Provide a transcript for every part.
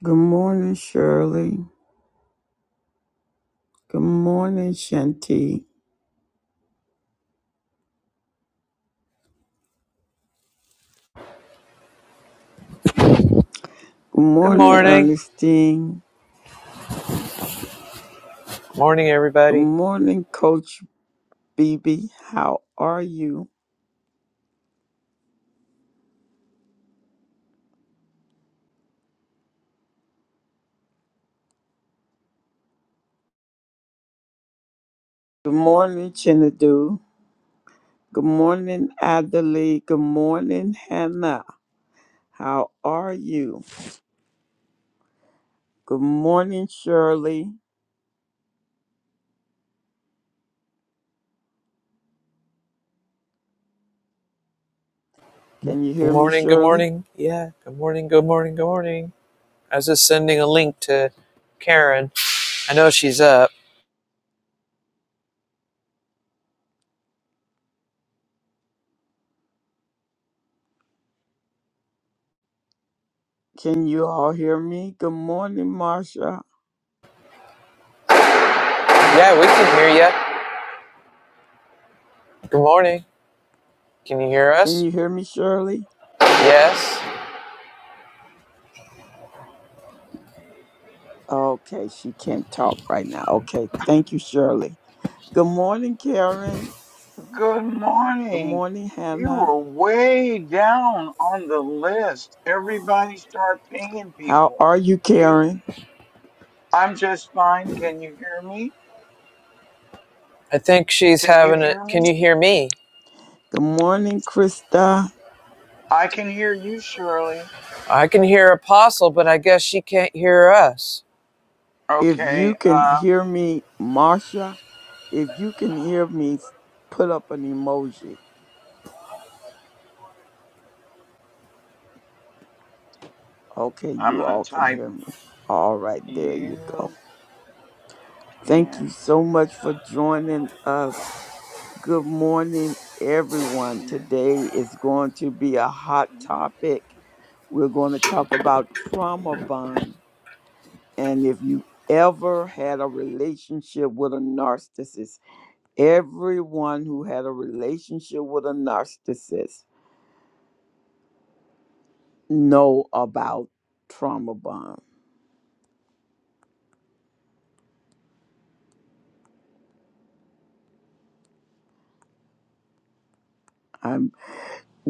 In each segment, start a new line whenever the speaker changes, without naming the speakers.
Good morning, Shirley. Good morning, Shanti. Good
Good
morning,
morning.
Ernestine.
Good morning,
Good
everybody.
morning, Coach BB. How are you? Good morning, Chinadu. Good morning, Adelaide. Good morning, Hannah. How are you? Good morning, Shirley. Can you
Good
hear me,
morning. Good
Shirley?
morning. Yeah. Good morning. Good morning. Good morning. I was just sending a link to Karen. I know she's up.
Can you all hear me? Good morning, Marsha.
Yeah, we can hear you. Good morning. Can you hear
Can
us?
you hear me, Shirley?
Yes.
Okay, she can't talk right now. Okay, thank you, Shirley. Good morning, Karen.
Good
Good
morning.
morning,
You
Hannah.
were way down on the list. Everybody start pinging
How
people.
are you,
You,
Karen?
I'm just fine. Can you hear me?
I think she's
Can you
having a.
hear me?
Can you hear me?
Good morning, Krista.
I can hear you, Shirley.
I can hear Apostle, but I guess she can't hear us.
If you
Okay.
can
Uh,
hear me, Marsha, if you can hear me, put up an emoji. Okay,
I'm
you
gonna
all can
type.
hear me. All right, there you go.
You
Thank you
can't
so much for joining us. Good morning, everyone.
hear
Today is going to be a hot
me.
topic. We're going to talk about trauma bond And if you ever had a relationship with a narcissist, everyone who had a relationship with a narcissist know about trauma bond. I'm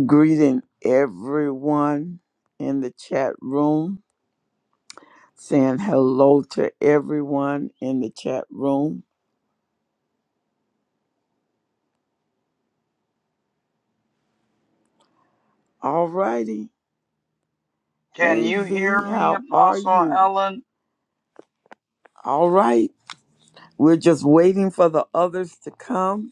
greeting everyone in the chat room, saying hello to everyone in the chat room. All righty,
Can
Hey
you
V,
hear me,
how are
Apostle
you?
Helen?
All right. We're just waiting for the others to come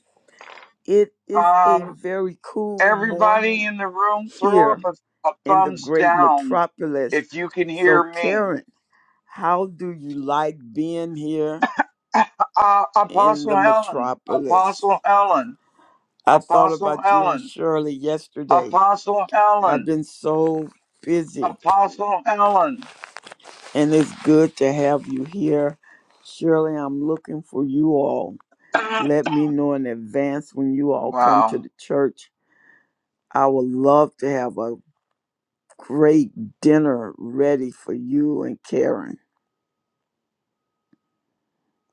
It is a
Um,
very cool
everybody
morning
in the room, throw up
here
a, a
in the
thumbs
great
down
metropolis.
if you can hear
So,
me.
Karen, how do you like being here
uh,
in the
Apostle Helen, Apostle
metropolis?
Helen,
I thought
Apostle
about you and
Helen,
Shirley yesterday.
Apostle
I've
Helen,
been so busy,
Apostle Helen.
and it's good to have you here. Shirley, I'm looking for you all. Let me know in advance when you all come to
wow.
the church. I would love to have a great dinner ready for you and Karen.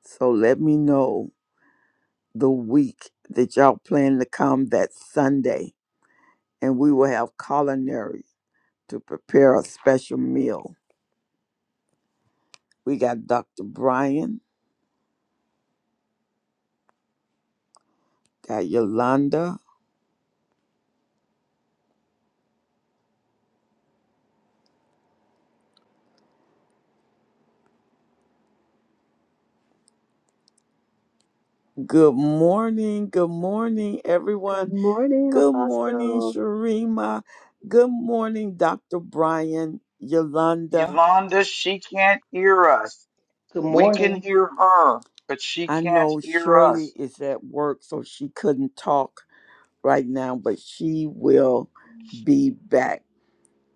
So let me know the week that y'all plan to come that Sunday, and we will have culinary to prepare a special meal. We got Dr. Brian, got Yolanda. Good morning, good morning,
Good
everyone.
morning,
Good morning,
Apostle.
Sharima. Good morning, Dr. Brian, Yolanda.
Yolanda, she can't hear us.
Good
We can
morning.
hear her, but she
I
can't
know
hear
Shirley
us.
is at work, so she couldn't talk right now, but she will be back.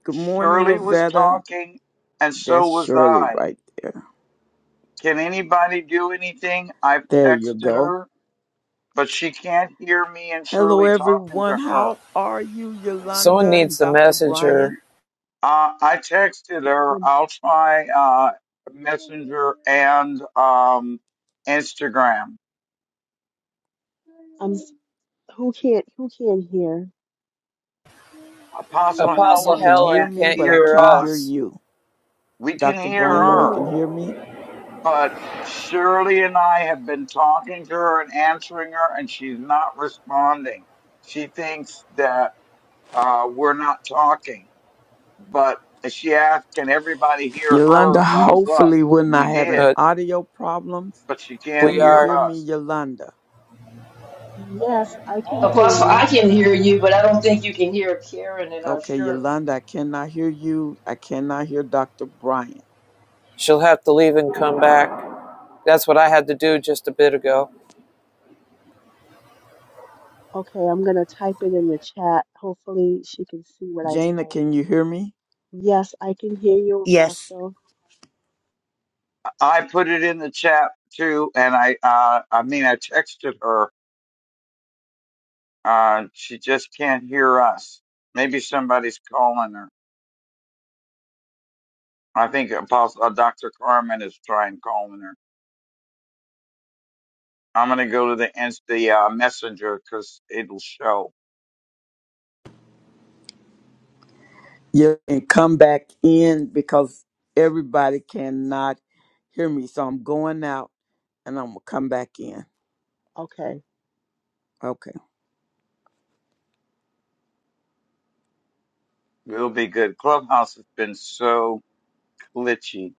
Good morning,
Shirley was
Lavetta.
talking, and so
That's
was
Shirley
I.
right there.
Can anybody do anything? I've
There you
texted
go.
her, but she can't hear me and
Hello,
Shirley talking
everyone.
to her.
How are you,
Someone
Yolanda and
needs to
Dr.
message
Brian?
her.
Uh, I texted her.
Good.
I'll try uh, Messenger and um, Instagram.
I'm. s- Who can't? Who can't hear?
Apostle
You
Apostle
Helen
can hear
Helen
can't
me,
can't
but I
hear
hear
can't hear
us.
us,
you.
We can
Dr.
hear
Oh
Brian, you
her,
can
no.
hear me?
but Shirley and I have been talking to her and answering her, and she's not responding. She thinks that uh, we're not talking, but she asked, "Can everybody hear her?"
Yolanda,
Thumbs up.
hopefully we're not
We
having
did,
but
audio problems.
but she can't
we
Can you
hear
are.
hear
us.
me, Yolanda?
Yes, I can hear
Apostle, I
you.
can hear you, but I don't think you can hear Karen and uh,
Okay,
Shirley.
Yolanda, I cannot hear you. I cannot hear Dr. Brian.
She'll have to leave and come back. That's what I had to do just a bit ago.
Okay, I'm gonna type it in the chat. Hopefully, she can see what I
Jana,
type.
can you hear me?
Yes, I can hear you,
Yes.
Apostle.
I put it in the chat too, and I uh, I mean I texted her. Uh, she just can't hear us. Maybe somebody's calling her. I think Apostle uh, Dr. Carmen is trying calling her. I'm gonna go to the ins- the uh, messenger because it'll show.
Yeah, and come back in because everybody cannot hear me. So I'm going out and I'm gonna come back in.
Okay.
Okay.
It'll be good. Clubhouse has been so glitchy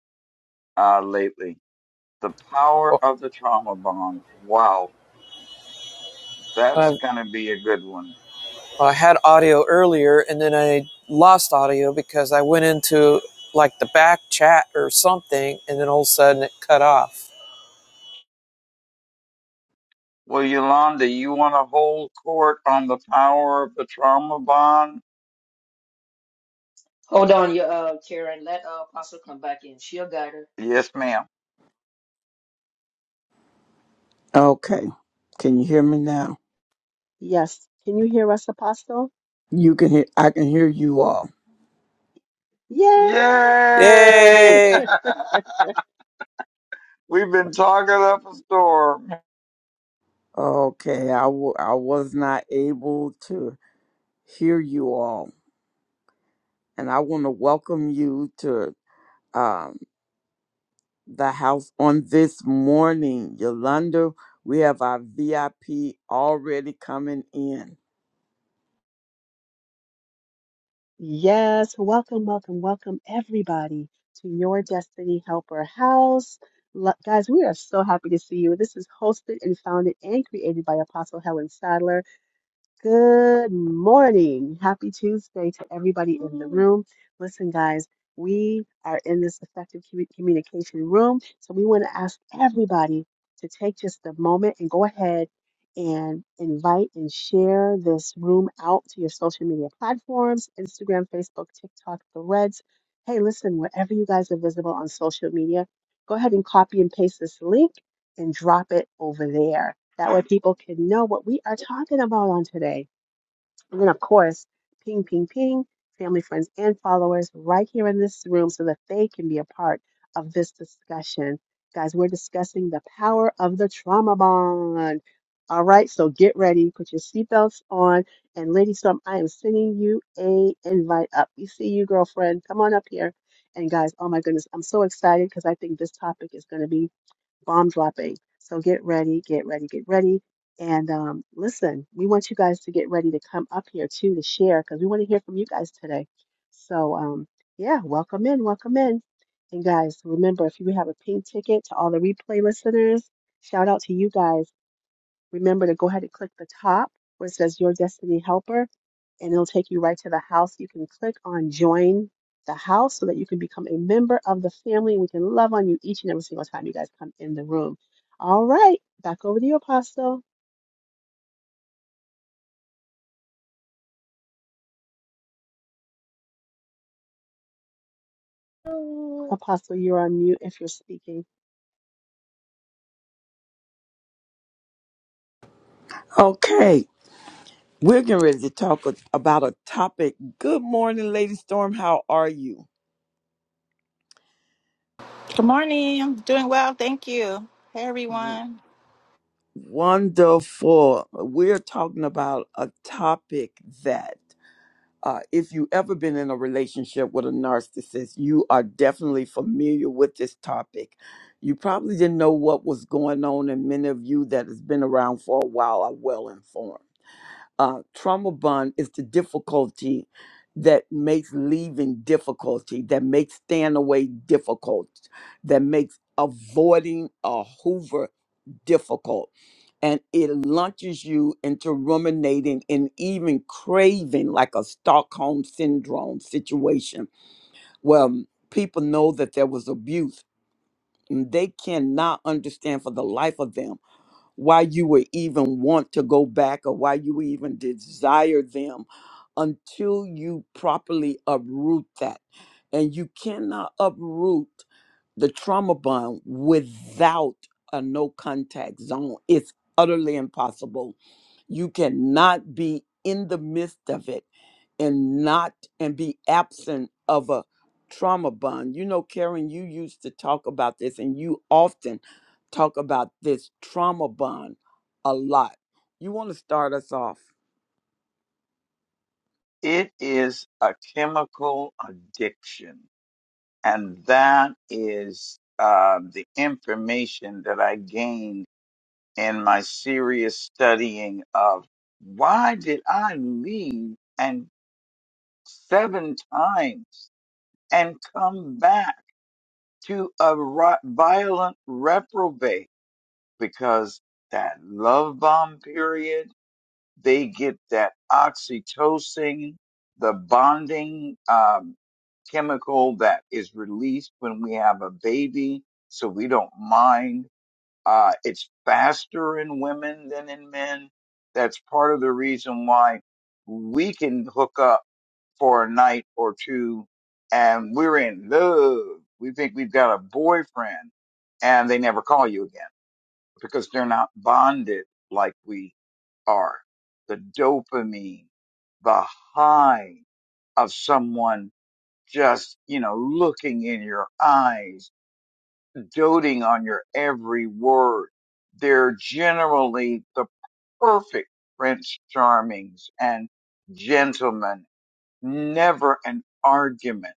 uh, lately. The
Well,
power of the trauma bond. Wow, that's
I,
gonna be a good one.
I had audio earlier and then I lost audio because I went into like the back chat or something and then all of a sudden it cut off.
Well, Yolanda, you want to hold court on the power of the trauma bond?
Hold on, you uh, Karen. Let uh, Apostle come back in. She'll guide her.
Yes, ma'am.
Okay. Can you hear me now?
Yes. Can you hear us, Apostle?
You can hear I can hear you all.
Yay!
Yay!
Yay!
We've been talking up a storm.
Okay. I wa- I was not able to hear you all. And I want to welcome you to um the house on this morning. Yolanda, we have our VIP already coming in.
Yes, welcome, welcome, welcome everybody to your Destiny Helper House. Lo- guys, we are so happy to see you. This is hosted and founded and created by Apostle Helen Sadler. Good morning. Happy Tuesday to everybody in the room. Listen, guys, we are in this effective commu- communication room. So we want to ask everybody to take just a moment and go ahead and invite and share this room out to your social media platforms Instagram, Facebook, TikTok, Threads. Hey, listen, wherever you guys are visible on social media, go ahead and copy and paste this link and drop it over there that way people can know what we are talking about on today. And then, of course, ping, ping, ping, family, friends, and followers right here in this room so that they can be a part of this discussion. Guys, we're discussing the power of the trauma bond. All right, so get ready, put your seatbelts on, and Lady Storm, I am sending you a invite up. We see you, girlfriend. Come on up here. And guys, oh my goodness, I'm so excited because I think this topic is going to be bomb dropping. So get ready, get ready, get ready. And um, listen, we want you guys to get ready to come up here too to share because we want to hear from you guys today. So um, yeah, welcome in, welcome in. And guys, remember if you have a pink ticket to all the replay listeners, shout out to you guys. Remember to go ahead and click the top where it says Your Destiny Helper and it'll take you right to the house. You can click on join the house so that you can become a member of the family. We can love on you each and every single time you guys come in the room. All right, back over to you, Apostle. Apostle, you're on mute if you're speaking.
Okay. We're getting ready to talk a- about a topic. Good morning, Lady Storm. How are you?
Good morning. I'm doing well. Thank you. Hey,
W-
everyone.
Wonderful. We're talking about a topic that, uh, if you ever been in a relationship with a narcissist, you are definitely familiar with this topic. You probably didn't know what was going on, and many of you that has been around for a while are well informed. uh, trauma bond is the difficulty that makes leaving difficulty, that makes staying away difficult, that makes avoiding a Hoover difficult. And it launches you into ruminating and even craving like a Stockholm syndrome situation where um, people know that there was abuse. And they cannot understand for the life of them why you would even want to go back or why you even desire them until you properly uproot that. And you cannot uproot the trauma bond without a no contact zone. It's utterly impossible. You cannot be in the midst of it and not and be absent of a trauma bond. You know, Karen, you used to talk about this and you often talk about this trauma bond a lot. You want to start us off?
It is a chemical addiction. And that is uh, the information that I gained in my serious studying of why did I leave and seven times and come back? to a ri- violent reprobate because that love bomb period, they get that oxytocin, the bonding um, chemical that is released when we have a baby, so we don't mind. Uh, it's faster in women than in men. That's part of the reason why we can hook up for a night or two and we're in love. We think we've got a boyfriend and they never call you again because they're not bonded like we are. The dopamine, the high of someone just, you know, looking in your eyes, doting on your every word. They're generally the perfect Prince Charmings and gentlemen never an argument.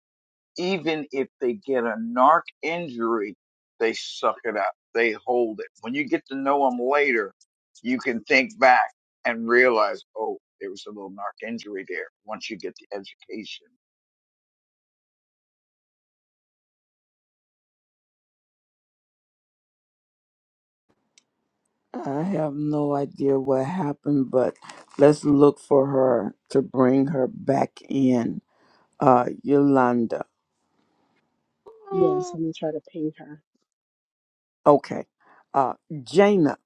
Even if they get a narc injury, they suck it up. They hold it. When you get to know them later, you can think back and realize, oh, there was a little narc injury there once you get the education.
I have no idea what happened, but let's look for her to bring her back in. Uh, Yolanda.
Yes, Let me try to ping her.
Okay. Uh, Jaina.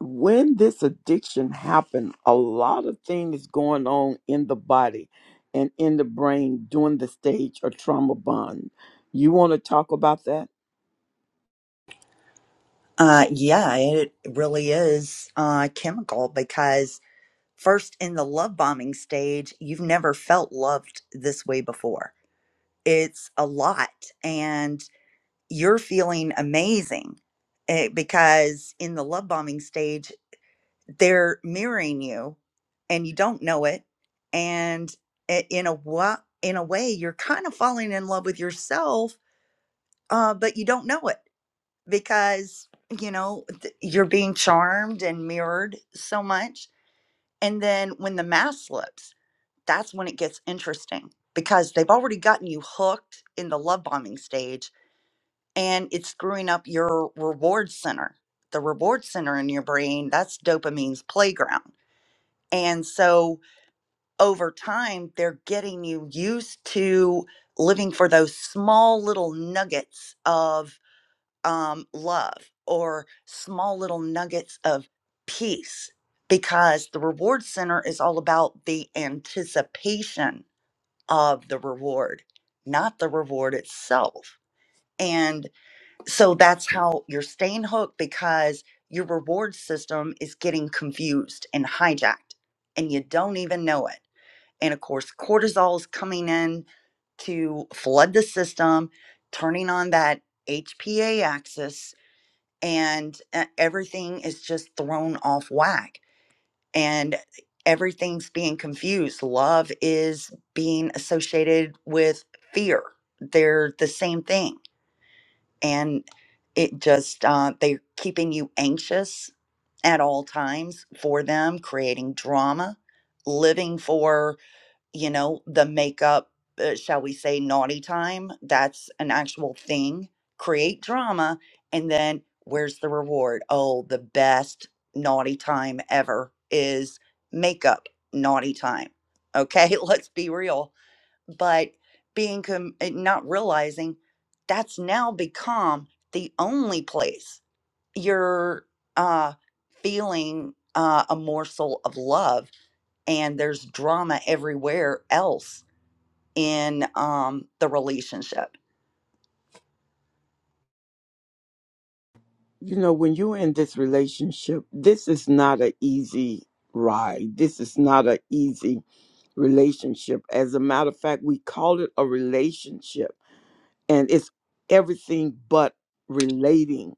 when this addiction happened, a lot of things going on in the body and in the brain during the stage of trauma bond. You want to talk about that?
Uh, yeah, it really is uh, chemical because first in the love bombing stage, you've never felt loved this way before. It's a lot, and you're feeling amazing eh, because in the love bombing stage, they're mirroring you, and you don't know it. And i- in a wa- in a way, you're kind of falling in love with yourself, uh, but you don't know it because you know th- you're being charmed and mirrored so much and then when the mask slips that's when it gets interesting because they've already gotten you hooked in the love bombing stage and it's screwing up your reward center the reward center in your brain that's dopamine's playground and so over time they're getting you used to living for those small little nuggets of um, love or small little nuggets of peace because the reward center is all about the anticipation of the reward, not the reward itself. And so that's how you're staying hooked because your reward system is getting confused and hijacked and you don't even know it. And of course, cortisol is coming in to flood the system, turning on that HPA axis and uh, everything is just thrown off whack and everything's being confused love is being associated with fear they're the same thing and it just uh, they're keeping you anxious at all times for them creating drama living for you know, the makeup, uh, shall we say, naughty time. That's an actual thing. Create drama. And then where's the reward? Oh, the best naughty time ever is makeup naughty time. Okay, let's be real. But being com- uh, not realizing that's now become the only place you're uh, feeling uh, a morsel of love and there's drama everywhere else in um, the relationship?
You know, when you're in this relationship, this is not an easy ride. This is not an easy relationship. As a matter of fact, we call it a relationship, and it's everything but relating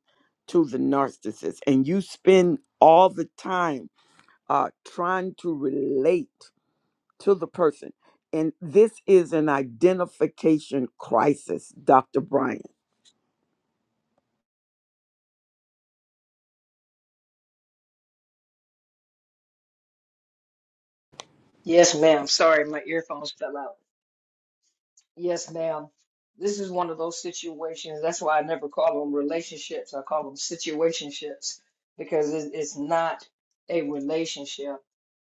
to the narcissist. And you spend all the time uh, trying to relate to the person. And this is an identification crisis, Dr. Brian.
Yes, ma'am. Sorry, my earphones fell out. Yes, ma'am. This is one of those situations. That's why I never call them relationships. I call them situationships because it, it's not a relationship.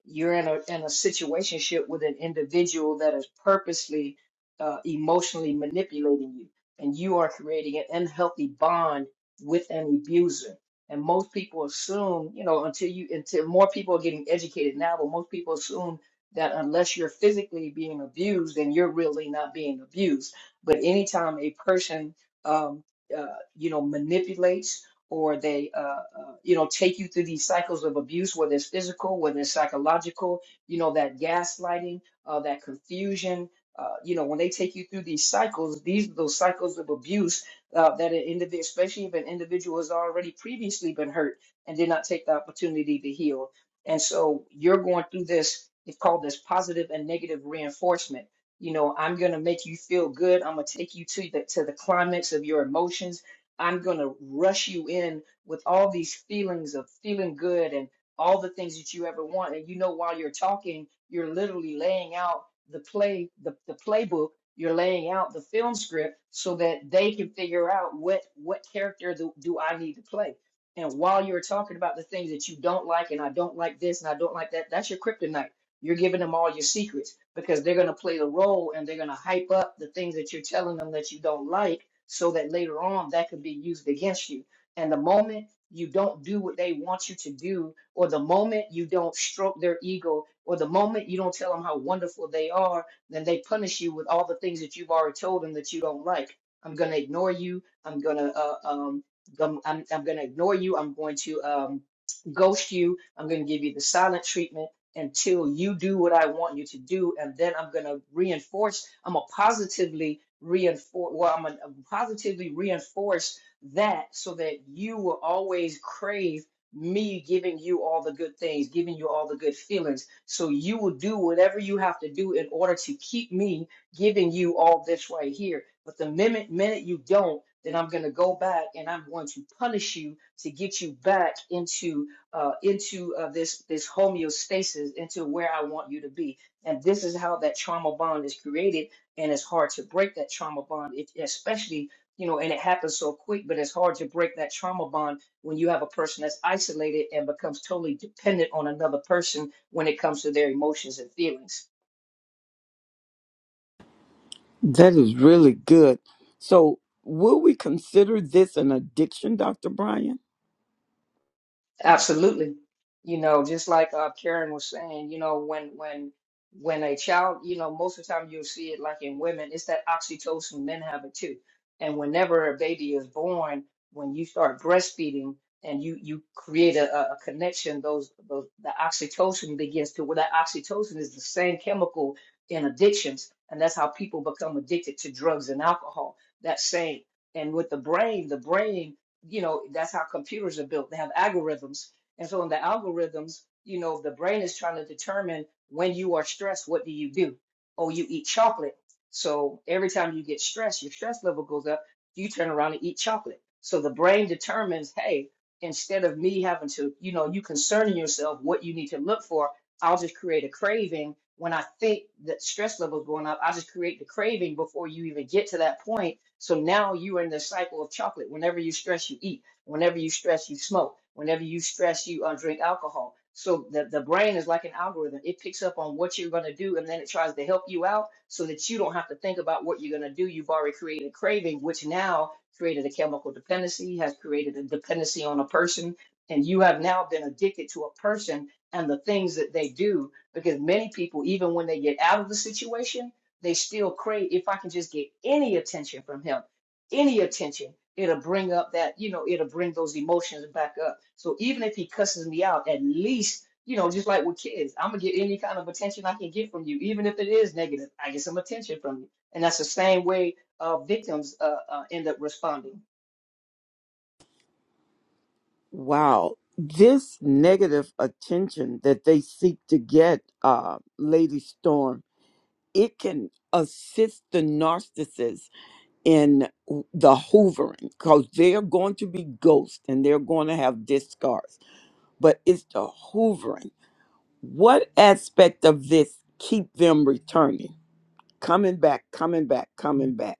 You're in a in a situationship with an individual that is purposely uh, emotionally manipulating you, and you are creating an unhealthy bond with an abuser. And most people assume, you know, until you until more people are getting educated now, but most people assume that unless you're physically being abused, then you're really not being abused. But anytime a person, um, uh, you know, manipulates or they, uh, uh, you know, take you through these cycles of abuse, whether it's physical, whether it's psychological, you know, that gaslighting, uh, that confusion. Uh, you know, when they take you through these cycles, these are those cycles of abuse uh, that an individual, especially if an individual has already previously been hurt and did not take the opportunity to heal. And so you're going through this, it's called this positive and negative reinforcement. You know, I'm gonna make you feel good. I'm gonna take you to the to the climax of your emotions. I'm gonna rush you in with all these feelings of feeling good and all the things that you ever want. And you know, while you're talking, you're literally laying out the play, the, the playbook, you're laying out the film script so that they can figure out what what character do, do I need to play and while you're talking about the things that you don't like, and I don't like this, and I don't like that, that's your kryptonite. You're giving them all your secrets because they're going to play the role and they're going to hype up the things that you're telling them that you don't like so that later on that could be used against you. And the moment you don't do what they want you to do, or the moment you don't stroke their ego, or the moment you don't tell them how wonderful they are, then they punish you with all the things that you've already told them that you don't like. I'm going to ignore you. I'm going to uh, um, gum- I'm, I'm going to ignore you. I'm going to um, ghost you. I'm going to give you the silent treatment until you do what I want you to do. And then I'm going to reinforce, I'm going to positively reinforce, well, I'm going to positively reinforce that so that you will always crave me giving you all the good things, giving you all the good feelings. So you will do whatever you have to do in order to keep me giving you all this right here. But the minute, minute you don't, then I'm going to go back and I'm going to punish you to get you back into uh, into uh, this this homeostasis, into where I want you to be. And this is how that trauma bond is created, and it's hard to break that trauma bond, it, especially you know, and it happens so quick. But it's hard to break that trauma bond when you have a person that's isolated and becomes totally dependent on another person when it comes to their emotions and feelings.
That is really good. So, will we consider this an addiction, Dr. Brian?
Absolutely. You know, just like uh, Karen was saying, you know, when when when a child, you know, most of the time you'll see it like in women, it's that oxytocin, men have it too. And whenever a baby is born, when you start breastfeeding and you you create a, a a connection, those those the oxytocin begins to well, that oxytocin is the same chemical in addictions, and that's how people become addicted to drugs and alcohol. That same. And with the brain, the brain you know, that's how computers are built. They have algorithms. And so in the algorithms, you know, the brain is trying to determine when you are stressed, what do you do? Oh, you eat chocolate. So every time you get stressed, your stress level goes up. You turn around and eat chocolate. So the brain determines, hey, instead of me having to, you know, you concerning yourself what you need to look for, I'll just create a craving. When I think that stress level is going up, I'll just create the craving before you even get to that point so now you're in the cycle of chocolate. Whenever you stress, you eat. Whenever you stress, you smoke. Whenever you stress, you uh, drink alcohol. So the, the brain is like an algorithm. It picks up on what you're going to do and then it tries to help you out so that you don't have to think about what you're going to do. You've already created a craving, which now created a chemical dependency, has created a dependency on a person. And you have now been addicted to a person and the things that they do because many people, even when they get out of the situation, they still crave, if I can just get any attention from him, any attention, it'll bring up that, you know, it'll bring those emotions back up. So even if he cusses me out, at least, you know, just like with kids, I'm gonna get any kind of attention I can get from you, even if it is negative. I get some attention from you. And that's the same way uh, victims uh, uh, end up responding.
Wow. This negative attention that they seek to get, uh, Lady Storm, it can assist the narcissist in the hoovering because they're going to be ghosts and they're going to have discards, but it's the hoovering. What aspect of this keep them returning? Coming back, coming back, coming back.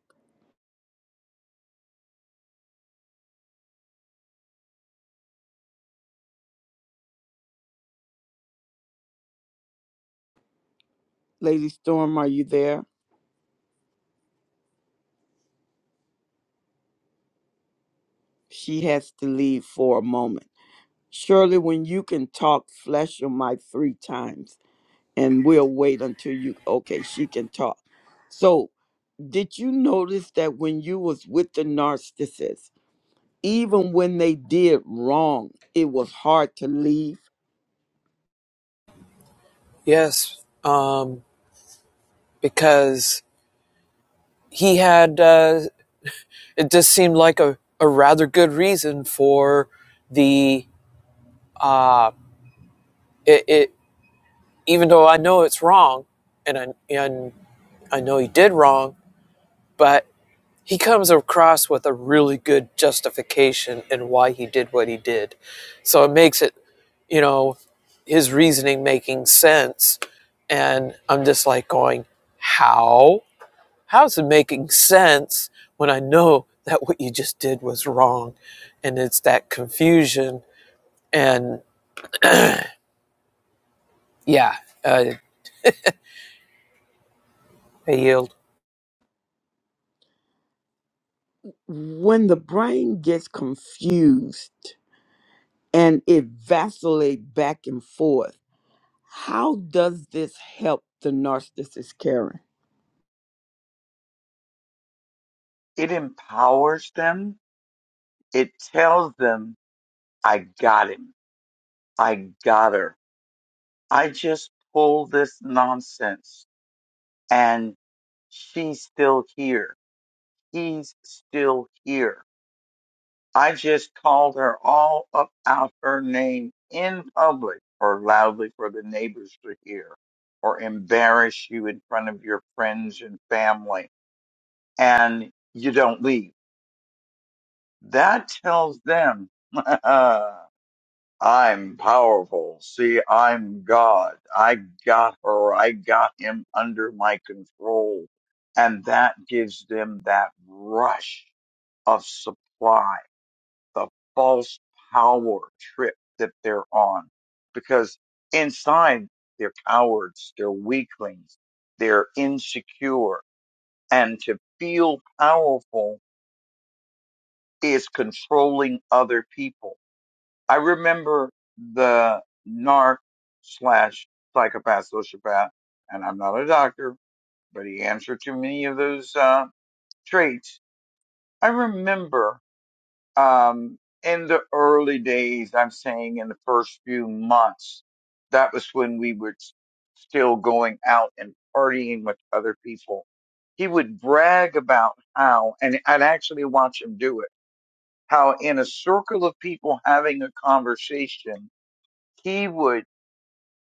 Lady Storm, are you there? She has to leave for a moment. Surely, when you can talk, flesh your mic three times, and we'll wait until you. Okay, she can talk. So, did you notice that when you was with the narcissist, even when they did wrong, it was hard to leave.
Yes, um, because he had, uh, it just seemed like a, a rather good reason for the, uh, it, it, even though I know it's wrong and I, and I know he did wrong, but he comes across with a really good justification and why he did what he did. So it makes it, you know, his reasoning making sense. And I'm just like going, how? How's it making sense when I know that what you just did was wrong? And it's that confusion. And yeah, uh, I yield.
When the brain gets confused and it vacillates back and forth How does this help the narcissist, Karen?
It empowers them. It tells them, I got him. I got her. I just pulled this nonsense and she's still here. He's still here I just called her all up out her name in public or loudly for the neighbors to hear or embarrass you in front of your friends and family and you don't leave. That tells them, I'm powerful. See, I'm God. I got her. I got him under my control. And that gives them that rush of supply the false power trip that they're on because inside they're cowards, they're weaklings, they're insecure. And to feel powerful is controlling other people. I remember the narc slash psychopath, sociopath, and I'm not a doctor, but he answered to many of those uh, traits. I remember um, in the early days, I'm saying in the first few months, that was when we were s- still going out and partying with other people. He would brag about how, and I'd actually watch him do it, how in a circle of people having a conversation, he would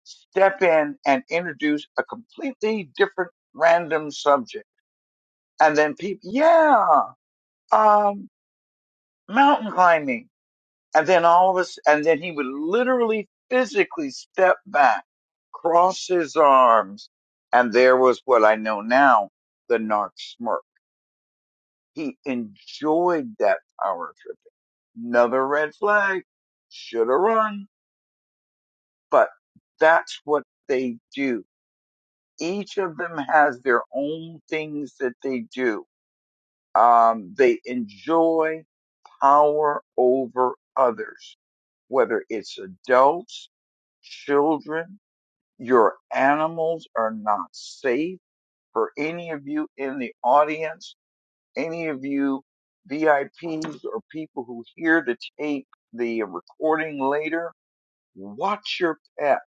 step in and introduce a completely different random subject. And then people, yeah, um, mountain climbing And then all of us, and then he would literally physically step back, cross his arms, and there was what I know now, the narc smirk. He enjoyed that power trip. Another red flag. Should have run. But that's what they do. Each of them has their own things that they do. Um, they enjoy power over others, whether it's adults, Children, your animals are not safe for any of you in the audience, any of you VIPs or people who hear to take the recording later. Watch your pet.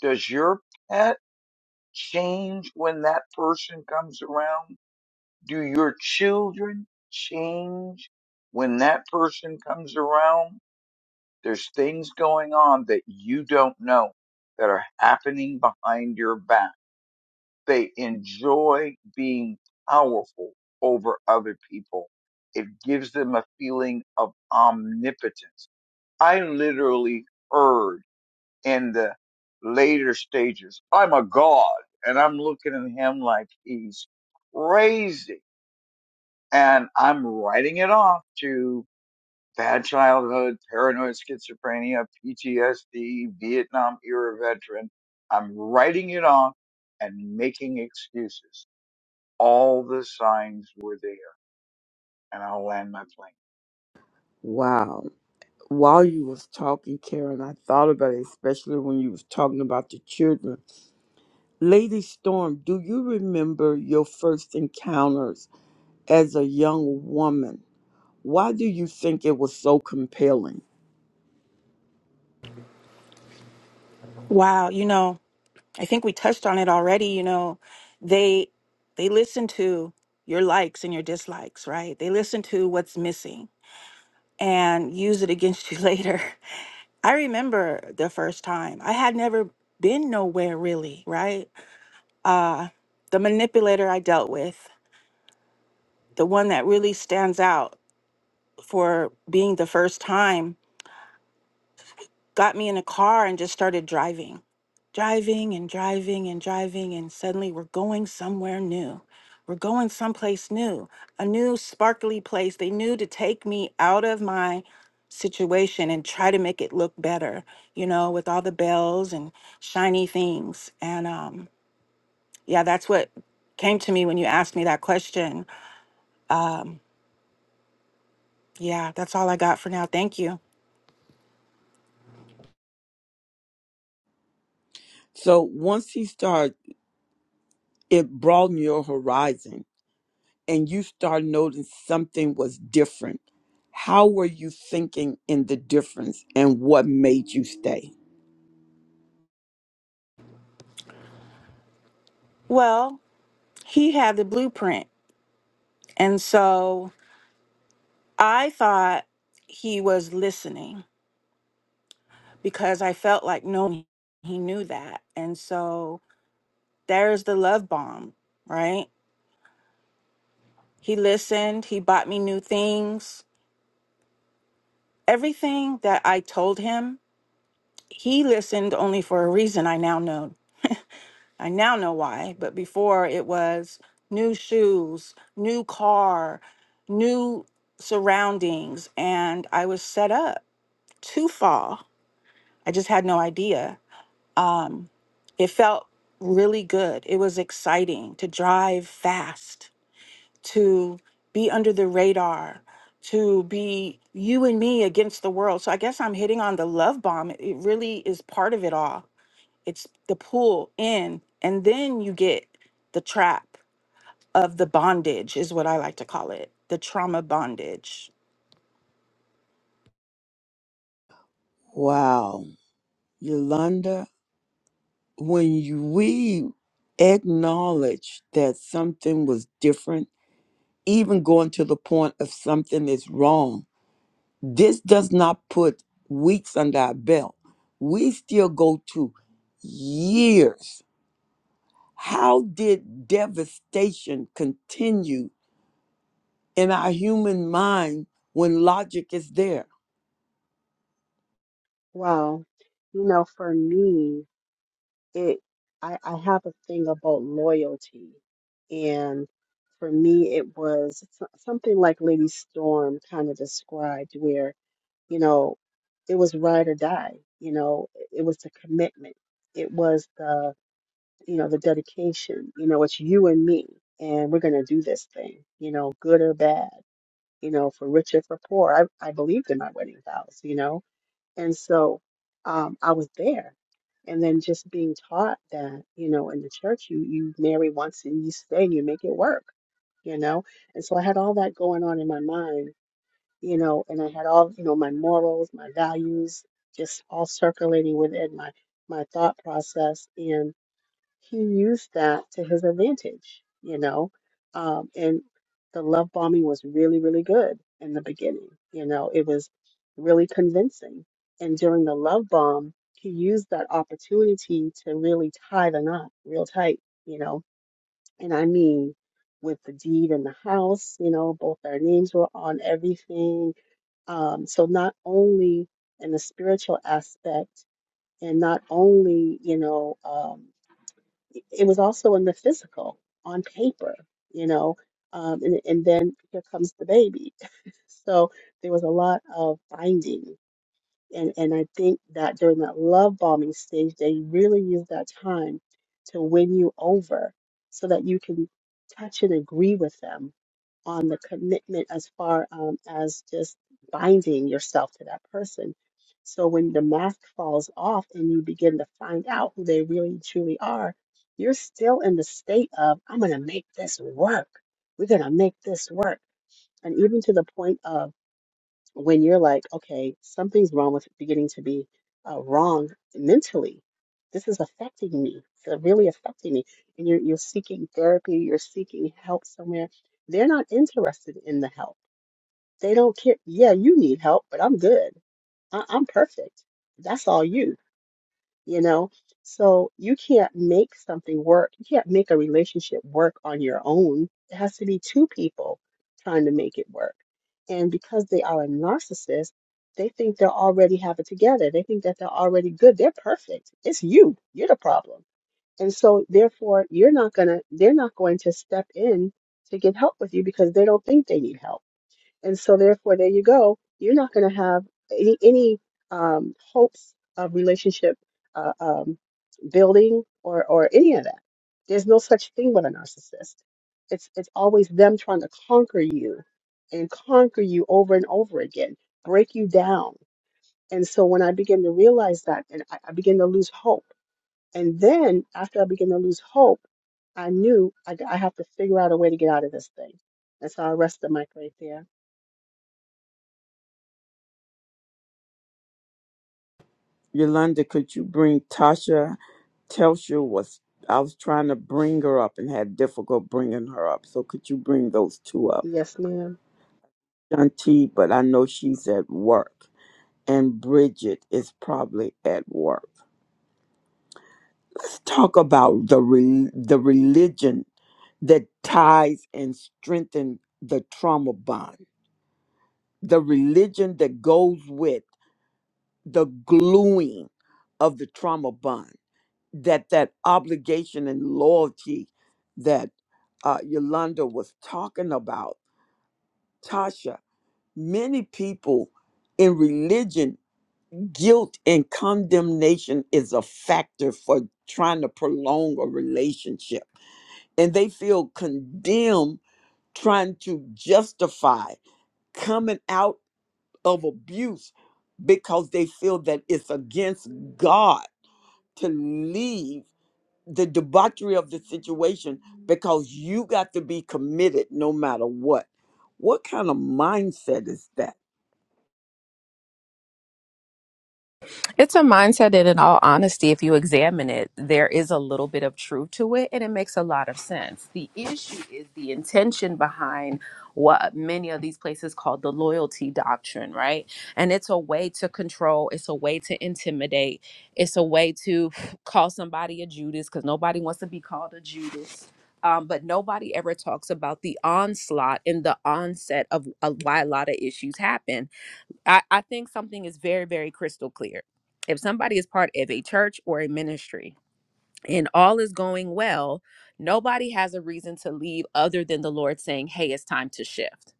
Does your pet change when that person comes around? Do your children change when that person comes around? There's things going on that you don't know that are happening behind your back They enjoy being powerful over other people. It gives them a feeling of omnipotence. I literally heard in the later stages, I'm a god. And I'm looking at him like he's crazy. And I'm writing it off to bad childhood, paranoid schizophrenia, PTSD, Vietnam era veteran. I'm writing it off and making excuses all the signs were there. And I'll land my plane.
Wow. While you was talking, Karen, I thought about it, especially when you was talking about the children. Lady Storm, do you remember your first encounters as a young woman? Why do you think it was so compelling?
Wow, you know, I think we touched on it already, you know. They they listen to your likes and your dislikes, right? They listen to what's missing and use it against you later. I remember the first time. I had never been nowhere really, right? Uh the manipulator I dealt with, the one that really stands out for being the first time got me in a car and just started driving, driving and driving and driving. And suddenly we're going somewhere new. We're going someplace new, a new sparkly place. They knew to take me out of my situation and try to make it look better, you know, with all the bells and shiny things. And um, yeah, that's what came to me when you asked me that question. Yeah, that's all I got for now. Thank you.
So once he started, it broadened your horizon. and you start noticing something was different, how were you thinking in the difference and what made you stay?
Well, he had the blueprint. And so I thought he was listening because I felt like no, he knew that. And so there's the love bomb, right? He listened, he bought me new things. Everything that I told him, he listened only for a reason I now know. I now know why, but before it was new shoes, new car, new surroundings, and I was set up to fall. I just had no idea Um, it felt really good. It was exciting to drive fast, to be under the radar, to be you and me against the world. So I guess I'm hitting on the love bomb. It it really is part of it all. It's the pull in, and then you get the trap of the bondage, is what I like to call it the trauma bondage.
Wow. Yolanda, when you, we acknowledge that something was different, even going to the point of something is wrong, this does not put weeks under our belt. We still go to years. How did devastation continue in our human mind when logic is there?
Wow, you know, for me, it I, I have a thing about loyalty, and for me, it was so- something like Lady Storm kind of described, where you know, it was ride or die. You know, it was the commitment. It was the, you know, the dedication. You know, it's you and me, and we're going to do this thing, you know, good or bad, you know, for rich or for poor. I, I believed in my wedding vows, you know, and so um, I was there. And then just being taught that, you know, in the church, you, you marry once and you stay, and you make it work, you know? And so I had all that going on in my mind you know, and I had all, you know, my morals, my values, just all circulating within my my thought process, and he used that to his advantage, you know, um, and the love bombing was really, really good in the beginning, you know, it was really convincing, and during the love bomb, he used that opportunity to really tie the knot real tight, you know, and I mean. With the deed in the house, you know, both our names were on everything um, so not only in the spiritual aspect, and not only, you know, um, it it was also in the physical, on paper, you know, um, and, and then here comes the baby. So there was a lot of binding. And, and I think that during that love bombing stage, they really use that time to win you over so that you can touch and agree with them on the commitment as far um, as just binding yourself to that person. So when the mask falls off and you begin to find out who they really truly are, you're still in the state of, I'm going to make this work. We're going to make this work. And even to the point of, when you're like, okay, something's wrong with beginning to be uh, wrong mentally. This is affecting me. It's uh, really affecting me. And you're you're seeking therapy. You're seeking help somewhere. They're not interested in the help. They don't care. Yeah, you need help, but I'm good. I I'm perfect. That's all you you know? So you can't make something work. You can't make a relationship work on your own. It has to be two people trying to make it work. And because they are a narcissist, they think they already have it together. They think that they're already good. They're perfect. It's you. You're the problem. And so therefore you're not gonna they're not going to step in to get help with you because they don't think they need help. And so, therefore, there you go. You're not going to have any any um, hopes of relationship uh, um, building or or any of that. There's no such thing with a narcissist. It's it's always them trying to conquer you and conquer you over and over again, break you down. And so, when I begin to realize that, and I, I begin to lose hope, and then after I begin to lose hope, I knew I, I have to figure out a way to get out of this thing. And so, I rest the mic right there.
Yolanda, could you bring Tasha? Telsha was, I was trying to bring her up and had difficult bringing her up. So could you bring those two up?
Yes, ma'am.
Shanti, but I know she's at work. And Bridget is probably at work. Let's talk about the, re- the religion that ties and strengthens the trauma bond. The religion that goes with the gluing of the trauma bond that that obligation and loyalty that uh, Yolanda was talking about, Tasha, many people in religion, guilt and condemnation is a factor for trying to prolong a relationship. And they feel condemned trying to justify coming out of abuse because they feel that it's against God to leave the debauchery of the situation because you got to be committed no matter what. What kind of mindset is that?
It's a mindset that, in all honesty, if you examine it, there is a little bit of truth to it and it makes a lot of sense. The issue is the intention behind what many of these places call the loyalty doctrine, right? And it's a way to control, it's a way to intimidate, it's a way to call somebody a Judas because nobody wants to be called a Judas. Um, but nobody ever talks about the onslaught and the onset of uh, why a lot of issues happen I, I think something is very, very crystal clear. If somebody is part of a church or a ministry and all is going well, nobody has a reason to leave other than the Lord saying, hey, it's time to shift.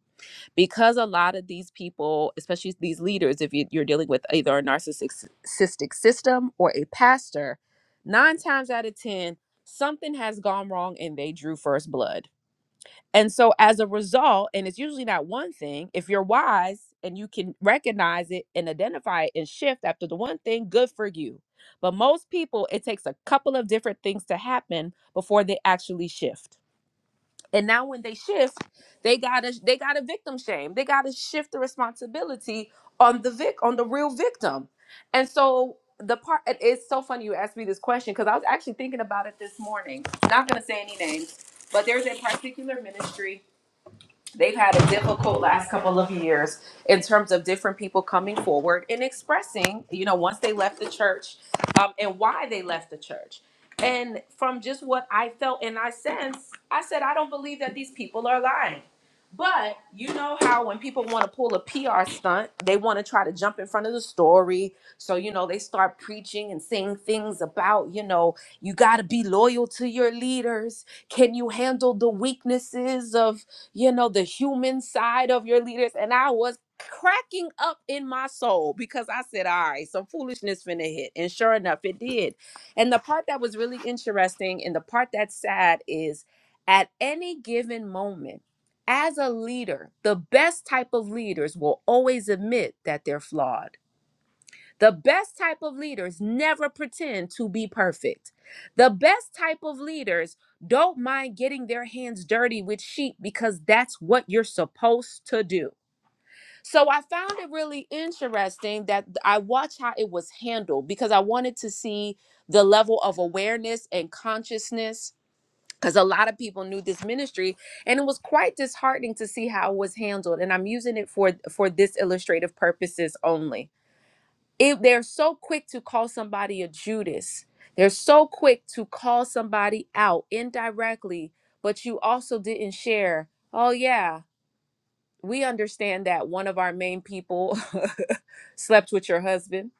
Because a lot of these people, especially these leaders, if you, you're dealing with either a narcissistic system or a pastor, nine times out of 10, something has gone wrong and they drew first blood and so, as a result, and it's usually not one thing, if you're wise and you can recognize it and identify it and shift after the one thing, good for you. But most people, it takes a couple of different things to happen before they actually shift. And now, when they shift, they gotta they gotta victim shame. They gotta shift the responsibility on the vic on the real victim. And so the part it- it's so funny you asked me this question because I was actually thinking about it this morning. Not gonna say any names, but there's a particular ministry they've had a difficult last couple of years in terms of different people coming forward and expressing, you know, once they left the church um, and why they left the church. And from just what I felt and I sense, I said, I don't believe that these people are lying. But you know how when people want to pull a PR stunt, they want to try to jump in front of the story. So, you know, they start preaching and saying things about, you know, you got to be loyal to your leaders. Can you handle the weaknesses of you know, the human side of your leaders. And I was cracking up in my soul because I said, all right, some foolishness finna hit. And sure enough, it did. And the part that was really interesting and the part that's sad is at any given moment, as a leader, the best type of leaders will always admit that they're flawed the best type of leaders never pretend to be perfect. The best type of leaders don't mind getting their hands dirty with sheep because that's what you're supposed to do. So I found it really interesting that I watched how it was handled because I wanted to see the level of awareness and consciousness because a lot of people knew this ministry and it was quite disheartening to see how it was handled and i'm using it for for this illustrative purposes only if they're so quick to call somebody a Judas, they're so quick to call somebody out indirectly, but you also didn't share. Oh yeah, we understand that one of our main people slept with your husband.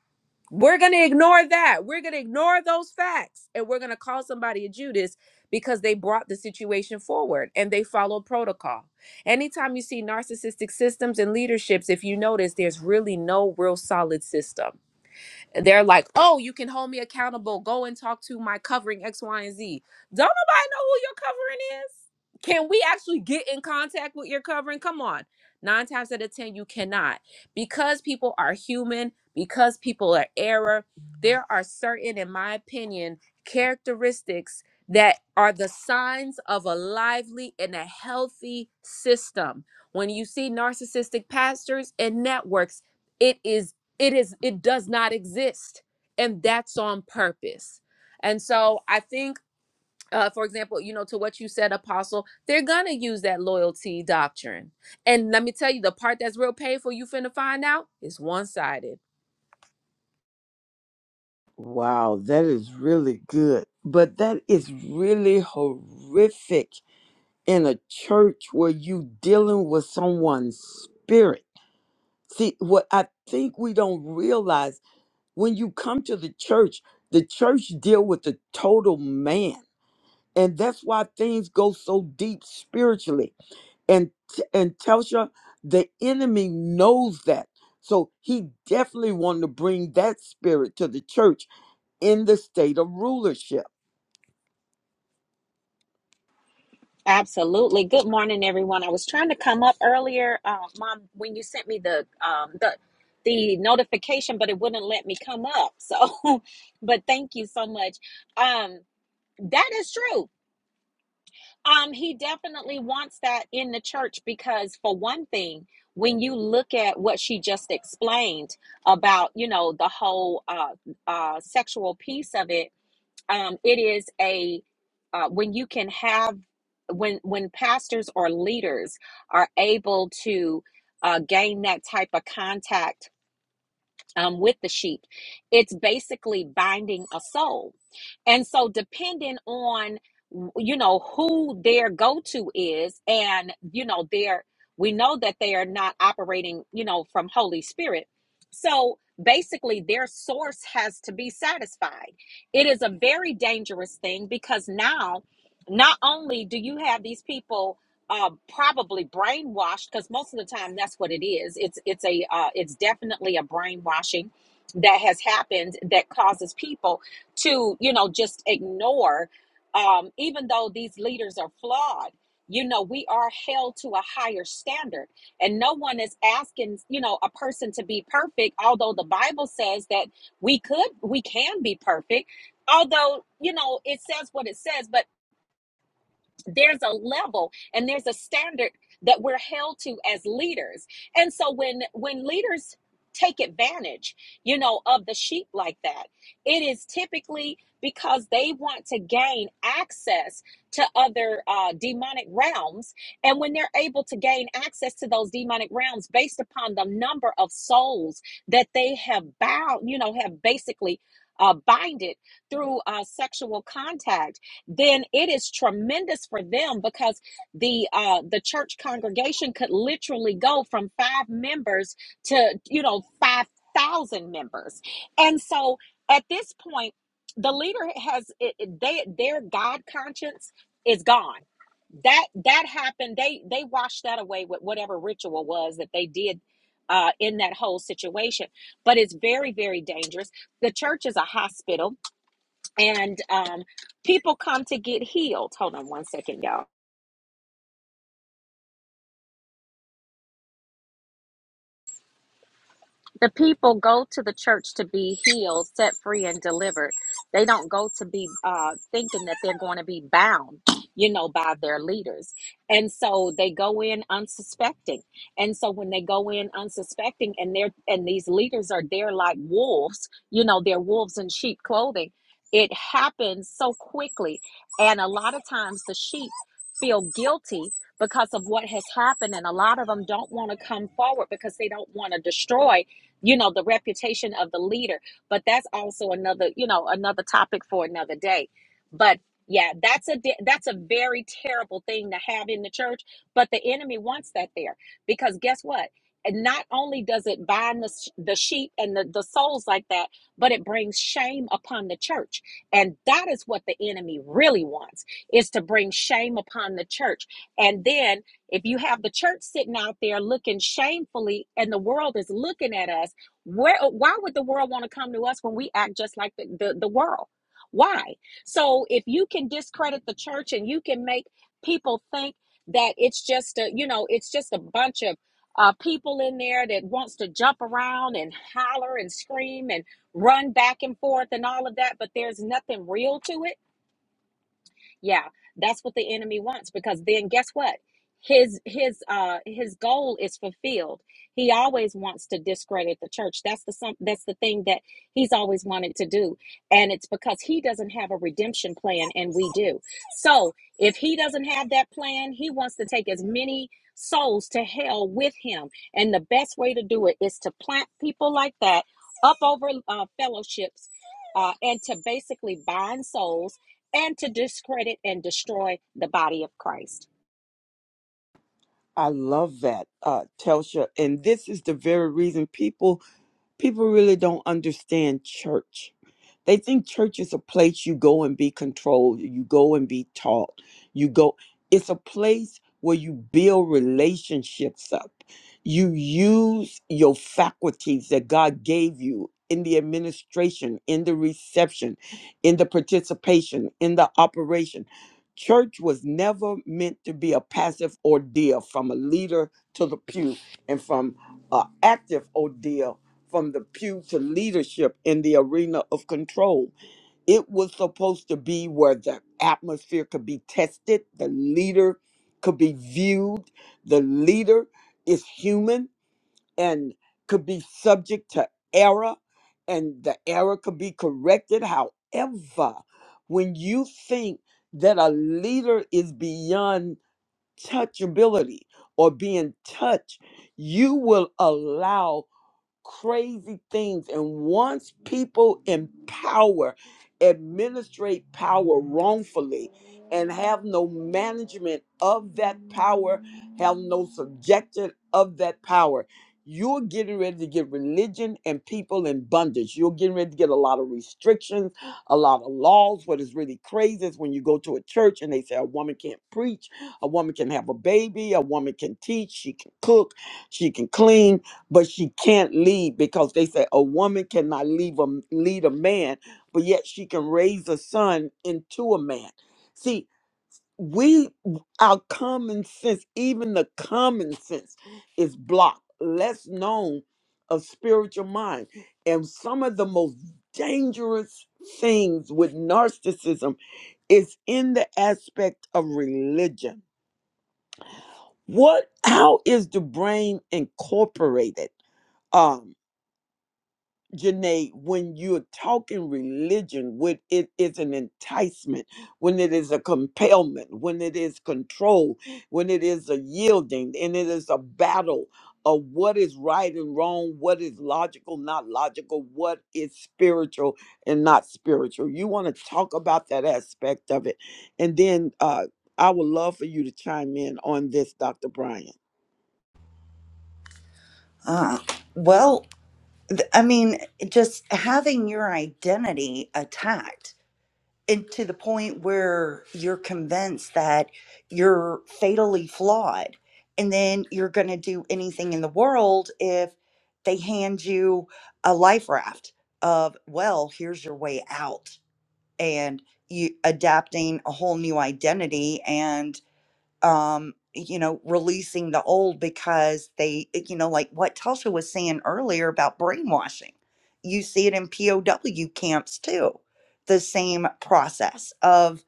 We're going to ignore that. We're going to ignore those facts and we're going to call somebody a Judas because they brought the situation forward and they followed protocol. Anytime you see narcissistic systems and leaderships, if you notice, there's really no real solid system they're like, oh, you can hold me accountable. Go and talk to my covering X, Y, and Z. Don't nobody know who your covering is? Can we actually get in contact with your covering? Come on. Nine times out of 10, you cannot. Because people are human, because people are error, there are certain, in my opinion, characteristics that are the signs of a lively and a healthy system. When you see narcissistic pastors and networks, it is it is it does not exist and that's on purpose and so i think uh, for example you know to what you said apostle they're gonna use that loyalty doctrine and let me tell you the part that's real painful you finna find out is one-sided
Wow, that is really good. But that is really horrific in a church where you dealing with someone's spirit. See, what I think we don't realize when you come to the church, the church deal with the total man. and that's why things go so deep spiritually and and telsha the enemy knows that so he definitely wanted to bring that spirit to the church in the state of rulership
Absolutely. Good morning, everyone. I was trying to come up earlier, uh, Mom, when you sent me the um, the the notification, but it wouldn't let me come up. So, but thank you so much. Um, that is true. Um, he definitely wants that in the church because, for one thing, when you look at what she just explained about, you know, the whole uh, uh, sexual piece of it, um, it is a uh, when you can have when when pastors or leaders are able to uh, gain that type of contact um, with the sheep. It's basically binding a soul. And so, depending on, you know, who their go to is, and, you know, their, we know that they are not operating, you know, from Holy Spirit. So, basically, their source has to be satisfied. It is a very dangerous thing because now, not only do you have these people uh, probably brainwashed because most of the time that's what it is. It's it's a uh, it's definitely a brainwashing that has happened that causes people to you know just ignore, um, even though these leaders are flawed. You know we are held to a higher standard, and no one is asking you know a person to be perfect. Although the Bible says that we could we can be perfect. Although you know it says what it says, but there's a level and there's a standard that we're held to as leaders and so when when leaders take advantage you know of the sheep like that it is typically because they want to gain access to other uh, demonic realms and when they're able to gain access to those demonic realms based upon the number of souls that they have bound you know have basically uh, binded through uh, sexual contact then it is tremendous for them because the uh, the church congregation could literally go from five members to you know five thousand members, and so at this point, the leader has it, it- they their God conscience is gone. That that happened. They they washed that away with whatever ritual was that they did. Uh, in that whole situation, but it's very, very dangerous. The church is a hospital and um, people come to get healed. Hold on one second, y'all. The people go to the church to be healed, set free, and delivered. They don't go to be uh, thinking that they're going to be bound, you know, by their leaders. And so they go in unsuspecting. And so when they go in unsuspecting, and they're and these leaders are there like wolves, you know, they're wolves in sheep clothing. It happens so quickly, and a lot of times the sheep feel guilty because of what has happened and a lot of them don't want to come forward because they don't want to destroy you know the reputation of the leader but that's also another you know another topic for another day but yeah that's a di- that's a very terrible thing to have in the church but the enemy wants that there because guess what and not only does it bind the, sh- the sheep and the, the souls like that but it brings shame upon the church and that is what the enemy really wants is to bring shame upon the church and then if you have the church sitting out there looking shamefully and the world is looking at us where why would the world want to come to us when we act just like the, the, the world? Why? So if you can discredit the church and you can make people think that it's just a you know it's just a bunch of uh, people in there that wants to jump around and holler and scream and run back and forth and all of that, but there's nothing real to it yeah, that's what the enemy wants because then guess what? His his uh his goal is fulfilled. He always wants to discredit the church. That's the some that's the thing that he's always wanted to do. And it's because he doesn't have a redemption plan and we do. So, if he doesn't have that plan, he wants to take as many souls to hell with him. And the best way to do it is to plant people like that up over uh, fellowships uh, and to basically bind souls and to discredit and destroy the body of Christ.
i love that uh telsha and this is the very reason people People really don't understand church. They think church is a place you go and be controlled, you go and be taught. You go it's a place where you build relationships up. You use your faculties that God gave you in the administration, in the reception, in the participation, in the operation. Church was never meant to be a passive ordeal from a leader to the pew and from an active ordeal from the pew to leadership in the arena of control. It was supposed to be where the atmosphere could be tested, the leader could be viewed, the leader is human and could be subject to error, and the error could be corrected. However, when you think that a leader is beyond touchability or being touched, you will allow crazy things. And once people in power administrate power wrongfully and have no management of that power, have no subjection of that power, you're getting ready to get religion and people in bondage. You're getting ready to get a lot of restrictions, a lot of laws. What is really crazy is when you go to a church and they say a woman can't preach, a woman can have a baby, a woman can teach, she can cook, she can clean, but she can't lead because they say a woman cannot leave a, lead a man, but yet she can raise a son into a man. See, we our common sense, even the common sense, is blocked, less known of spiritual mind. And some of the most dangerous things with narcissism is in the aspect of religion. What how is the brain incorporated? Um, Janae, when you're talking religion, when it is an enticement, when it is a compellment, when it is control, when it is a yielding, and it is a battle of what is right and wrong, what is logical, not logical, what is spiritual and not spiritual. You want to talk about that aspect of it. And then uh, I would love for you to chime in on this, Dr. Brian.
Uh, well, th- I mean, just having your identity attacked and to the point where you're convinced that you're fatally flawed, and then you're going to do anything in the world if they hand you a life raft of, well, here's your way out, and you adapting a whole new identity and. um you know releasing the old because they eh, you know like what tulsa was saying earlier about brainwashing you see it in pow camps too the same process of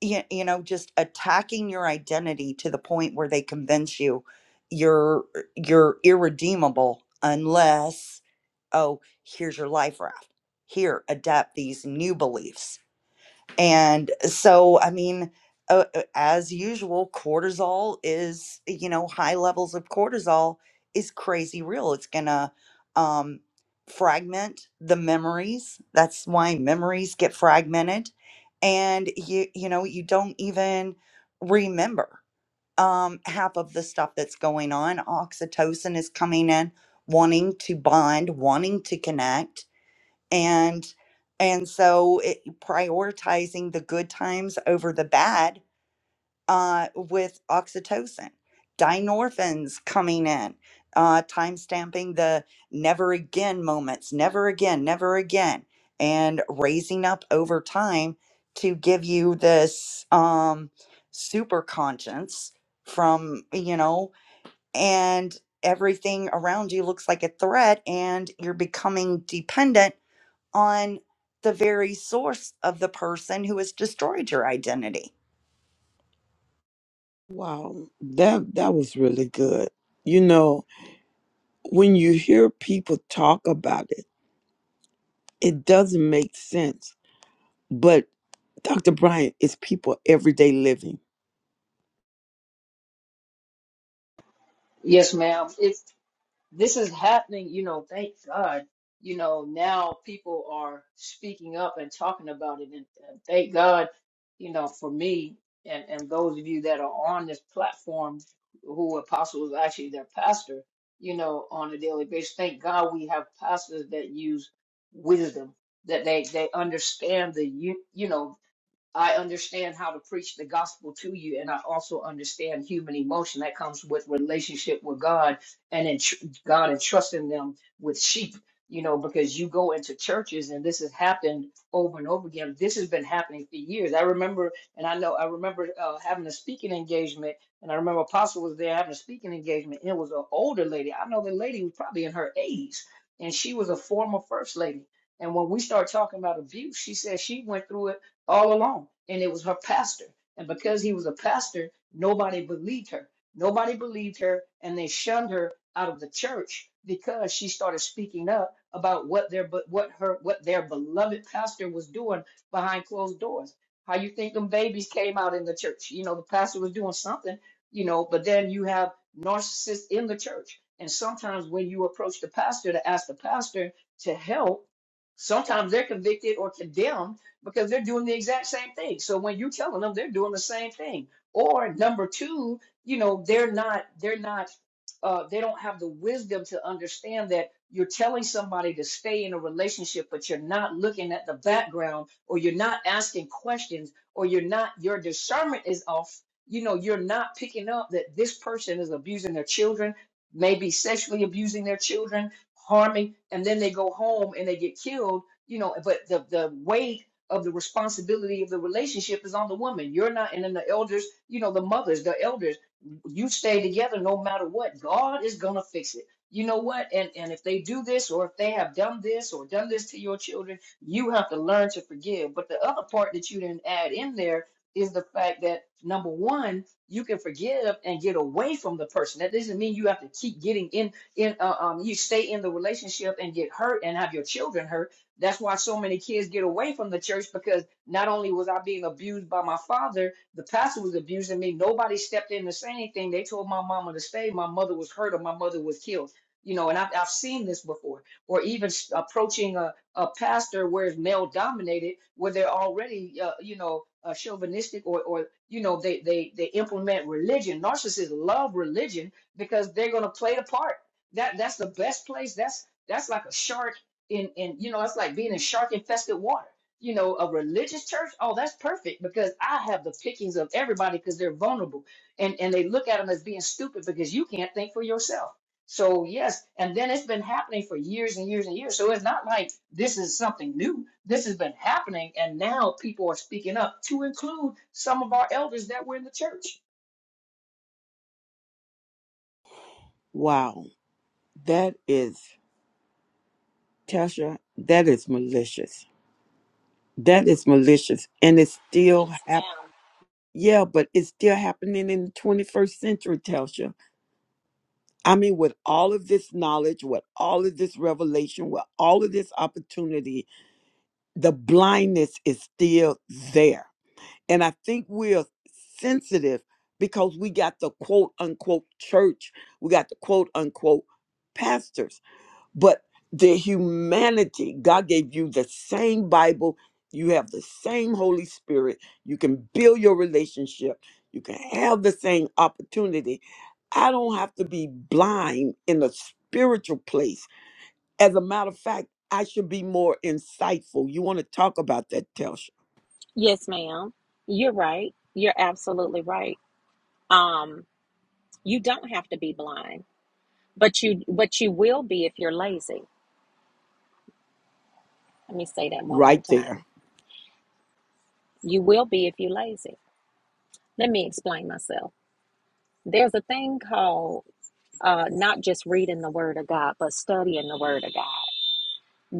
you, you know just attacking your identity to the point where they convince you you're eh, you're irredeemable unless oh here's your life raft here adapt these new beliefs and so, I mean, uh, uh, as usual, cortisol is, you know, high levels of cortisol is crazy real. It's going to um, fragment the memories. That's why memories get fragmented. And you, you know, you don't even remember um, half of the stuff that's going on. Oxytocin is coming in, wanting to bond, wanting to connect and and so it, prioritizing the good times over the bad uh, with oxytocin dynorphins coming in uh, time stamping the never again moments never again never again and raising up over time to give you this um, super conscience from you know and everything around you looks like a threat and you're becoming dependent on the very source of the person who has destroyed your identity.
Wow, that that was really good. You know, when you hear people talk about it, it doesn't make sense. Dr. Bryant, it's people everyday living.
Yes, ma'am. It, this is happening, you know, thank God. You know, now people are speaking up and talking about it, and, and thank God, you know, for me and, and those of you that are on this platform who Apostle is actually their pastor, you know, on a daily basis. Thank God we have pastors that use wisdom, that they they understand the you you know I understand how to preach the gospel to you, and I also understand human emotion that comes with relationship with God and in tr- God entrusting them with sheep. You know, because you go into churches, and this has happened over and over again. This has been happening for years. I remember, and I know, I remember uh, having a speaking engagement, and I remember Apostle was there having a speaking engagement, and it was an older lady. I know the lady was probably in her 80s, and she was a former first lady. And when we start talking about abuse, she said she went through it all along. And it was her pastor. And because he was a pastor, nobody believed her. Nobody believed her, and they shunned her out of the church because she started speaking up about what their but what her what their beloved pastor was doing behind closed doors. How you think them babies came out in the church? You know, the pastor was doing something, you know, but then you have narcissists in the church. And sometimes when you approach the pastor to ask the pastor to help, sometimes they're convicted or condemned because they're doing the exact same thing. So when you're telling them, they're doing the same thing. Or number two, you know, they're not, they're not, uh, they don't have the wisdom to understand that you're telling somebody to stay in a relationship, but you're not looking at the background, or you're not asking questions, or you're not, your discernment is off. You know, you're not picking up that this person is abusing their children, maybe sexually abusing their children, harming, and then they go home and they get killed you know, but the the way of the responsibility of the relationship is on the woman. You're not, and then the elders, you know, the mothers, the elders, you stay together no matter what. God is gonna fix it. You know what? And and if they do this, or if they have done this, or done this to your children, you have to learn to forgive. But the other part that you didn't add in there is the fact that number one, you can forgive and get away from the person. That doesn't mean you have to keep getting in in uh, um you stay in the relationship and get hurt and have your children hurt that's why so many kids get away from the church because not only was I being abused by my father, the pastor was abusing me. Nobody stepped in to say anything. They told my mama to stay. My mother was hurt or my mother was killed. You know, and I've, I've seen this before, or even s- approaching a, a pastor where it's male dominated, where they're already, uh, you know, uh, chauvinistic or, or, you know, they, they, they implement religion. Narcissists love religion because they're going to play the part. That, that's the best place. That's, that's like a shark in in you know it's like being in shark infested water you know a religious church oh that's perfect because i have the pickings of everybody because they're vulnerable and and they look at them as being stupid because you can't think for yourself so yes and then it's been happening for years and years and years so it's not like this is something new this has been happening and now people are speaking up to include some of our elders that were in the church
Wow, that is, Tasha, that is malicious. That is malicious. And it's still
Yes,
happening.
ma'am.
Yeah, but it's still happening in the 21st century, Tasha. I mean, with all of this knowledge, with all of this revelation, with all of this opportunity, the blindness is still there. And I think we're sensitive because we got the quote unquote church, we got the quote unquote pastors but the humanity god gave you the same bible you have the same holy spirit you can build your relationship you can have the same opportunity i don't have to be blind in a spiritual place as a matter of fact i should be more insightful you want to talk about that telsha
Yes, ma'am. You're right. You're absolutely right. Um, you don't have to be blind, but you but you will be if you're lazy. Let me say that one more
right there
time. You will be if you're lazy. Let me explain myself. There's a thing called uh, not just reading the Word of God, but studying the Word of God.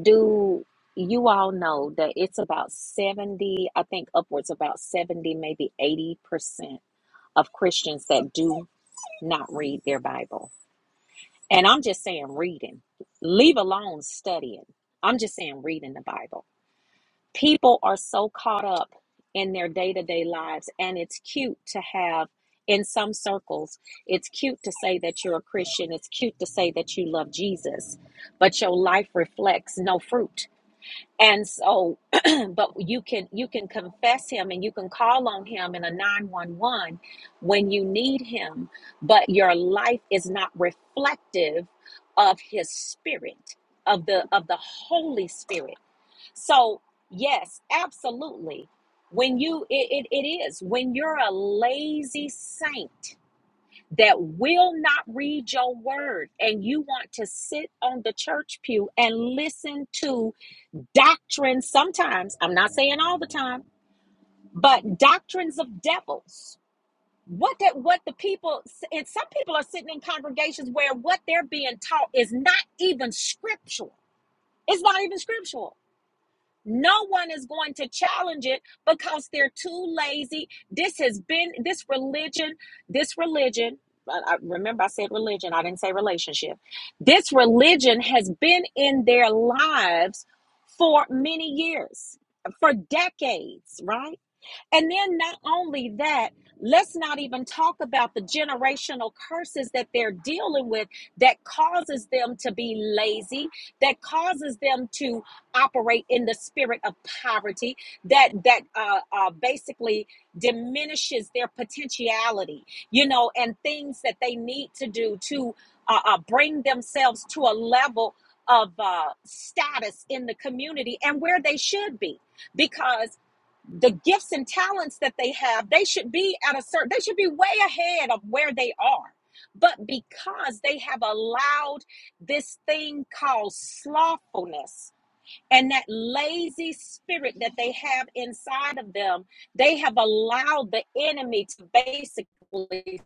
Do you all know that it's about 70, I think upwards about 70, maybe 80% of Christians that do not read their Bible. And I'm just saying reading. Leave alone studying. I'm just saying reading the Bible. People are so caught up in their day-to-day lives and it's cute to have in some circles, it's cute to say that you're a Christian. It's cute to say that you love Jesus, but your life reflects no fruit and so but you can you can confess him and you can call on him in a 911 when you need him but your life is not reflective of his spirit of the of the holy spirit so yes absolutely when you it, it, it is when you're a lazy saint that will not read your word and you want to sit on the church pew and listen to doctrines sometimes i'm not saying all the time but doctrines of devils what that what the people and some people are sitting in congregations where what they're being taught is not even scriptural it's not even scriptural no one is going to challenge it because they're too lazy. This has been this religion, this religion. I remember I said religion, I didn't say relationship. This religion has been in their lives for many years, for decades, right? And then not only that, let's not even talk about the generational curses that they're dealing with that causes them to be lazy, that causes them to operate in the spirit of poverty, that that uh, uh, basically diminishes their potentiality, you know, and things that they need to do to uh, uh, bring themselves to a level of uh, status in the community and where they should be because the gifts and talents that they have they should be at a certain they should be way ahead of where they are but because they have allowed this thing called slothfulness and that lazy spirit that they have inside of them they have allowed the enemy to basically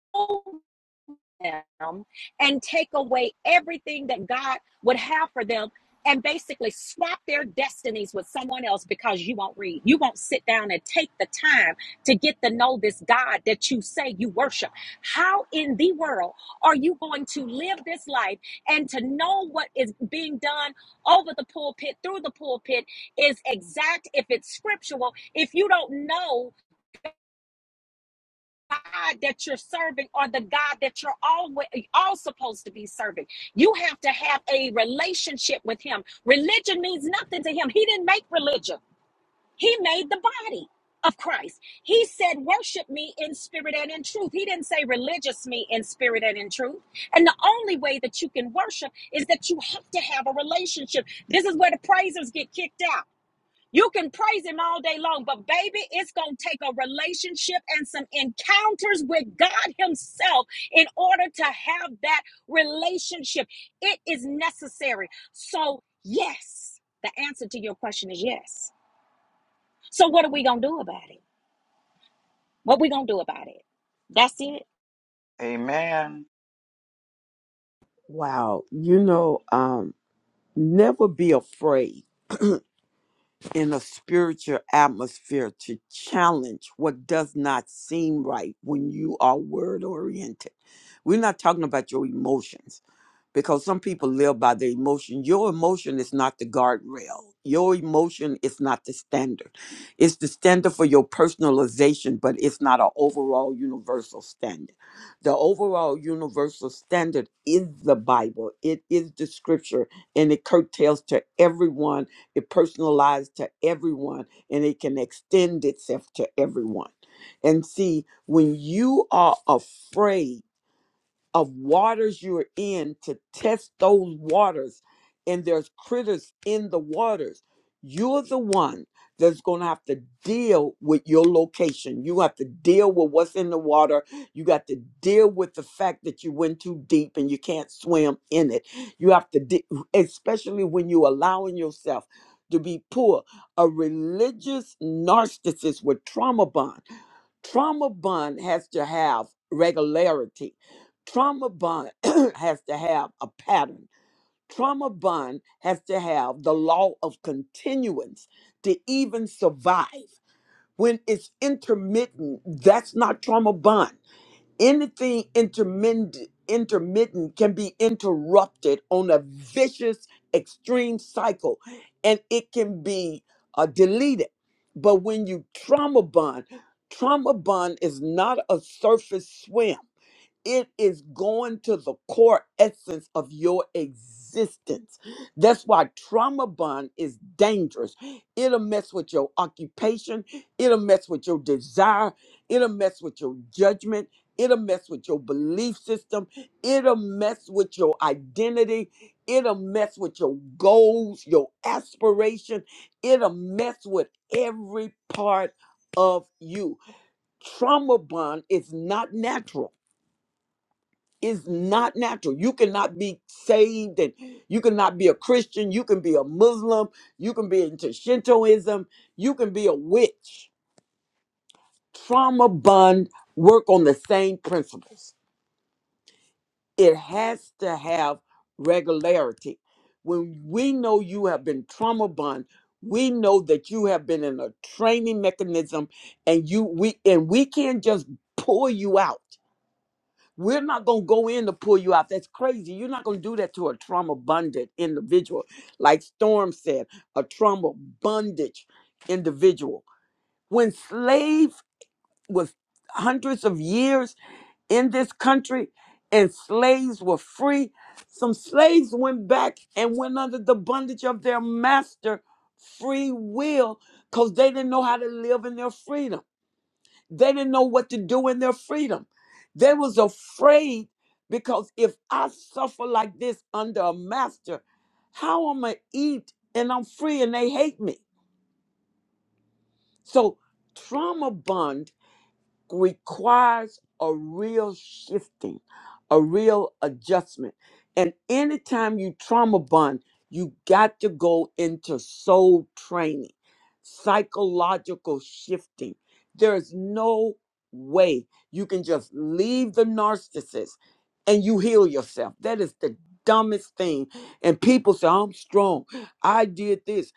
slow them and take away everything that God would have for them and basically swap their destinies with someone else because you won't read. You won't sit down and take the time to get to know this God that you say you worship. How in the world are you going to live this life and to know what is being done over the pulpit, through the pulpit is exact, if it's scriptural, if you don't know God that you're serving or the God that you're always all supposed to be serving. You have to have a relationship with him. Religion means nothing to him. He didn't make religion. He made the body of Christ. He said, worship me in spirit and in truth. He didn't say religious me in spirit and in truth. And the only way that you can worship is that you have to have a relationship. This is where the praisers get kicked out. You can praise him all day long, but baby, it's going to take a relationship and some encounters with God himself in order to have that relationship. It is necessary. So, yes, the answer to your question is yes. So, what are we going to do about it? What are we going to do about it? That's it.
Amen.
wow you know um never be afraid in a spiritual atmosphere to challenge what does not seem right when you are word oriented. We're not talking about your emotions because some people live by their emotion. Your emotion is not the guardrail. Your emotion is not the standard. It's the standard for your personalization, but it's not an overall universal standard. The overall universal standard is the Bible. It is the scripture and it curtails to everyone. It personalized to everyone and it can extend itself to everyone. And see, when you are afraid of waters you're in to test those waters and there's critters in the waters you're the one that's going to have to deal with your location you have to deal with what's in the water you got to deal with the fact that you went too deep and you can't swim in it you have to de- especially when you're allowing yourself to be poor a religious narcissist with trauma bond trauma bond has to have regularity trauma bond has to have a pattern trauma bond has to have the law of continuance to even survive when it's intermittent that's not trauma bond anything intermittent intermittent can be interrupted on a vicious extreme cycle and it can be uh, deleted but when you trauma bond trauma bond is not a surface swim it is going to the core essence of your existence. That's why trauma bond is dangerous. It'll mess with your occupation, it'll mess with your desire, it'll mess with your judgment, it'll mess with your belief system, it'll mess with your identity, it'll mess with your goals, your aspiration, it'll mess with every part of you. Trauma bond is not natural is not natural. You cannot be saved and you cannot be a Christian. You can be a Muslim. You can be into Shintoism. You can be a witch. Trauma bond work on the same principles. It has to have regularity. When we know you have been trauma bond, we know that you have been in a training mechanism and you we and we can't just pull you out We're not gonna go in to pull you out. That's crazy. You're not gonna do that to a trauma bonded individual, like Storm said, a trauma bondage individual. When slave was hundreds of years in this country and slaves were free, some slaves went back and went under the bondage of their master free will because they didn't know how to live in their freedom. They didn't know what to do in their freedom. They was afraid because if I suffer like this under a master, how am I eat and I'm free and they hate me? So trauma bond requires a real shifting, a real adjustment. And anytime you trauma bond, you got to go into soul training, psychological shifting. There is no way you can just leave the narcissist and you heal yourself. That is the dumbest thing. And people say, I'm strong. I did this.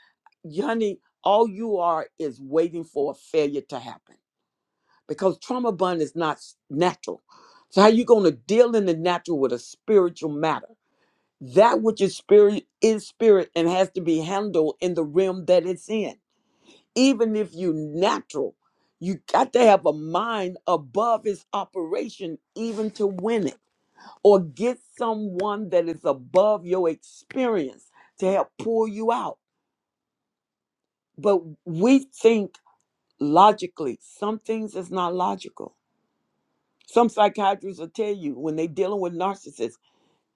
Honey, all you are is waiting for a failure to happen because trauma bond is not s- natural. So how you going to deal in the natural with a spiritual matter? That which is spirit is spirit and has to be handled in the realm that it's in. Even if you natural, you got to have a mind above its operation even to win it or get someone that is above your experience to help pull you out. But we think logically. Some things is not logical Some psychiatrists will tell you when they're dealing with narcissists,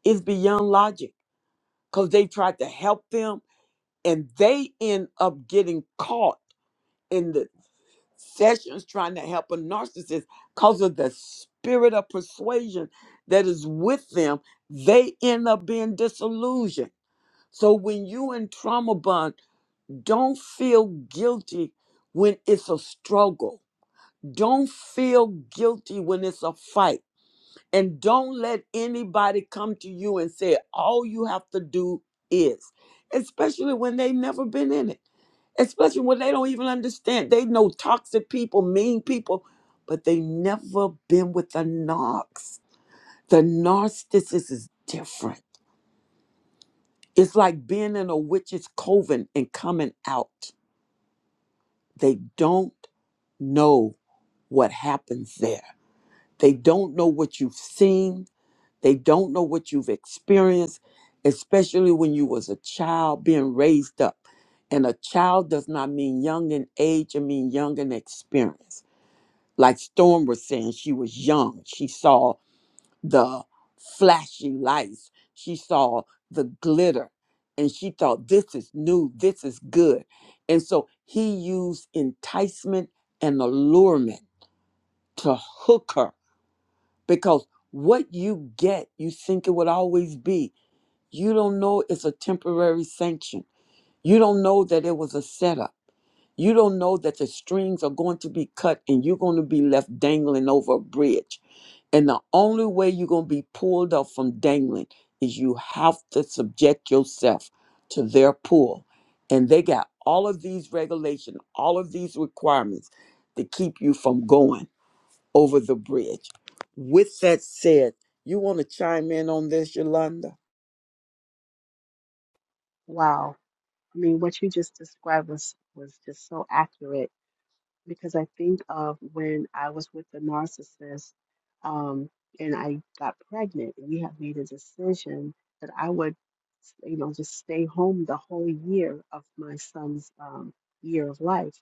it's beyond logic because they tried to help them and they end up getting caught in the sessions trying to help a narcissist because of the spirit of persuasion that is with them. They end up being disillusioned. So when you in trauma bond, don't feel guilty when it's a struggle. Don't feel guilty when it's a fight And don't let anybody come to you and say all you have to do is, especially when they've never been in it, especially when they don't even understand. They know toxic people, mean people, but they never been with the narcs. The narcissist is different. It's like being in a witch's coven and coming out. They don't know what happens there. They don't know what you've seen They don't know what you've experienced, especially when you was a child being raised up. And a child does not mean young in age, it mean young in experience. Like Storm was saying, she was young. She saw the flashy lights. She saw the glitter. And she thought, this is new, this is good. And so he used enticement and allurement to hook her because what you get, you think it would always be. You don't know it's a temporary sanction. You don't know that it was a setup. You don't know that the strings are going to be cut and you're going to be left dangling over a bridge. And the only way you're going to be pulled up from dangling is you have to subject yourself to their pull. And they got all of these regulations, all of these requirements to keep you from going over the bridge. With that said, you want to chime in on this, Yolanda?
Wow. I mean, what you just described was was just so accurate because I think of when I was with the narcissist, um, and I got pregnant, and we had made a decision that I would, you know, just stay home the whole year of my son's um, year of life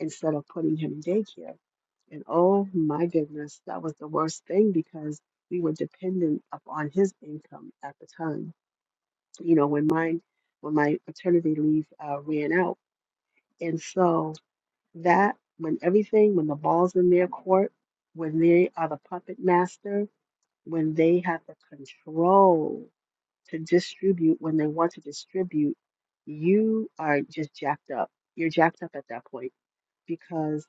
instead of putting him in daycare. And oh my goodness, that was the worst thing because we were dependent upon his income at the time you know, when mine, when my paternity leave uh, ran out. And so that, when everything, when the ball's in their court, when they are the puppet master, when they have the control to distribute, when they want to distribute, you are just jacked up. You're jacked up at that point because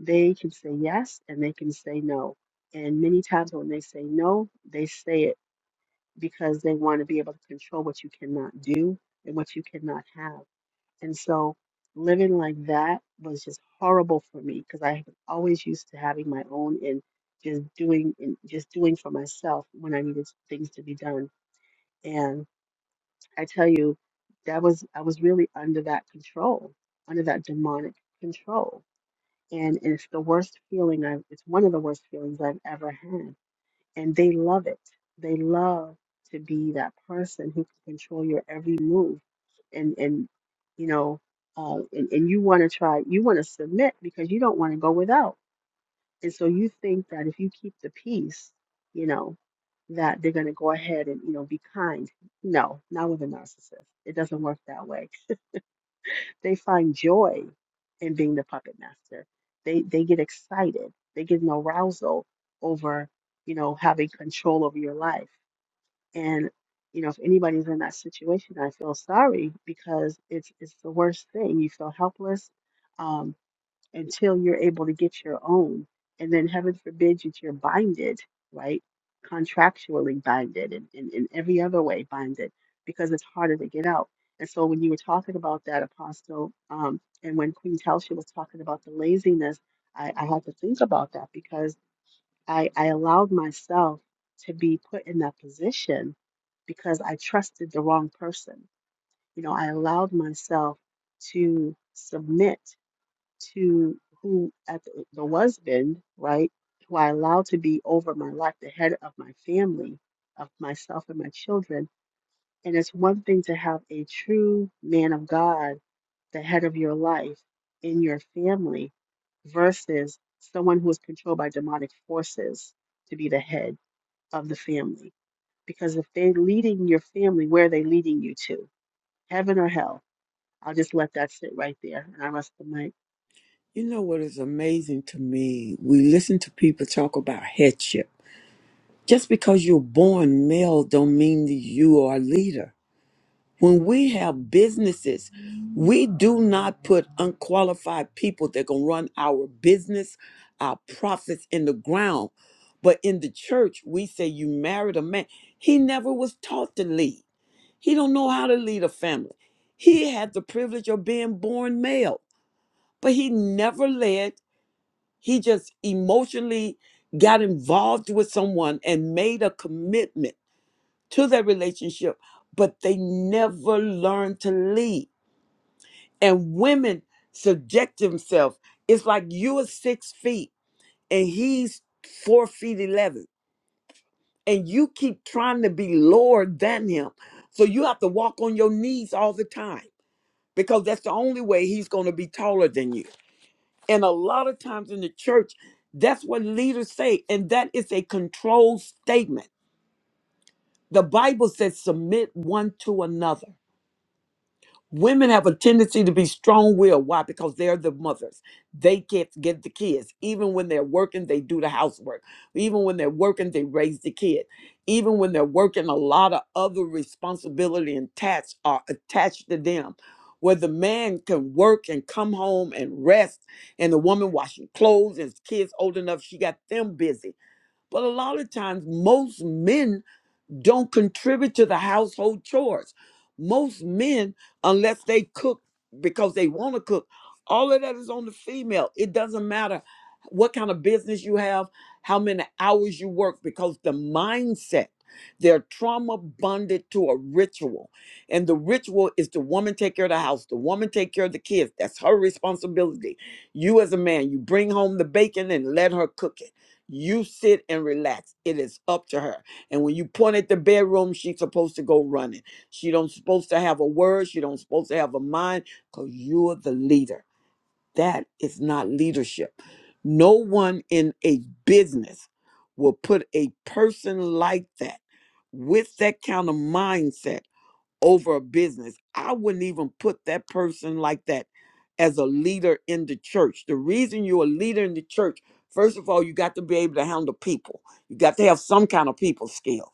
they can say yes and they can say no. And many times when they say no, they say it because they want to be able to control what you cannot do and what you cannot have. And so living like that was just horrible for me because I was always used to having my own and just doing and just doing for myself when I needed things to be done. And I tell you, that was I was really under that control, under that demonic control. And it's the worst feeling I've it's one of the worst feelings I've ever had and they love it. They love to be that person who can control your every move, and and you know, uh, and and you want to try, you want to submit because you don't want to go without, and so you think that if you keep the peace, you know, that they're going to go ahead and you know be kind. No, not with a narcissist. It doesn't work that way. They find joy in being the puppet master. They they get excited. They get an arousal over you know having control over your life and you know, if anybody's in that situation, I feel sorry because it's it's the worst thing. You feel helpless um, until you're able to get your own, and then heaven forbid that you're binded, right? Contractually binded, and in, in every other way binded, because it's harder to get out. And so when you were talking about that, Apostle, um, and when Queen Telsha was talking about the laziness, I, I had to think about that because. I, I allowed myself to be put in that position because I trusted the wrong person. You know, I allowed myself to submit to who at the, the husband, right, who I allowed to be over my life, the head of my family, of myself and my children. And it's one thing to have a true man of God, the head of your life in your family, versus someone who is controlled by demonic forces to be the head of the family. Because if they're leading your family, where are they leading you to? Heaven or hell? I'll just let that sit right there. And I rest the mic.
You know what is amazing to me? We listen to people talk about headship. Just because you're born male don't mean that you are a leader. When we have businesses, we do not put unqualified people that can run our business, our profits in the ground. But in the church, we say you married a man. He never was taught to lead. He don't know how to lead a family. He had the privilege of being born male, but he never led he just emotionally got involved with someone and made a commitment to that relationship, but they never learned to lead. And women subject themselves. It's like you are six feet and he's four feet 11, and you keep trying to be lower than him. So you have to walk on your knees all the time because that's the only way he's going to be taller than you. And a lot of times in the church, that's what leaders say. And that is a controlled statement. The Bible says, submit one to another. Women have a tendency to be strong willed. Why? Because they're the mothers. They can't get the kids. Even when they're working, they do the housework. Even when they're working, they raise the kid. Even when they're working, a lot of other responsibility and tasks are attached to them. Where the man can work and come home and rest, and the woman washing clothes and kids old enough, she got them busy. But a lot of times, most men don't contribute to the household chores. Most men, unless they cook because they want to cook, all of that is on the female. It doesn't matter what kind of business you have, how many hours you work, because the mindset, they're trauma bonded to a ritual. And the ritual is the woman take care of the house, the woman take care of the kids. That's her responsibility. You, as a man, you bring home the bacon and let her cook it. You sit and relax. It is up to her and when you point at the bedroom, she's supposed to go running. She don't supposed to have a word. She don't supposed to have a mind because you're the leader. That is not leadership. No one in a business will put a person like that with that kind of mindset over a business. I wouldn't even put that person like that as a leader in the church. The reason you're a leader in the church, first of all, you got to be able to handle people. You got to have some kind of people skill.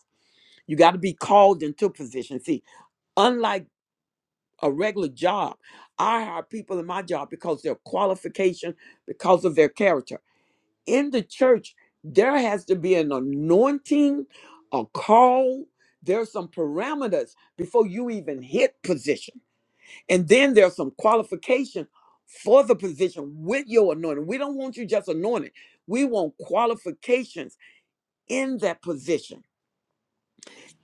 You got to be called into a position. See, unlike a regular job, I hire people in my job because their qualification, because of their character. In the church, there has to be an anointing, a call. There's some parameters before you even hit position. And then there's some qualification for the position with your anointing. We don't want you just anointed. We want qualifications in that position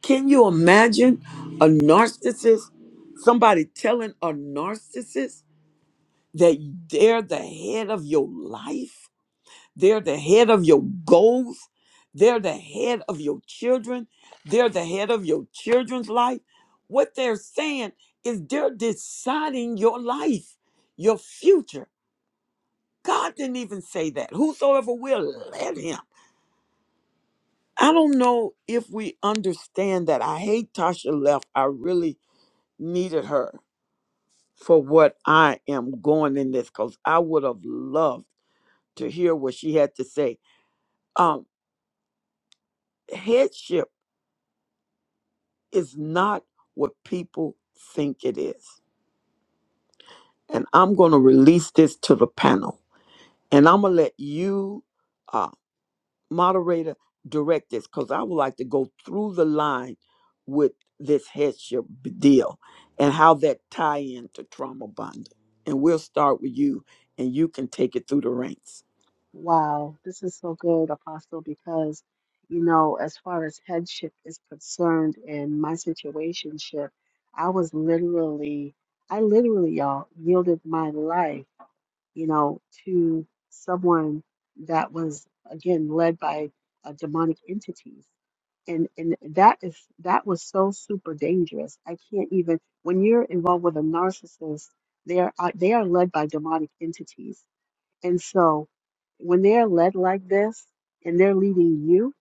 Can you imagine a narcissist, somebody telling a narcissist that they're the head of your life, they're the head of your goals, they're the head of your children, they're the head of your children's life? What they're saying is they're deciding your life, your future. God didn't even say that. Whosoever will, let him. I don't know if we understand that. I hate Tasha left. I really needed her for what I am going in this because I would have loved to hear what she had to say. Um, headship is not what people think it is. And I'm going to release this to the panel. And I'm going to let you. uh, moderator, direct this because I would like to go through the line with this headship deal and how that tie into trauma bonding. And we'll start with you, and you can take it through the ranks.
Wow, this is so good, Apostle, because, you know, as far as headship is concerned and my situationship, I was literally, I literally, y'all, yielded my life you know, to someone that was again led by uh, demonic entities. And and that is that was so super dangerous. I can't even when you're involved with a narcissist, they are uh, they are led by demonic entities. And so when they're led like this and they're leading you,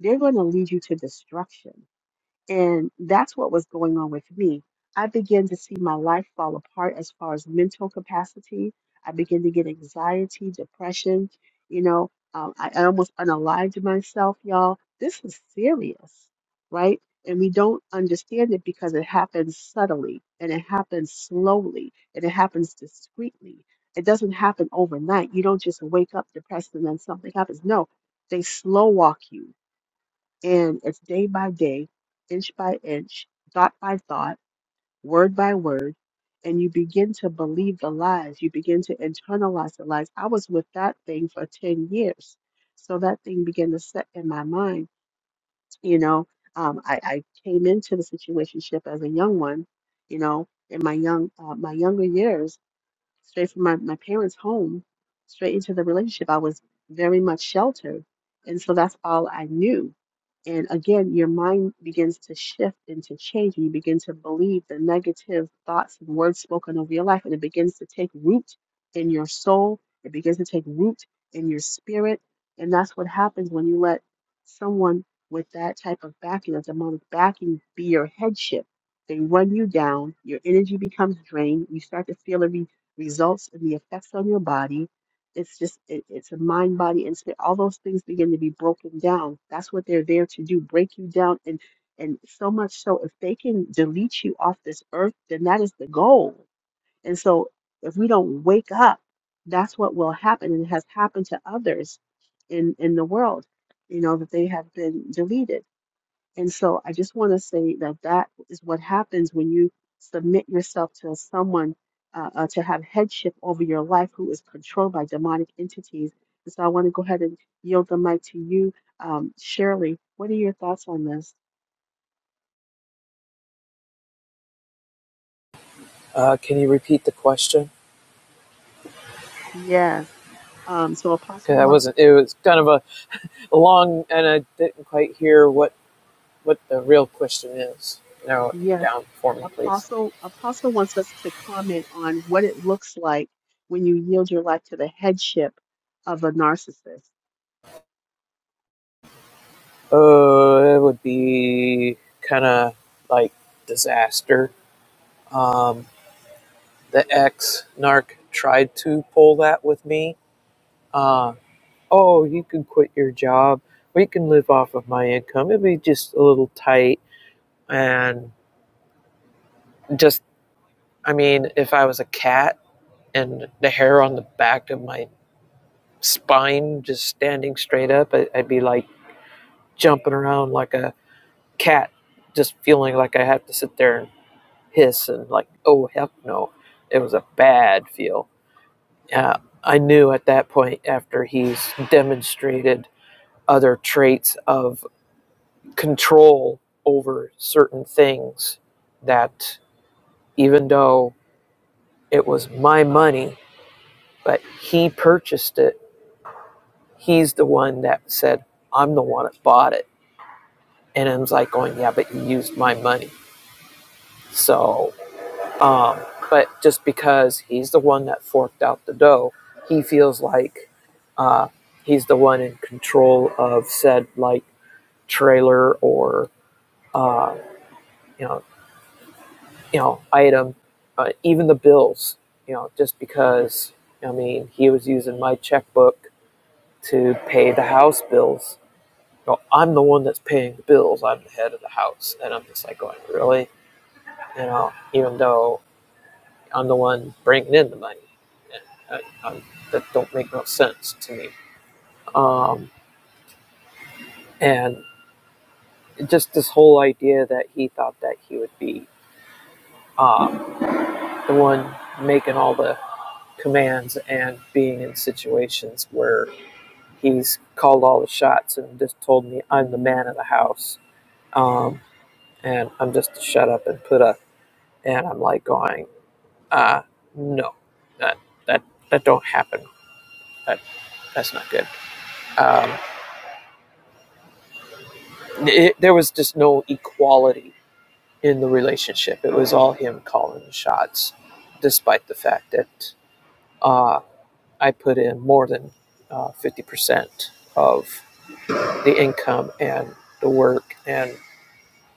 they're going to lead you to destruction and that's what was going on with me. I began to see my life fall apart as far as mental capacity. I began to get anxiety, depression. You know, um, I, I almost unalived myself, y'all. This is serious, right? And we don't understand it because it happens subtly and it happens slowly and it happens discreetly. It doesn't happen overnight. You don't just wake up depressed and then something happens. No, they slow walk you and it's day by day, inch by inch, thought by thought, word by word. And you begin to believe the lies. You begin to internalize the lies. I was with that thing for 10 years. So that thing began to set in my mind. You know, um, I, I came into the situationship as a young one, you know, in my young uh, my younger years straight from my, my parents' home, straight into the relationship. I was very much sheltered. And so that's all I knew. And again, your mind begins to shift and to change. And you begin to believe the negative thoughts and words spoken over your life. And it begins to take root in your soul. It begins to take root in your spirit. And that's what happens when you let someone with that type of backing, that demonic backing, be your headship. They run you down. Your energy becomes drained. You start to feel every results and the effects on your body. It's just, it, it's a mind, body, and spirit. All those things begin to be broken down. That's what they're there to do, break you down. And, and so much so, if they can delete you off this earth, then that is the goal. And so, if we don't wake up, that's what will happen. And it has happened to others in, in the world, you know, that they have been deleted. And so I just want to say that that is what happens when you submit yourself to someone uh, uh, to have headship over your life who is controlled by demonic entities. And so I want to go ahead and yield the mic to you, um, Shirley. What are your thoughts on this?
Uh, can you repeat the question?
Yes. Um, so Apostle
Because I
wants
wasn't, it was kind of a, a long, and I didn't quite hear what what the real question is. Narrow it
yes.
down for me, please.
Apostle Apostle wants us to comment on what it looks like when you yield your life to the headship of a narcissist.
Oh, Uh, it would be kind of like disaster. Um, the ex narc tried to pull that with me. Uh, oh, you can quit your job, or you can live off of my income. It'd be just a little tight, and just I mean, if I was a cat and the hair on the back of my spine just standing straight up, I'd be like jumping around like a cat just feeling like I have to sit there and hiss and like, oh heck no. It was a bad feel. Uh, I knew at that point after he's demonstrated other traits of control over certain things that even though it was my money, but he purchased it, he's the one that said, I'm the one that bought it. And I was like going, yeah, but you used my money. So Um, but just because he's the one that forked out the dough, he feels like uh, he's the one in control of said like trailer or uh, you know you know item, uh, even the bills. You know, just because I mean he was using my checkbook to pay the house bills. You know, I'm the one that's paying the bills. I'm the head of the house, and I'm just like going, really, you know, even though I'm the one bringing in the money. I, I, that don't make no sense to me. Um, and just this whole idea that he thought that he would be um, the one making all the commands and being in situations where he's called all the shots and just told me I'm the man of the house. Um, and I'm just to shut up and put up. And I'm like going, uh, no, that that that don't happen. That that's not good. Um, It, there was just no equality in the relationship. It was all him calling the shots, despite the fact that uh, I put in more than uh, fifty percent of the income and the work, and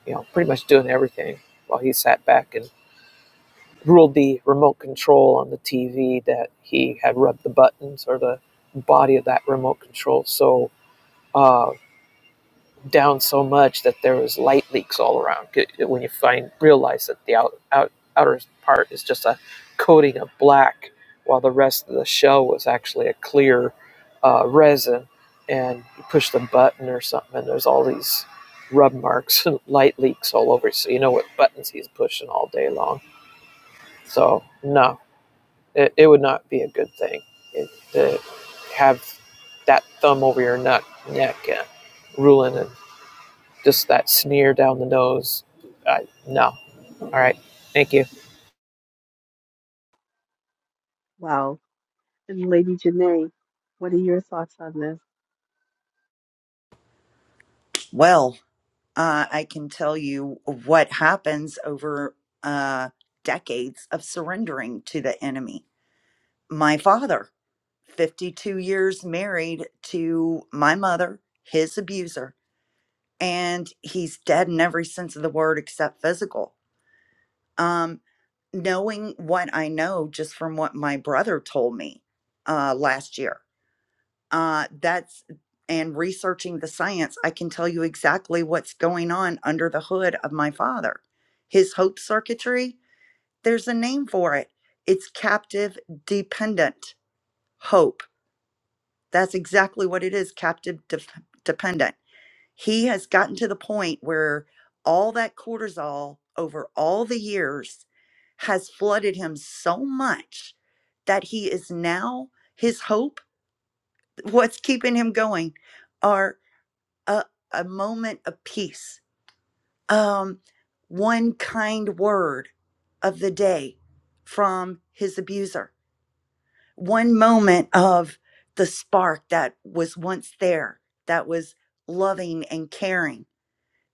you know, pretty much doing everything while he sat back and ruled the remote control on the TV that he had rubbed the buttons or the body of that remote control. So. Uh, down so much that there was light leaks all around. When you find realize that the out, out, outer part is just a coating of black, while the rest of the shell was actually a clear uh, resin, and you push the button or something, and there's all these rub marks and light leaks all over. So you know what buttons he's pushing all day long. So no, it, it would not be a good thing it, to have that thumb over your nut, neck and ruling and just that sneer down the nose. I, no. All right. Thank you.
Wow. And Lady Janae, what are your thoughts on this?
Well, uh, I can tell you what happens over uh, decades of surrendering to the enemy. My father, 52 years married to my mother, his abuser, and he's dead in every sense of the word except physical. Um, knowing what I know just from what my brother told me uh, last year uh, that's and researching the science, I can tell you exactly what's going on under the hood of my father. His hope circuitry, there's a name for it. It's captive dependent hope. That's exactly what it is captive def dependent. He has gotten to the point where all that cortisol over all the years has flooded him so much that he is now, his hope, what's keeping him going, are a, a moment of peace, um, one kind word of the day from his abuser, one moment of the spark that was once there, that was loving and caring.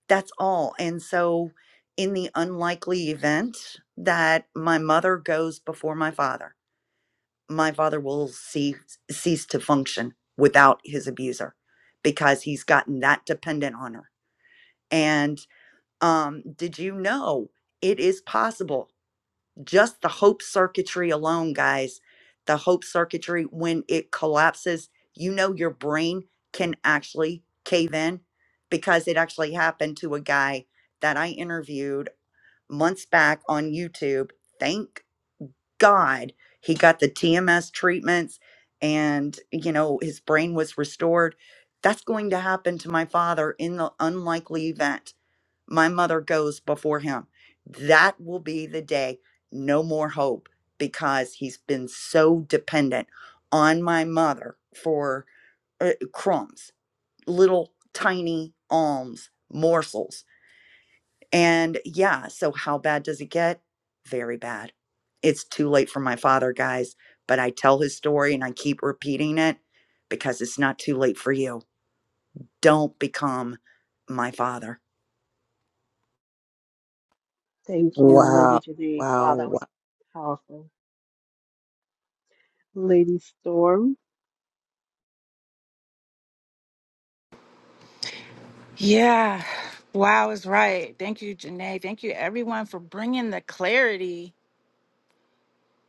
That's all. And so, in the unlikely event that my mother goes before my father, my father will see, cease to function without his abuser because he's gotten that dependent on her and. Um, did you know it is possible? Just the hope circuitry alone, guys. The hope circuitry, when it collapses, you know your brain can actually cave in because it actually happened to a guy that I interviewed months back on YouTube. Thank God he got the TMS treatments and, you know, his brain was restored. That's going to happen to my father in the unlikely event my mother goes before him. That will be the day no more hope because he's been so dependent on my mother for uh, crumbs, little tiny alms, morsels. And yeah, so how bad does it get? Very bad. It's too late for my father, guys, but I tell his story and I keep repeating it because it's not too late for you don't become my father.
Thank you, Lady
Wow,
Janae. Wow,
wow,
that was
wow,
powerful. Lady Storm,
Yeah. Wow is right. Thank you, Janae. Thank you, everyone, for bringing the clarity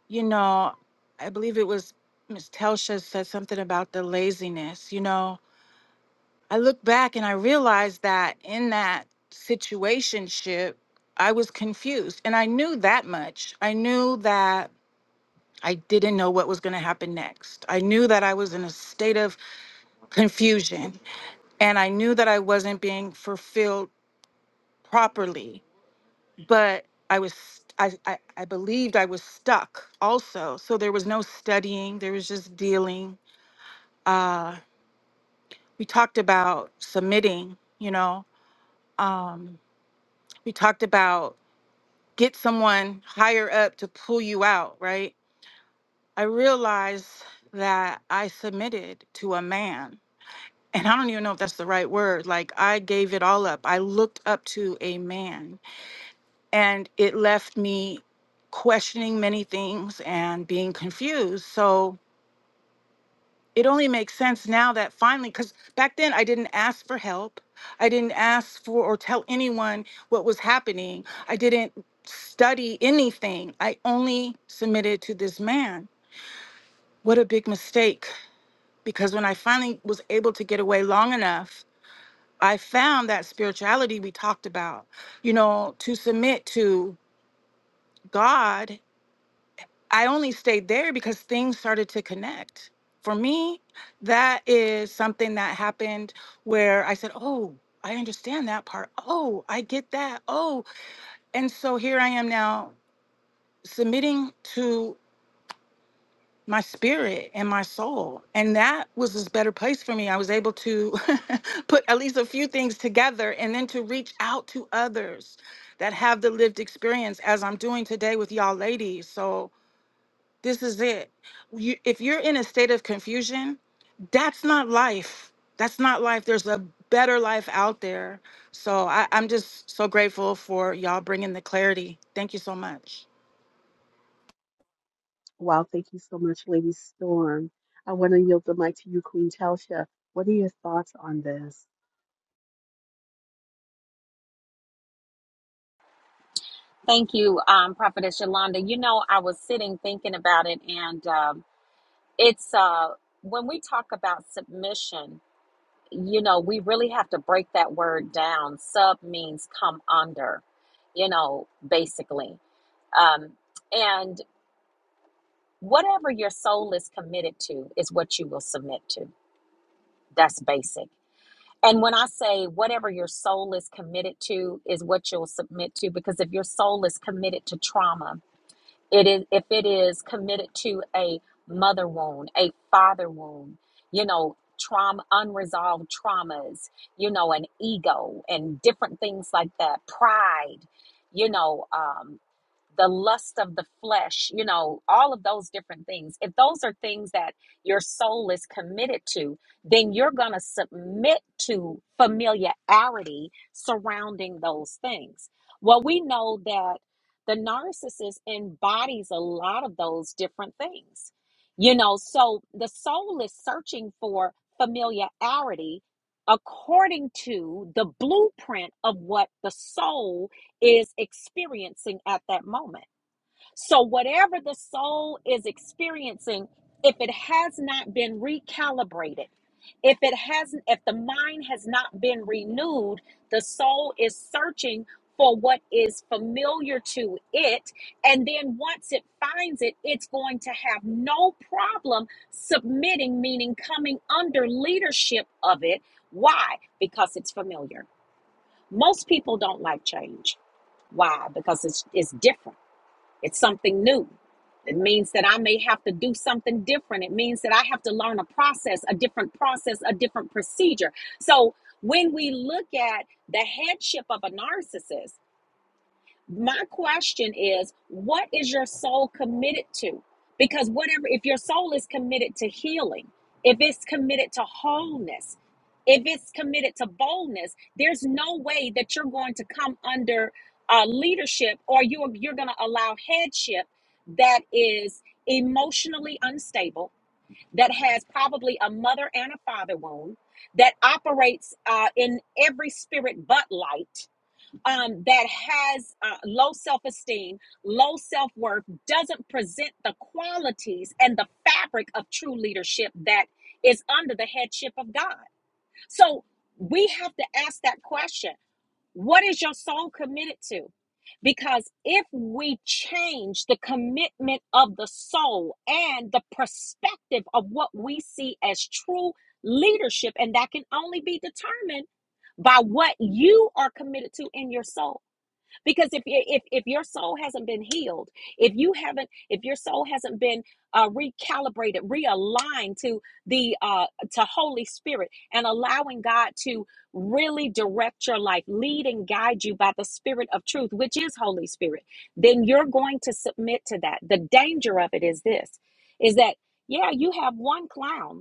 you know, I believe it was Miss Telsha said something about the laziness. You know, I look back and I realized that in that situationship, I was confused. And I knew that much. I knew that I didn't know what was going to happen next. I knew that I was in a state of confusion and I knew that I wasn't being fulfilled properly. But I was I, I, I believed I was stuck also. So there was no studying, there was just dealing uh, we talked about submitting, you know, um, we talked about get someone higher up to pull you out, right? I realized that I submitted to a man, and I don't even know if that's the right word. Like, I gave it all up. I looked up to a man, and it left me questioning many things and being confused. So, it only makes sense now that finally because back then i didn't ask for help i didn't ask for or tell anyone what was happening i didn't study anything i only submitted to this man what a big mistake because when i finally was able to get away long enough i found that spirituality we talked about you know to submit to god I only stayed there because things started to connect. For me, that is something that happened where I said, Oh, I understand that part. Oh, I get that. Oh, and so here I am now submitting to my spirit and my soul. And that was this better place for me. I was able to put at least a few things together and then to reach out to others that have the lived experience as I'm doing today with y'all ladies. So, This is it. You, if you're in a state of confusion, that's not life. That's not life. There's a better life out there. So I, I'm just so grateful for y'all bringing the clarity. Thank you so much.
wow, thank you so much, Lady Storm. I want to yield the mic to you, Queen Telsha. What are your thoughts on this?
Thank you, um, Prophetess Yolanda. You know, I was sitting thinking about it, and um, it's uh, when we talk about submission you know, we really have to break that word down. Sub means come under, you know, basically. Um, and whatever your soul is committed to is what you will submit to. That's basic. And when I say whatever your soul is committed to is what you'll submit to, because if your soul is committed to trauma, it is if it is committed to a mother wound a father wound you know trauma unresolved traumas you know an ego and different things like that pride you know um the lust of the flesh you know all of those different things if those are things that your soul is committed to then you're going to submit to familiarity surrounding those things well we know that the narcissist embodies a lot of those different things you know so the soul is searching for familiarity according to the blueprint of what the soul is experiencing at that moment so, whatever the soul is experiencing, if it has not been recalibrated, if it hasn't, if the mind has not been renewed, the soul is searching for what is familiar to it. And then once it finds it, it's going to have no problem submitting, meaning coming under leadership of it. Why? Because it's familiar. Most people don't like change. Why? Because it's, it's different it's something new. It means that I may have to do something different. It means that I have to learn a process, a different process, a different procedure. So when we look at the headship of a narcissist, my question is, what is your soul committed to? Because whatever, if your soul is committed to healing, if it's committed to wholeness, if it's committed to boldness, there's no way that you're going to come under uh, leadership or you're, you're going to allow headship that is emotionally unstable, that has probably a mother and a father wound, that operates uh, in every spirit but light um, that has uh, low self esteem, low self worth, doesn't present the qualities and the fabric of true leadership that is under the headship of God. So we have to ask that question what is your soul committed to? Because if we change the commitment of the soul and the perspective of what we see as true leadership, and that can only be determined by what you are committed to in your soul because if if if your soul hasn't been healed, if you haven't, if your soul hasn't been uh, recalibrated, realigned to the uh, to Holy Spirit, and allowing God to really direct your life, lead and guide you by the Spirit of Truth, which is Holy Spirit, then you're going to submit to that. The danger of it is this: is that yeah, you have one clown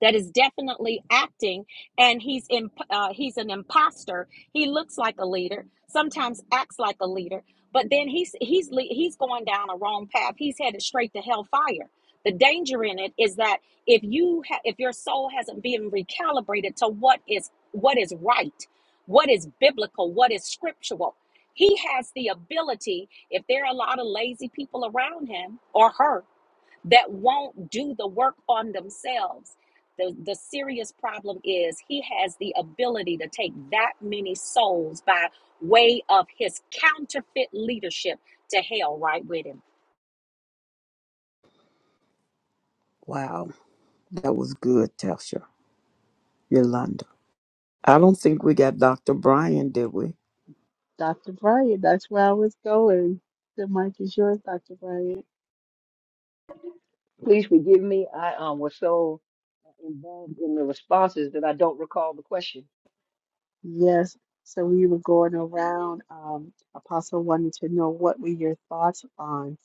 that is definitely acting, and he's in, uh, he's an imposter. He looks like a leader, sometimes acts like a leader, but then he's he's he's going down a wrong path. He's headed straight to hellfire. The danger in it is that if you ha- if your soul hasn't been recalibrated to what is what is right, what is biblical, what is scriptural, he has the ability. If there are a lot of lazy people around him or her, that won't do the work on themselves. The, the serious problem is he has the ability to take that many souls by way of his counterfeit leadership to hell right with him.
wow. That was good, Tasha. Yolanda. I don't think we got Dr. Brian, did we?
Dr. Bryant, that's where I was going. The mic is yours, Dr. Bryant.
Please forgive me. I um, was so involved in the responses that I don't recall the question.
Yes, so we were going around. Um, Apostle wanted to know what were your thoughts on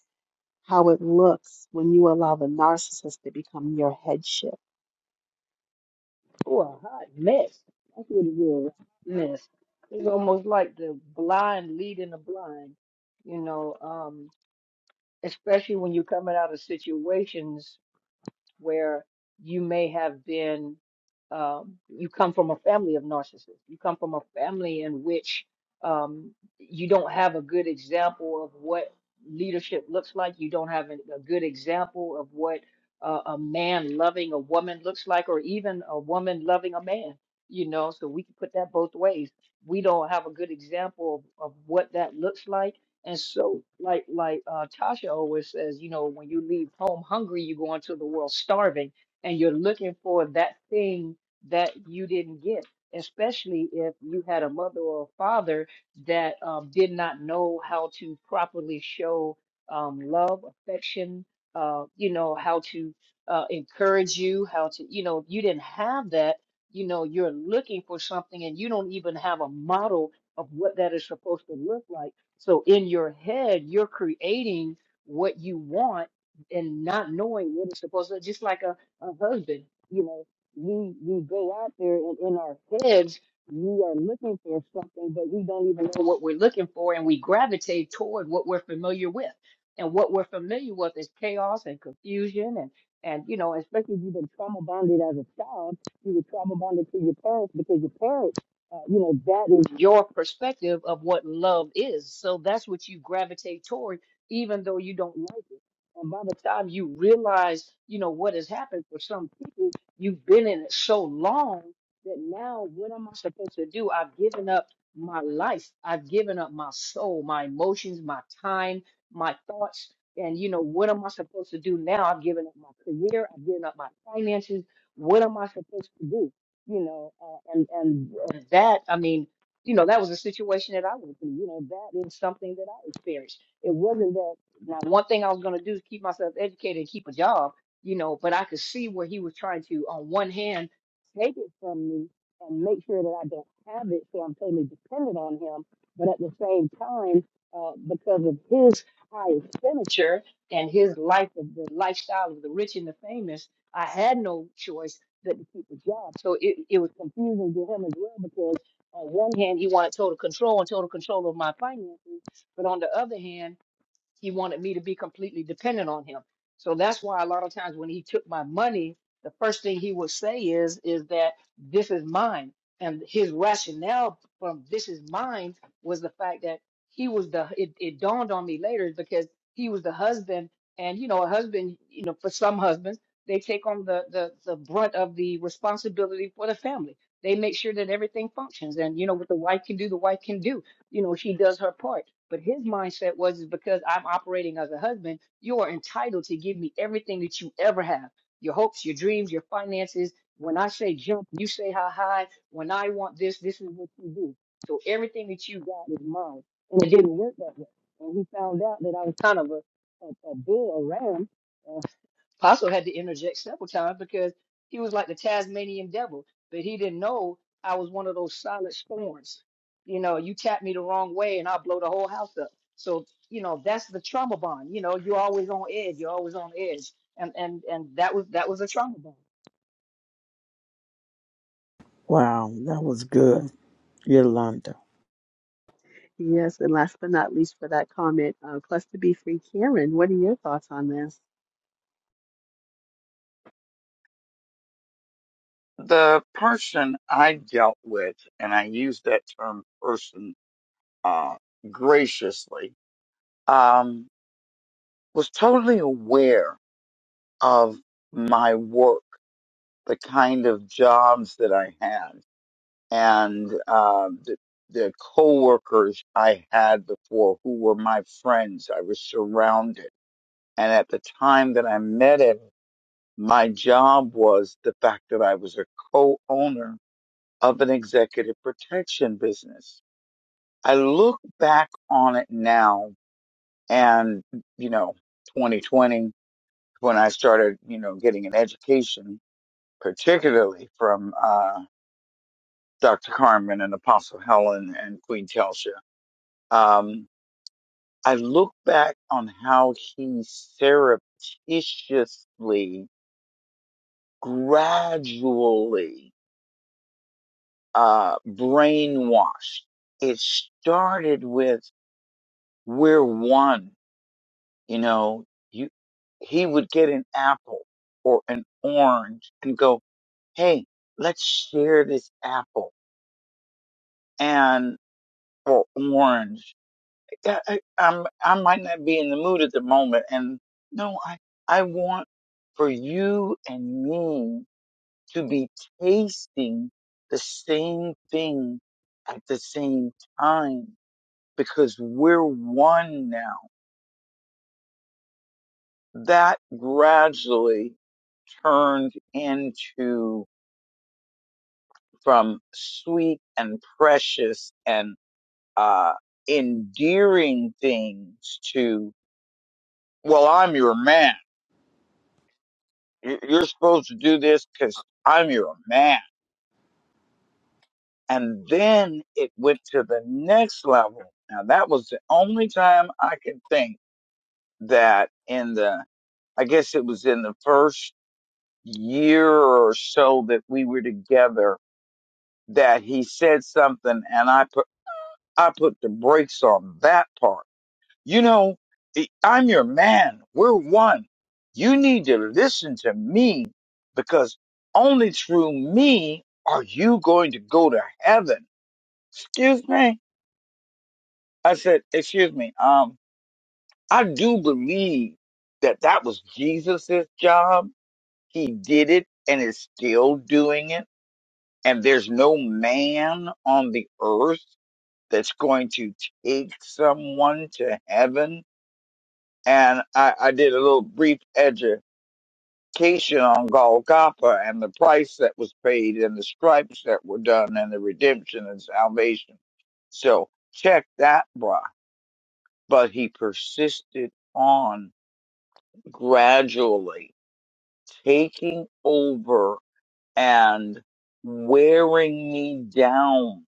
how it looks when you allow the narcissist to become your headship
Oh, a hot mess. That's what it was. Mess. It's almost like the blind leading the blind, you know, um, especially when you're coming out of situations where you may have been, um, you come from a family of narcissists. You come from a family in which um, you don't have a good example of what leadership looks like. You don't have a, a good example of what uh, a man loving a woman looks like, or even a woman loving a man. You know, so we can put that both ways. We don't have a good example of, of what that looks like and so, like like uh, Tasha always says, you know, when you leave home hungry, you go into the world starving, and you're looking for that thing that you didn't get. Especially if you had a mother or a father that um, did not know how to properly show um, love, affection, uh, you know, how to uh, encourage you, how to, you know, if you didn't have that, you know, you're looking for something and you don't even have a model of what that is supposed to look like so in your head, you're creating what you want and not knowing what it's supposed to. Just like a, a husband, you know, we we go out there and in our heads we are looking for something, but we don't even know what we're looking for, and we gravitate toward what we're familiar with. And what we're familiar with is chaos and confusion and and you know, especially if you've been trauma bonded as a child, you were trauma bonded to your parents because your parents uh, you know that is your perspective of what love is so that's what you gravitate toward even though you don't like it and by the time you realize you know what has happened for some people you've been in it so long that now what am i supposed to do i've given up my life i've given up my soul my emotions my time my thoughts and you know what am i supposed to do now i've given up my career i've given up my finances what am i supposed to do you know, uh, and and uh, that I mean, you know, that was a situation that I went through. You know, that is something that I experienced. It wasn't that now one thing I was going to do is keep myself educated and keep a job, you know, but I could see where he was trying to, on one hand, take it from me and make sure that I don't have it, so I'm totally dependent on him. But at the same time, uh, because of his high expenditure and his life of the lifestyle of the rich and the famous, I had no choice couldn't keep a job. So it, it was confusing to him as well because on one hand he wanted total control and total control of my finances, but on the other hand he wanted me to be completely dependent on him. So that's why a lot of times when he took my money, the first thing he would say is, is that this is mine. And his rationale from this is mine was the fact that he was the, it, it dawned on me later because he was the husband and, you know, a husband, you know, for some husbands, they take on the, the, the brunt of the responsibility for the family. They make sure that everything functions and, you know, what the wife can do, the wife can do you know, she does her part. But his mindset was is because I'm operating as a husband, you are entitled to give me everything that you ever have. Your hopes, your dreams, your finances. When I say jump, you say how high. When I want this, this is what you do. So everything that you got is mine. And it didn't work that way. And he found out that I was kind of a, a, a bull, a ram, uh, Apostle had to interject several times because he was like the Tasmanian devil, but he didn't know I was one of those solid storms. You know, you tap me the wrong way and I'll blow the whole house up. So, you know, that's the trauma bond. You know, you're always on edge. You're always on edge. And and and that was that was a trauma bond.
Wow, that was good, Yolanda.
Yes, and last but not least for that comment, uh, Cluster Be Free, Karen, what are your thoughts on this?
The person I dealt with, and I use that term person uh, graciously, um, was totally aware of my work, the kind of jobs that I had, and uh, the, the coworkers I had before who were my friends. I was surrounded. And at the time that I met him, My job was the fact that I was a co-owner of an executive protection business. I look back on it now and, you know, 2020, when I started, you know, getting an education, particularly from, uh, Dr. Carmen and Apostle Helen and Queen Telsha, um, I look back on how he surreptitiously, gradually uh, brainwashed. It started with we're one. You know, you he would get an apple or an orange and go, "Hey, let's share this apple and or orange." I, I, I'm I might not be in the mood at the moment, and no, I I want for you and me to be tasting the same thing at the same time because we're one now. That gradually turned into from sweet and precious and uh, endearing things to, well, I'm your man. You- You're supposed to do this because I'm your man. And then it went to the next level. Now, that was the only time I could think that in the, I guess it was in the first year or so that we were together that he said something and I put I put the brakes on that part. You know, I- am your man. We're one. You need to listen to me because only through me are you going to go to heaven. Excuse me. I said, excuse me. Um, I do believe that that was Jesus's job. He did it and is still doing it And there's no man on the earth that's going to take someone to heaven. And I, I did a little brief education on Golgotha and the price that was paid and the stripes that were done and the redemption and salvation. So check that, bruh. But he persisted on gradually taking over and wearing me down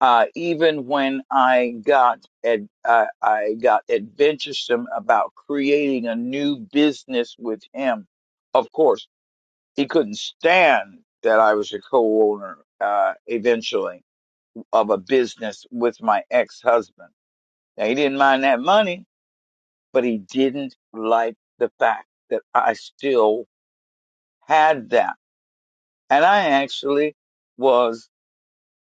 uh, even when I got ad, I, I got adventuresome about creating a new business with him. Of course, he couldn't stand that I was a co-owner uh, eventually of a business with my ex-husband. Now he didn't mind that money, but he didn't like the fact that I still had that, and I actually was.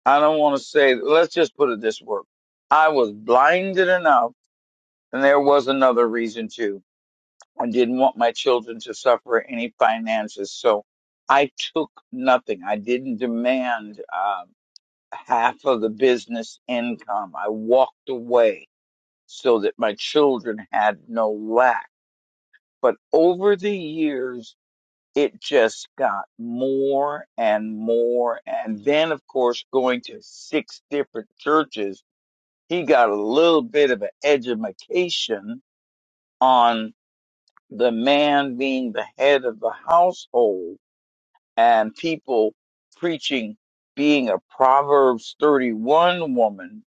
I don't want to say. Let's just put it this way: I was blinded enough And there was another reason too. I didn't want my children to suffer any finances, so I took nothing. I didn't demand uh, half of the business income. I walked away so that my children had no lack. But over the years, it just got more and more. And then, of course, going to six different churches, he got a little bit of an education on the man being the head of the household and people preaching being a Proverbs 31 woman.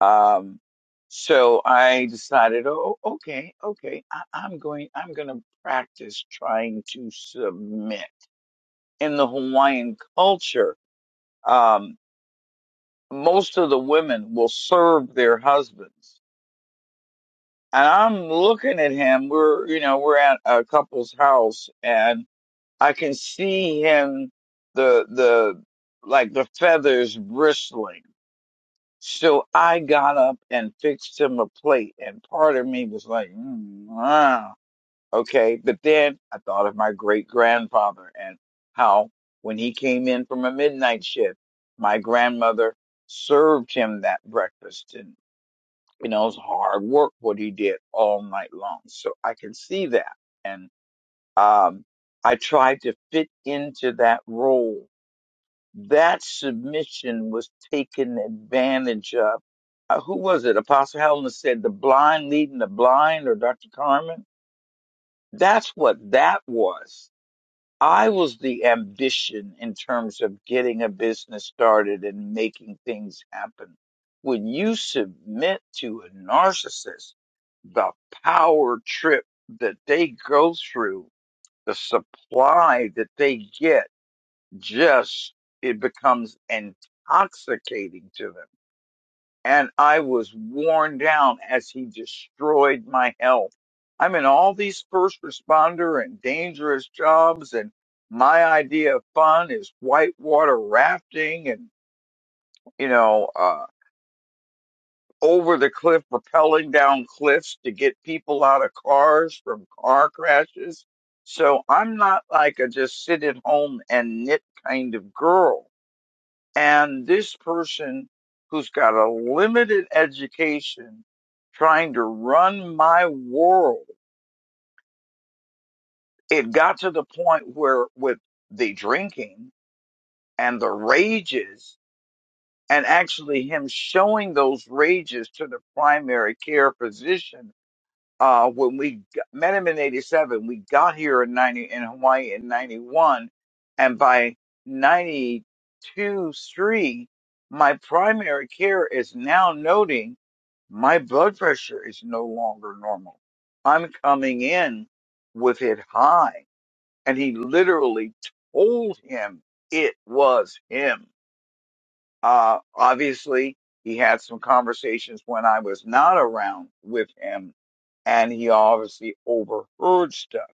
Um, so I decided, oh, oh, okay, okay, I, I'm going, I'm going to practice trying to submit. In the Hawaiian culture, um, most of the women will serve their husbands. And I'm looking at him. We're, you know, we're at a couple's house and. I can see him the the like the feathers bristling. So I got up and fixed him a plate, and part of me was like, mm, ah, okay. But then I thought of my great grandfather and how when he came in from a midnight shift, my grandmother served him that breakfast, and you know it was hard work what he did all night long. So I can see that, and um, I tried to fit into that role. That submission was taken advantage of. Uh, who was it? Apostle Helen said the blind leading the blind or Dr. Carmen. That's what that was. I was the ambition in terms of getting a business started and making things happen. When you submit to a narcissist, the power trip that they go through the supply that they get just it becomes intoxicating to them and i was worn down as he destroyed my health i'm in all these first responder and dangerous jobs and my idea of fun is whitewater rafting and you know uh, over the cliff, rappelling down cliffs to get people out of cars from car crashes. So I'm not like a just sit at home and knit kind of girl. And this person who's got a limited education trying to run my world, it got to the point where with the drinking and the rages and actually him showing those rages to the primary care physician uh, when we g- met him in 87, we got here in 90, in Hawaii in 91. And by 92, 3, my primary care is now noting my blood pressure is no longer normal. I'm coming in with it high. And he literally told him it was him. Uh, obviously, he had some conversations when I was not around with him, and he obviously overheard stuff.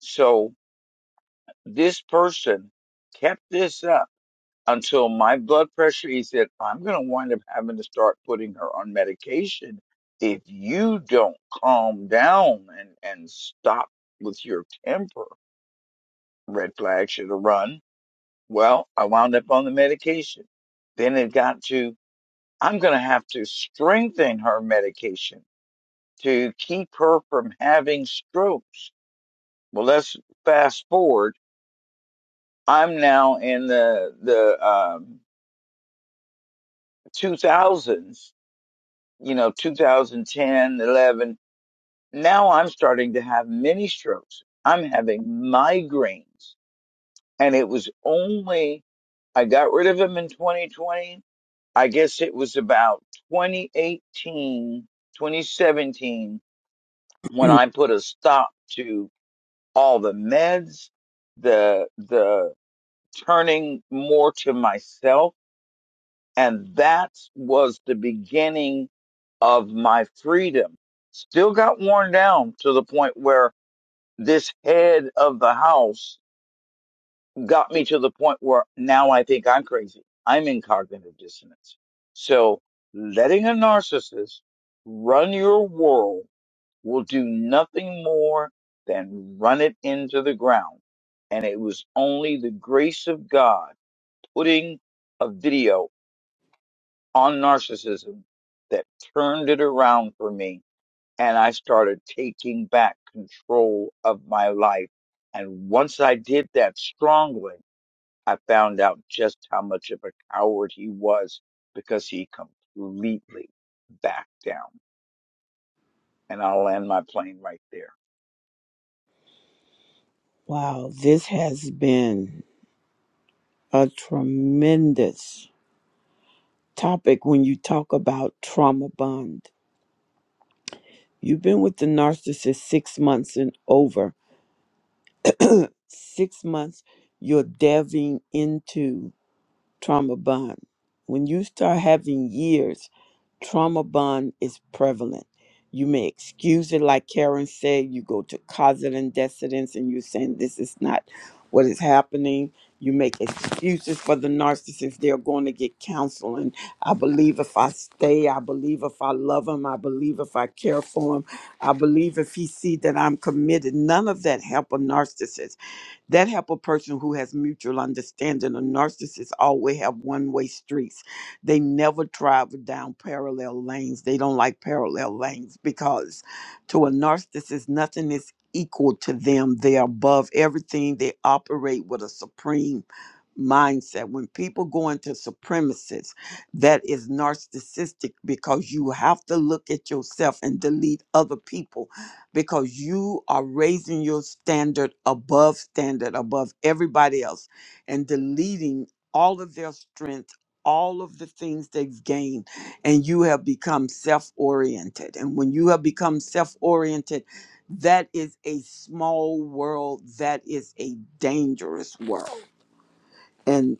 So this person kept this up until my blood pressure, he said, I'm going to wind up having to start putting her on medication if you don't calm down and, and stop with your temper. Red flag should have run. Well, I wound up on the medication. Then it got to I'm going to have to strengthen her medication to keep her from having strokes. Well, let's fast forward. I'm now in the the um, 2000s, you know, 2010, 11. Now I'm starting to have mini strokes. I'm having migraines, and it was only I got rid of them in 2020. I guess it was about 2018, 2017 when I put a stop to all the meds, the the turning more to myself, and that was the beginning of my freedom. Still got worn down to the point where this head of the house got me to the point where now I think I'm crazy. I'm in cognitive dissonance. So letting a narcissist run your world will do nothing more than run it into the ground. And it was only the grace of God putting a video on narcissism that turned it around for me. And I started taking back control of my life. And once I did that strongly, I found out just how much of a coward he was because he completely backed down. And I'll land my plane right there.
wow, this has been a tremendous topic when you talk about trauma bond. You've been with the narcissist six months and over. Six months, you're delving into trauma bond. When you start having years, trauma bond is prevalent. You may excuse it, like Karen said, you go to causes and decedents and you're saying this is not what is happening. You make excuses for the narcissist. They're going to get counseling. I believe if I stay, I believe if I love him, I believe if I care for him, I believe if he see that I'm committed. None of that help a narcissist that help a person who has mutual understanding. A narcissist always have one-way streets. They never drive down parallel lanes. They don't like parallel lanes because to a narcissist, nothing is equal to them. They are above everything. They operate with a supreme mindset. When people go into supremacists, that is narcissistic because you have to look at yourself and delete other people because you are raising your standard above standard, above everybody else, and deleting all of their strength, all of the things they've gained, and you have become self oriented. And when you have become self oriented, that is a small world, that is a dangerous world. And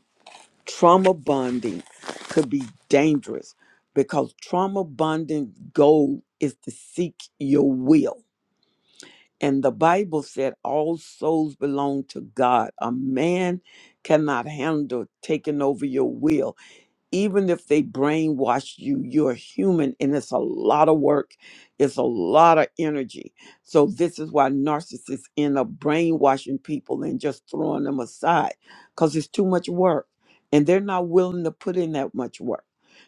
trauma bonding could be dangerous because trauma bonding goal is to seek your will and the Bible said all souls belong to God. A man cannot handle taking over your will even if they brainwash you, you're human and it's a lot of work, it's a lot of energy. So, this is why narcissists end up brainwashing people and just throwing them aside because it's too much work and they're not willing to put in that much work.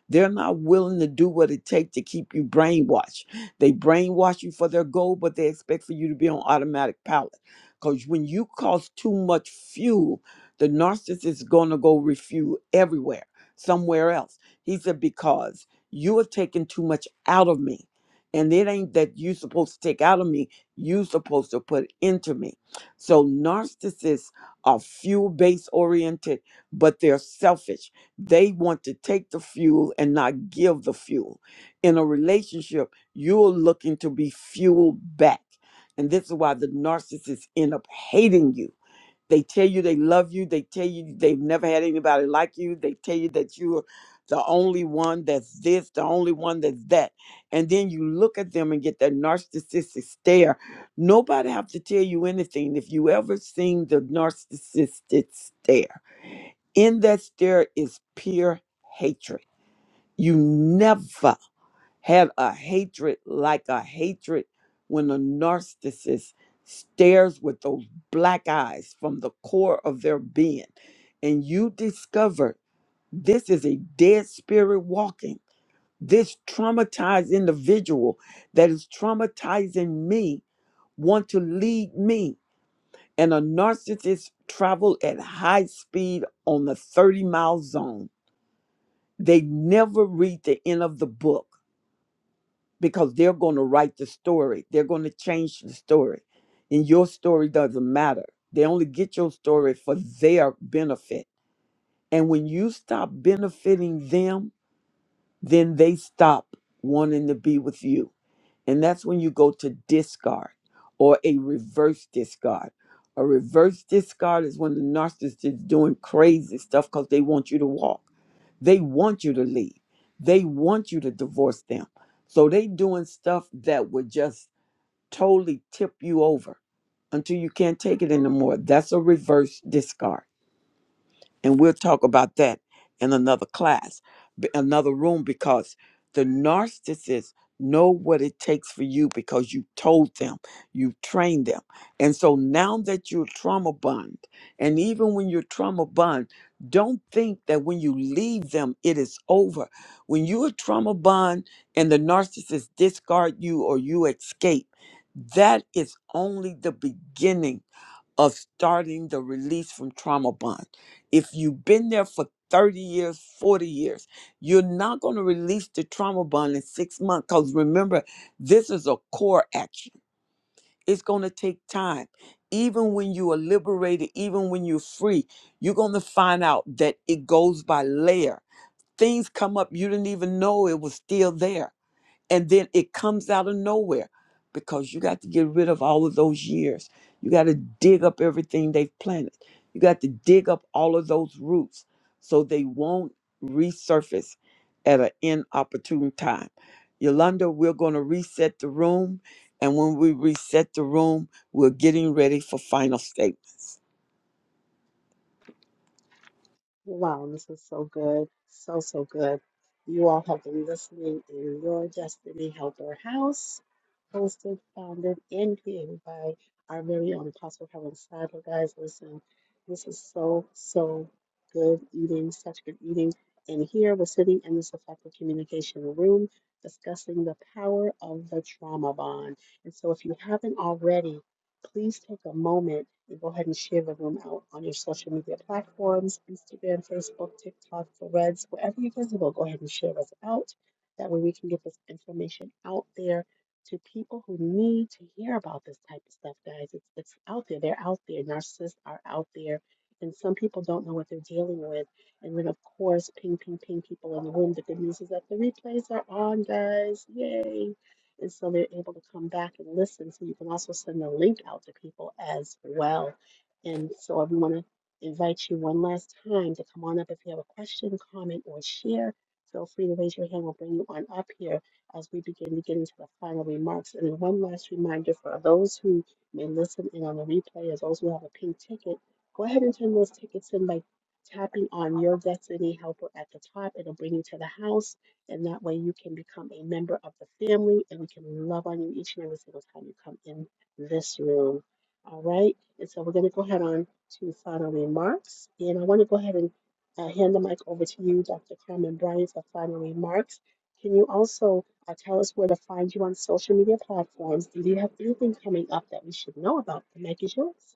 They're not willing to do what it takes to keep you brainwashed. They brainwash you for their goal, but they expect for you to be on automatic pilot. Because when you cause too much fuel, the narcissist is going to go refuel everywhere somewhere else. He said, Because you have taken too much out of me. And it ain't that you supposed to take out of me, you supposed to put into me. So narcissists are fuel based oriented, but they're selfish. They want to take the fuel and not give the fuel. In a relationship, you're looking to be fueled back. And this is why the narcissists end up hating you they tell you they love you. They tell you they've never had anybody like you. They tell you that you're the only one that's this, the only one that's that. And then you look at them and get that narcissistic stare. Nobody have to tell you anything. If you ever seen the narcissistic stare, in that stare is pure hatred. You never have a hatred like a hatred when a narcissist stares with those black eyes from the core of their being and you discover this is a dead spirit walking this traumatized individual that is traumatizing me want to lead me and a narcissist travel at high speed on the 30 mile zone they never read the end of the book because they're going to write the story. They're going to change the story. And your story doesn't matter. They only get your story for their benefit. And when you stop benefiting them, then they stop wanting to be with you. And that's when you go to discard or a reverse discard. A reverse discard is when the narcissist is doing crazy stuff because they want you to walk. They want you to leave. They want you to divorce them. So they doing stuff that would just totally tip you over until you can't take it anymore. That's a reverse discard and we'll talk about that in another class b- another room because the narcissists know what it takes for you because you told them you trained them and so now that you're trauma bond and even when you're trauma bond don't think that when you leave them it is over when you're trauma bond and the narcissist discard you or you escape that is only the beginning of starting the release from trauma bond. If you've been there for 30 years, 40 years, you're not going to release the trauma bond in six months because remember, this is a core action. It's going to take time. Even when you are liberated, even when you're free, you're going to find out that it goes by layer. Things come up you didn't even know it was still there and then it comes out of nowhere because you got to get rid of all of those years you got to dig up everything they've planted you got to dig up all of those roots so they won't resurface at an inopportune time yolanda we're going to reset the room and when we reset the room we're getting ready for final statements
Wow, this is so good. So, so good. You all have been listening in Your Destiny Helper House, hosted, founded, and created by our very own Apostle Helen Sadler. Guys, listen, this is so, so good eating, such good eating. And here we're sitting in this effective communication room discussing the power of the trauma bond. And so, if you haven't already, please take a moment and go ahead and share the room out on your social media platforms Instagram, Facebook, TikTok, Threads, wherever you're visible. Go ahead and share us out. That way, we can get this information out there to people who need to hear about this type of stuff, guys. It's, it's out there. They're out there. Narcissists are out there. And some people don't know what they're dealing with. And then, of course, ping, ping, ping people in the room. The good news is that the replays are on, guys. Yay and so they're able to come back and listen. So you can also send the link out to people as well. And so I want to invite you one last time to come on up if you have a question, comment, or share. Feel free to raise your hand. We'll bring you on up here as we begin to get into the final remarks. And one last reminder for those who may listen in on the replay, as those who have a pink ticket, go ahead and turn those tickets in by tapping on your Destiny Helper at the top. It'll bring you to the house and that way you can become a member of the family and we can love on you each and every single time you come in this room. All right. And so we're going to go ahead on to final remarks. And I want to go ahead and uh, hand the mic over to you, Dr. Carmen Bryan, for final remarks. Can you also uh, tell us where to find you on social media platforms? And do you have anything coming up that we should know about? The mic is yours.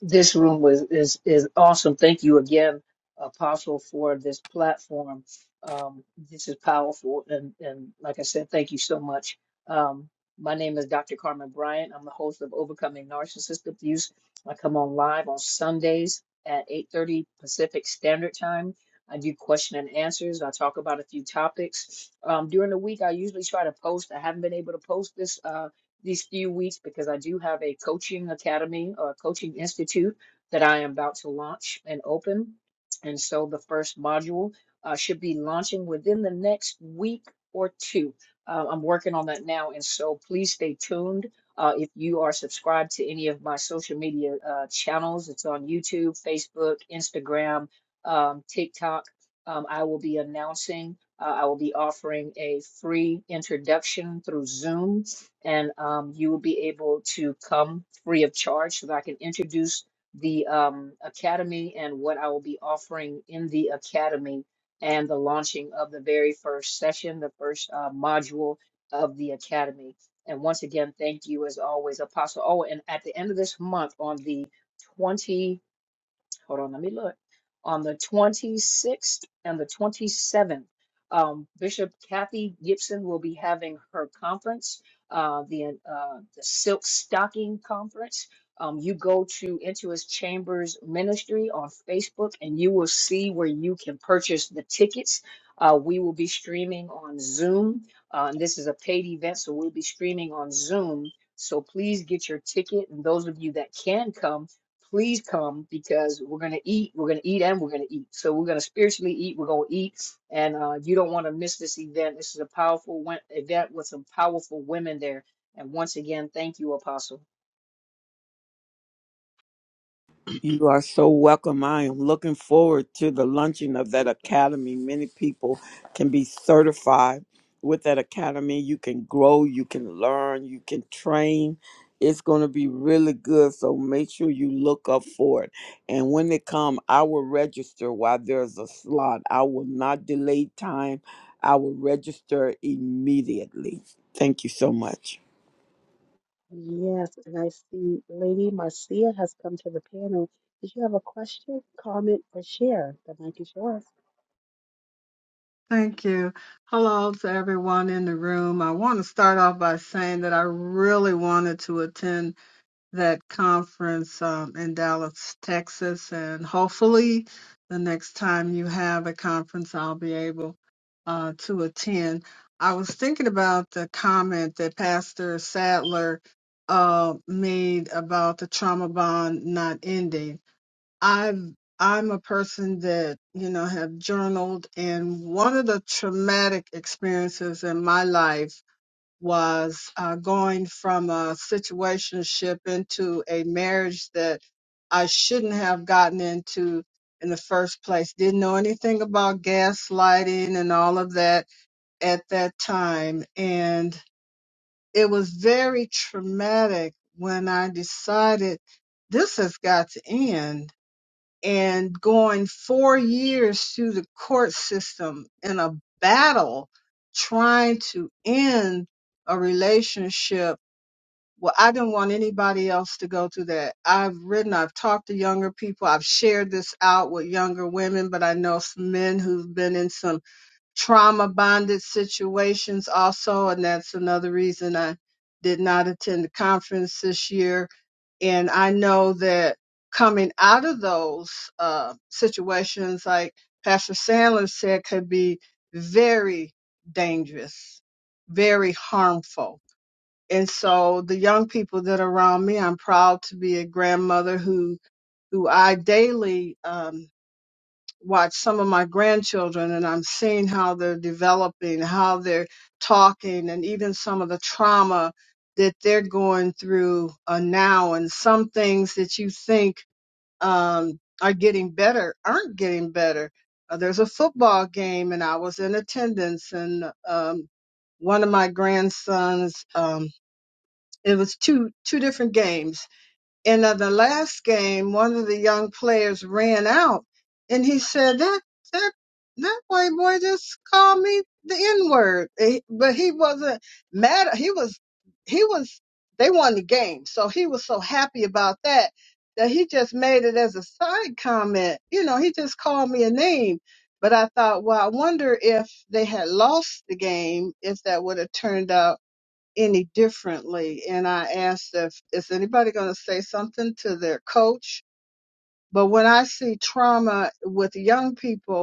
This room was is is awesome. Thank you again, Apostle, for this platform. Um, this is powerful, and and like I said, thank you so much. Um, my name is Dr. Carmen Bryant. I'm the host of Overcoming Narcissist Abuse. I come on live on Sundays at 8:30 Pacific Standard Time. I do question and answers. I talk about a few topics. Um, during the week, I usually try to post. I haven't been able to post this. Uh, these few weeks because I do have a coaching academy or coaching institute that I am about to launch and open. And so the first module uh, should be launching within the next week or two. Uh, I'm working on that now. And so please stay tuned. Uh, if you are subscribed to any of my social media uh, channels, it's on YouTube, Facebook, Instagram, um, TikTok. Um, I will be announcing, uh, I will be offering a free introduction through Zoom and um, you will be able to come free of charge so that I can introduce the um, academy and what I will be offering in the academy and the launching of the very first session, the first uh, module of the academy. And once again, thank you as always, Apostle. Oh, and at the end of this month on the 20th hold on, let me look. On the 26th and the 27th, um, Bishop Kathy Gibson will be having her conference, uh, the, uh, the Silk Stocking Conference. Um, you go to Intuit Chambers Ministry on Facebook and you will see where you can purchase the tickets. Uh, we will be streaming on Zoom. Uh, and this is a paid event, so we'll be streaming on Zoom. So please get your ticket. And those of you that can come, please come because we're going to eat we're going to eat and we're going to eat so we're going to spiritually eat we're going to eat and uh, you don't want to miss this event this is a powerful wen- event with some powerful women there and once again thank you apostle
You are so welcome. I am looking forward to the launching of that academy. Many people can be certified with that academy. You can grow, you can learn, you can train. It's going to be really good. So make sure you look up for it. And when they come, I will register while there's a slot. I will not delay time. I will register immediately. Thank you so much.
Yes, and I see Lady Marcia has come to the panel. Did you have a question, comment, or share? The mic is yours.
Thank you. Hello to everyone in the room. I want to start off by saying that I really wanted to attend that conference um, in Dallas, Texas, and hopefully the next time you have a conference, I'll be able uh, to attend. I was thinking about the comment that Pastor Sadler uh, made about the trauma bond not ending I've I'm a person that, you know, have journaled and one of the traumatic experiences in my life was uh, going from a situationship into a marriage that I shouldn't have gotten into in the first place. Didn't know anything about gaslighting and all of that at that time. And it was very traumatic when I decided this has got to end and going four years through the court system in a battle trying to end a relationship. Well, I didn't want anybody else to go through that. I've written, I've talked to younger people, I've shared this out with younger women, but I know some men who've been in some trauma bonded situations also, and that's another reason I did not attend the conference this year and I know that coming out of those uh, situations, like Pastor Sandler said, could be very dangerous, very harmful. And so the young people that are around me, I'm proud to be a grandmother who who I daily um, watch some of my grandchildren and I'm seeing how they're developing, how they're talking, and even some of the trauma that they're going through uh, now. And some things that you think um, are getting better aren't getting better. Uh, there's a football game, and I was in attendance, and um, one of my grandsons, um, it was two two different games and at the last game, one of the young players ran out and he said, that, that, that white boy just called me the N word. But he wasn't mad. He was, he was, they won the game. So he was so happy about that that he just made it as a side comment. You know, he just called me a name. But I thought, well, I wonder if they had lost the game, if that would have turned out any differently. And I asked if is anybody going to say something to their coach. But when I see trauma with young people,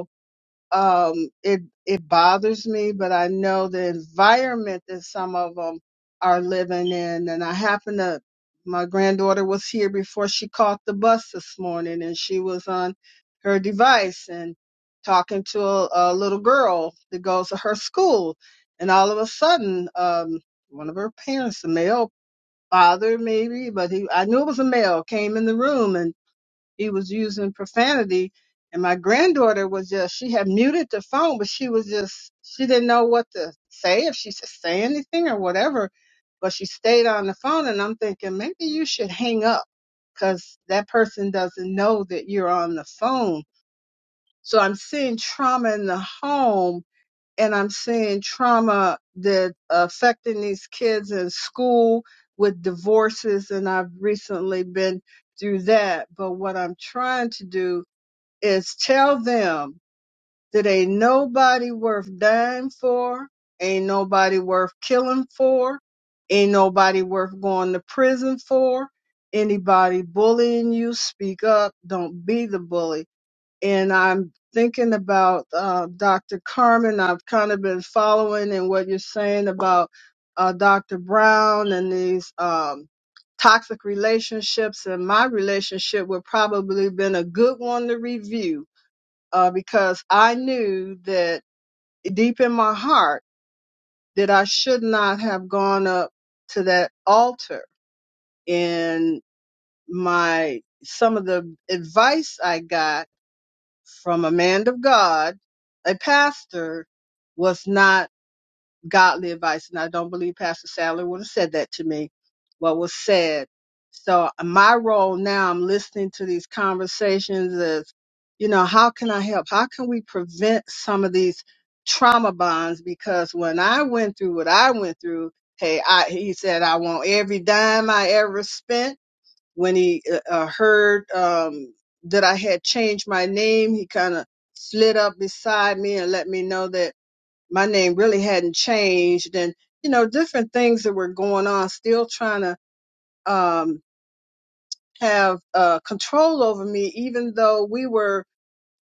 um, it it bothers me, but I know the environment that some of them are living in, and I happen to. My granddaughter was here before she caught the bus this morning, and she was on her device and talking to a, a little girl that goes to her school, and all of a sudden, um, one of her parents, a male, bothered maybe, but he I knew it was a male, came in the room and he was using profanity. And my granddaughter was just, she had muted the phone, but she was just, she didn't know what to say, if she should say anything or whatever. But she stayed on the phone. And I'm thinking, maybe you should hang up because that person doesn't know that you're on the phone. So I'm seeing trauma in the home and I'm seeing trauma that affecting these kids in school with divorces, and I've recently been through that. But what I'm trying to do is tell them that ain't nobody worth dying for, ain't nobody worth killing for, ain't nobody worth going to prison for. Anybody bullying you, speak up. Don't be the bully and I'm thinking about uh, Dr. Carmen. I've kind of been following and what you're saying about uh, Dr. Brown and these um, toxic relationships, and my relationship would probably been a good one to review uh, because I knew that deep in my heart that I should not have gone up to that altar and my some of the advice I got from a man of God, a pastor, was not godly advice. And I don't believe Pastor Sadler would have said that to me, what was said. So uh, my role now, I'm listening to these conversations is, you know, how can I help? How can we prevent some of these trauma bonds? Because when I went through what I went through, hey, I, he said, I want every dime I ever spent when he uh, uh, heard um, that I had changed my name, he kind of slid up beside me and let me know that my name really hadn't changed, and you know different things that were going on, still trying to um, have uh, control over me, even though we were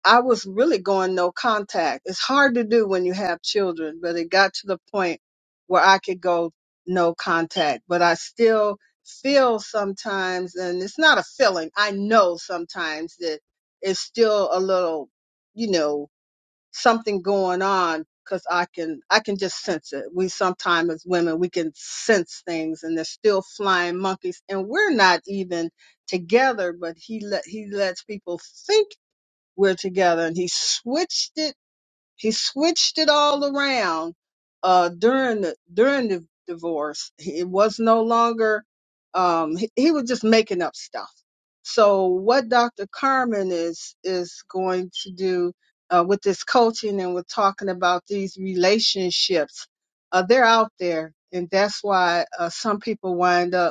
I was really going no contact. It's hard to do when you have children, but it got to the point where I could go no contact, but I still feel sometimes, and it's not a feeling. I know sometimes that it's still a little, you know, something going on because I can, I can just sense it. We sometimes as women, we can sense things and they're still flying monkeys and we're not even together, but he let, he lets people think we're together. And he switched it, he switched it all around uh, during the during the divorce. It was no longer um, he, he was just making up stuff. So what Dr. Carmen is is going to do uh, with this coaching and with talking about these relationships, uh, they're out there, and that's why uh, some people wind up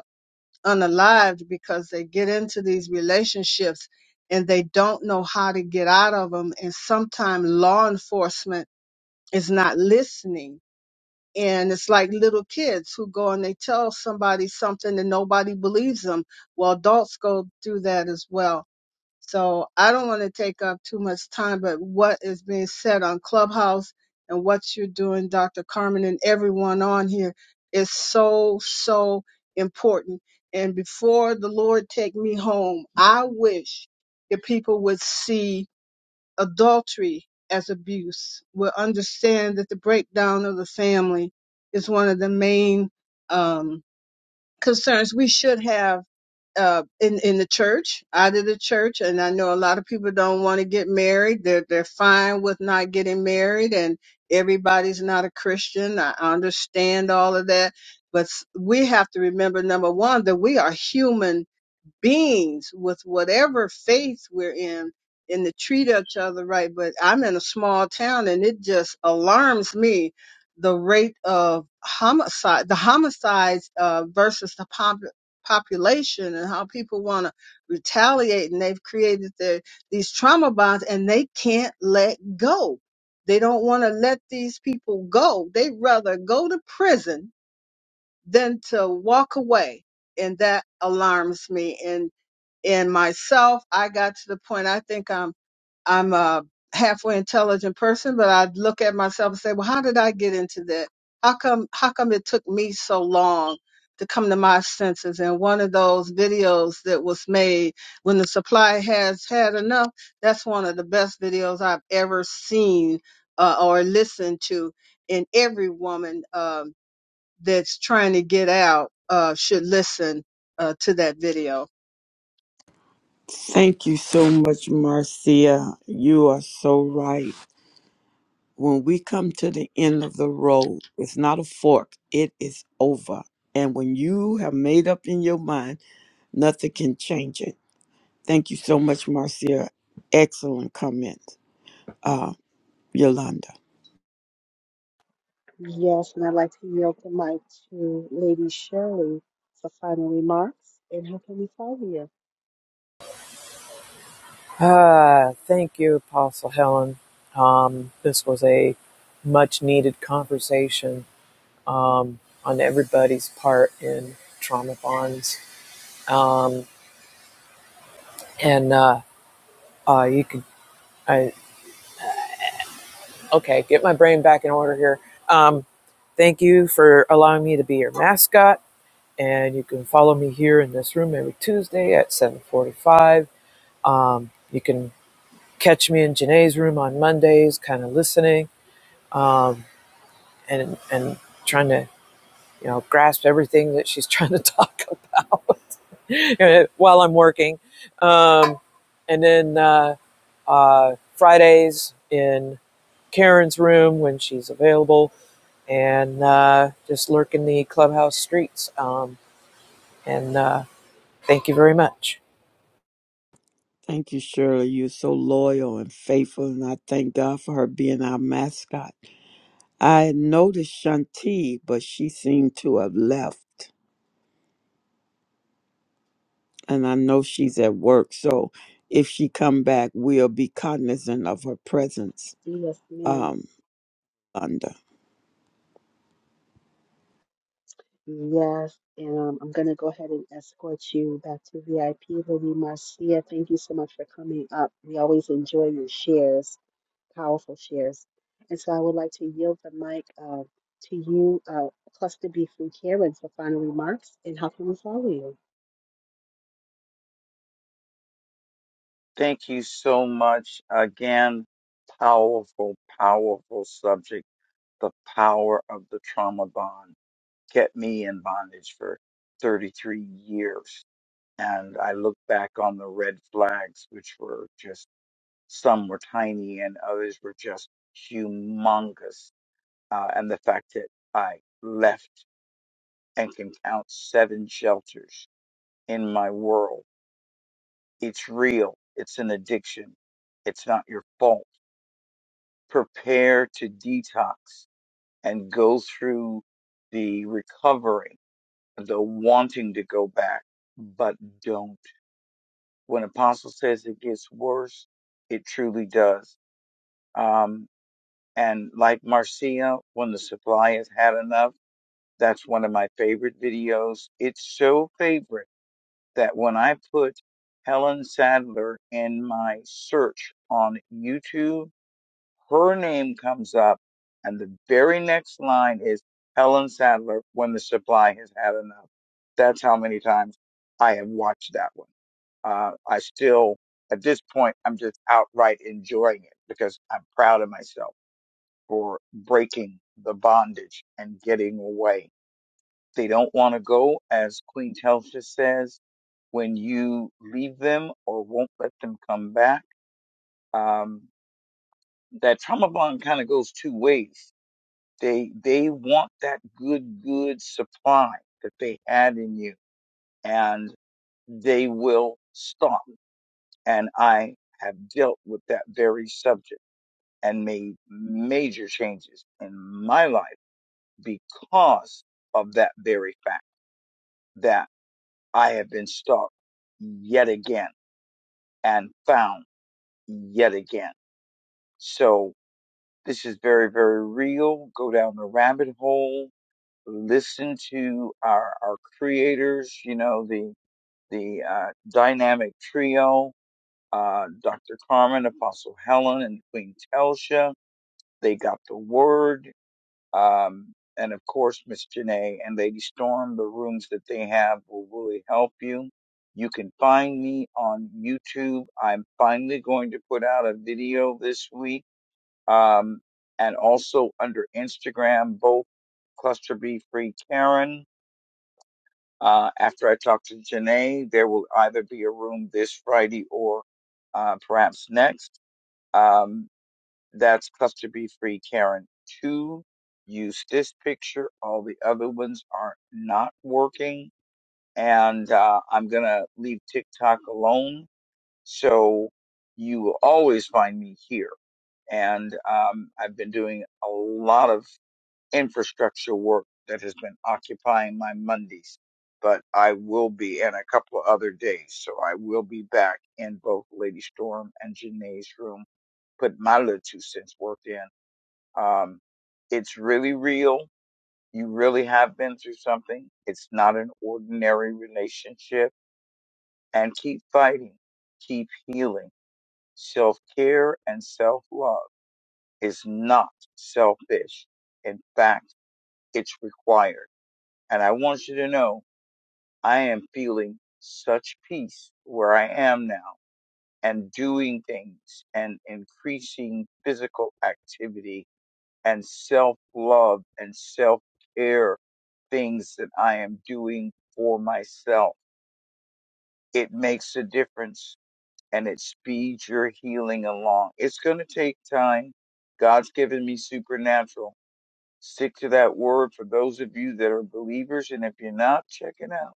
unalived because they get into these relationships and they don't know how to get out of them. And sometimes law enforcement is not listening. And it's like little kids who go and they tell somebody something and nobody believes them. Well, adults go through that as well. So I don't want to take up too much time, but what is being said on Clubhouse and what you're doing, Dr. Carmen, and everyone on here is so, so important. And before the Lord take me home, I wish that people would see adultery as abuse, would understand that the breakdown of the family is one of the main um, concerns we should have uh, in in the church, out of the church, and I know a lot of people don't want to get married. They're they're fine with not getting married, and everybody's not a Christian. I understand all of that, but s- we have to remember number one that we are human beings with whatever faith we're in and to treat each other right. But I'm in a small town and it just alarms me the rate of homicide, the homicides uh, versus the pop- population and how people want to retaliate. And they've created their, these trauma bonds and they can't let go. They don't want to let these people go. They'd rather go to prison than to walk away. And that alarms me. And and myself, I got to the point I think I'm I'm a halfway intelligent person, but I look at myself and say, Well, how did I get into that? How come how come it took me so long to come to my senses? And one of those videos that was made when the supply has had enough, that's one of the best videos I've ever seen uh, or listened to. And every woman um, that's trying to get out uh, should listen uh, to that video.
Thank you so much, Marcia. You are so right. when we come to the end of the road, it's not a fork, it is over. And when you have made up in your mind, nothing can change it. Thank you so much, Marcia. Excellent comment, uh, Yolanda.
Yes, and I'd like to yield the mic to Lady Shirley for final remarks. And how can we follow you?
Ah, thank you, Apostle Helen. Um, this was a much needed conversation um, on everybody's part in trauma bonds. Um, and uh, uh, you could, I, okay, get my brain back in order here. Um, thank you for allowing me to be your mascot. And you can follow me here in this room every Tuesday at 745. Um, you can catch me in Janae's room on Mondays, kind of listening um, and and trying to you know grasp everything that she's trying to talk about while I'm working. Um, and then uh, uh, Fridays in Karen's room when she's available, and uh, just lurking the clubhouse streets. Um, and uh, thank you very much.
Thank you, Shirley. You're so loyal and faithful, and I thank God for her being our mascot. I had noticed Shanti, but she seemed to have left, and I know she's at work. So if she come back, we'll be cognizant of her presence.
Yes, ma'am.
Um, thunder.
Yes, and um, I'm going to go ahead and escort you back to VIP, Lady Marcia. Thank you so much for coming up. We always enjoy your shares. powerful shares. And so I would like to yield the mic uh, to you, uh, Cluster B from Karen, for final remarks. And how can we follow you?
Thank you so much again. Powerful, powerful subject. The power of the trauma bond kept me in bondage for 33 years. And I look back on the red flags, which were just some were tiny and others were just humongous. Uh, and the fact that I left and can count seven shelters in my world. It's real. It's an addiction. It's not your fault prepare to detox and go through the recovering, the wanting to go back, but don't. When Apostle says it gets worse, it truly does. Um, and like Marcia, when the supply has had enough, that's one of my favorite videos. It's so favorite that when I put Helen Sadler in my search on YouTube, her name comes up, and the very next line is Helen Sadler when the supply has had enough. That's how many times I have watched that one. Uh, I still, at this point, I'm just outright enjoying it because I'm proud of myself for breaking the bondage and getting away. They don't want to go, as Queen Telfia says, when you leave them or won't let them come back. Um, that trauma bond kind of goes two ways They they want that good good supply that they had in you, and they will stop. And I have dealt with that very subject and made major changes in my life because of that very fact that I have been stopped yet again and found yet again. So this is very, very real. Go down the rabbit hole listen to our our creators you know the the uh, dynamic trio uh, dr carmen apostle helen and queen telsha they got the word um, and of course miss janae and lady storm the rooms that they have will really help you you can find me on youtube i'm finally going to put out a video this week um, and also under instagram both cluster b free karen uh, after I talk to Janae, there will either be a room this Friday or uh, perhaps next. Um, that's Cluster B Free Karen 2. Use this picture. All the other ones are not working. And uh, I'm going to leave TikTok alone. So you will always find me here and um, I've been doing a lot of infrastructure work that has been occupying my Mondays, but I will be in a couple of other days. So I will be back in both Lady Storm and Janae's room, put my little two cents worth in. Um, it's really real. You really have been through something. It's not an ordinary relationship. And keep fighting, keep healing. Self care and self love is not selfish. In fact, it's required And I want you to know I am feeling such peace where I am now and doing things and increasing physical activity and self love and self care things that I am doing for myself. It makes a difference and it speeds your healing along. It's going to take time. God's given me supernatural. Stick to that word for those of you that are believers. And if you're not, check it out.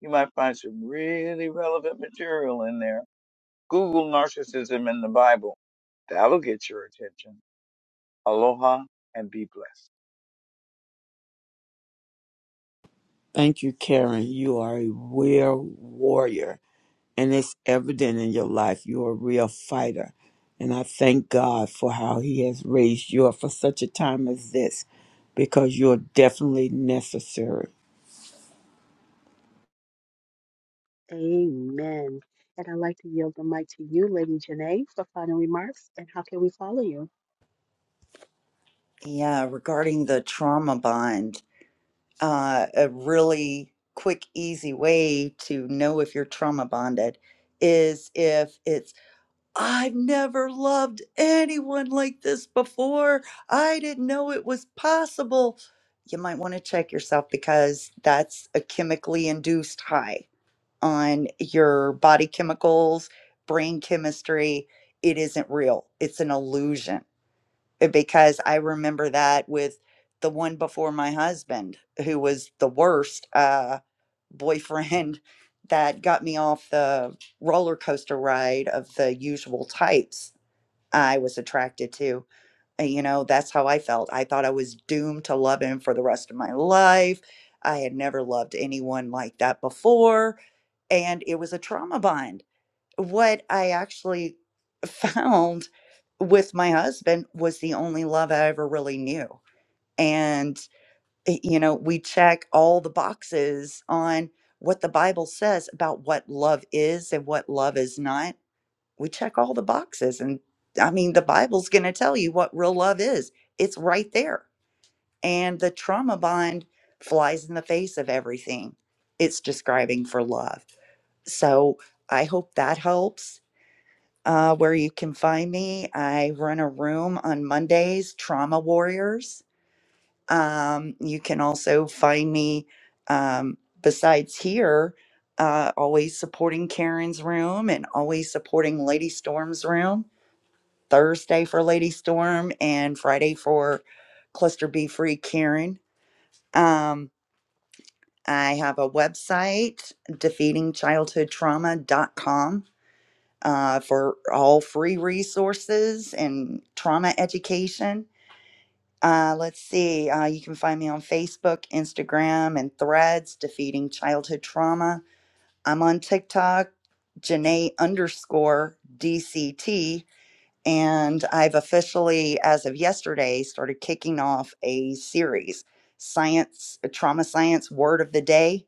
You might find some really relevant material in there. Google narcissism in the Bible. That'll get your attention. Aloha and be blessed.
Thank you, Karen. You are a real warrior, and it's evident in your life. You're a real fighter. And I thank God for how He has raised you up for such a time as this, because you're definitely necessary.
Amen. And I'd like to yield the mic to you, Lady Janae, for final remarks. And how can we follow you?
Yeah, regarding the trauma bond, uh, a really quick, easy way to know if you're trauma bonded is if it's I've never loved anyone like this before. I didn't know it was possible. You might want to check yourself because that's a chemically induced high on your body chemicals, brain chemistry. It isn't real, it's an illusion. Uh, Because I remember that with the one before my husband, who was the worst uh, boyfriend that got me off the roller coaster ride of the usual types I was attracted to. And, you know, that's how I felt. I thought I was doomed to love him for the rest of my life. I had never loved anyone like that before. And it was a trauma bond. What I actually found with my husband was the only love I ever really knew. And, eh, you know, we check all the boxes on what the Bible says about what love is and what love is not we check all the boxes and i mean the bible's going to tell you what real love is it's right there and the trauma bond flies in the face of everything it's describing for love so i hope that helps uh, where you can find me i run a room on mondays trauma warriors um, you can also find me um, besides here uh, always supporting karen's room and always supporting lady storm's room Thursday for Lady Storm and Friday for Cluster B Free Karen. Um, I have a website, defeatingchildhoodtrauma.com, uh, for all free resources and trauma education. Uh, let's see, uh, you can find me on Facebook, Instagram, and threads, Defeating Childhood Trauma. I'm on TikTok, Janae underscore DCT And I've officially, as of yesterday, started kicking off a series, science, uh, trauma science word of the day.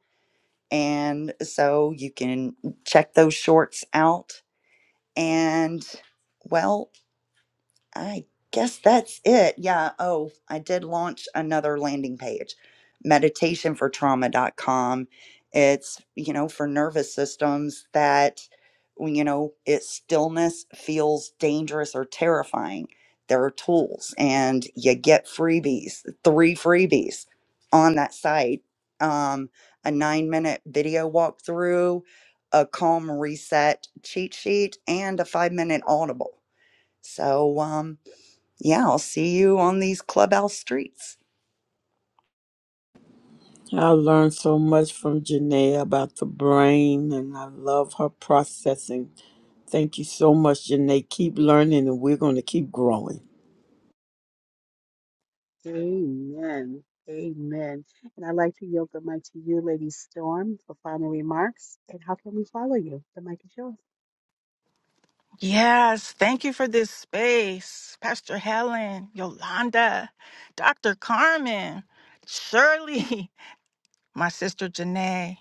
And so you can check those shorts out. And well, I guess that's it. Yeah. Oh, I did launch another landing page, meditationfortrauma.com. It's, you know, for nervous systems that, well, you know, it stillness feels dangerous or terrifying. There are tools and you get freebies, three freebies on that site um, a nine minute video walkthrough, a calm reset cheat sheet, and a five minute audible. So, um, yeah, I'll see you on these clubhouse streets.
I learned so much from Janae about the brain, and I love her processing. Thank you so much, Janae. Keep learning, and we're going to keep growing.
Amen. Amen. And I'd like to yield the mic to you, Lady Storm, for final remarks. And how can we follow you? The mic is yours.
Yes, thank you for this space, Pastor Helen, Yolanda, Dr. Carmen, Shirley. my sister Janae,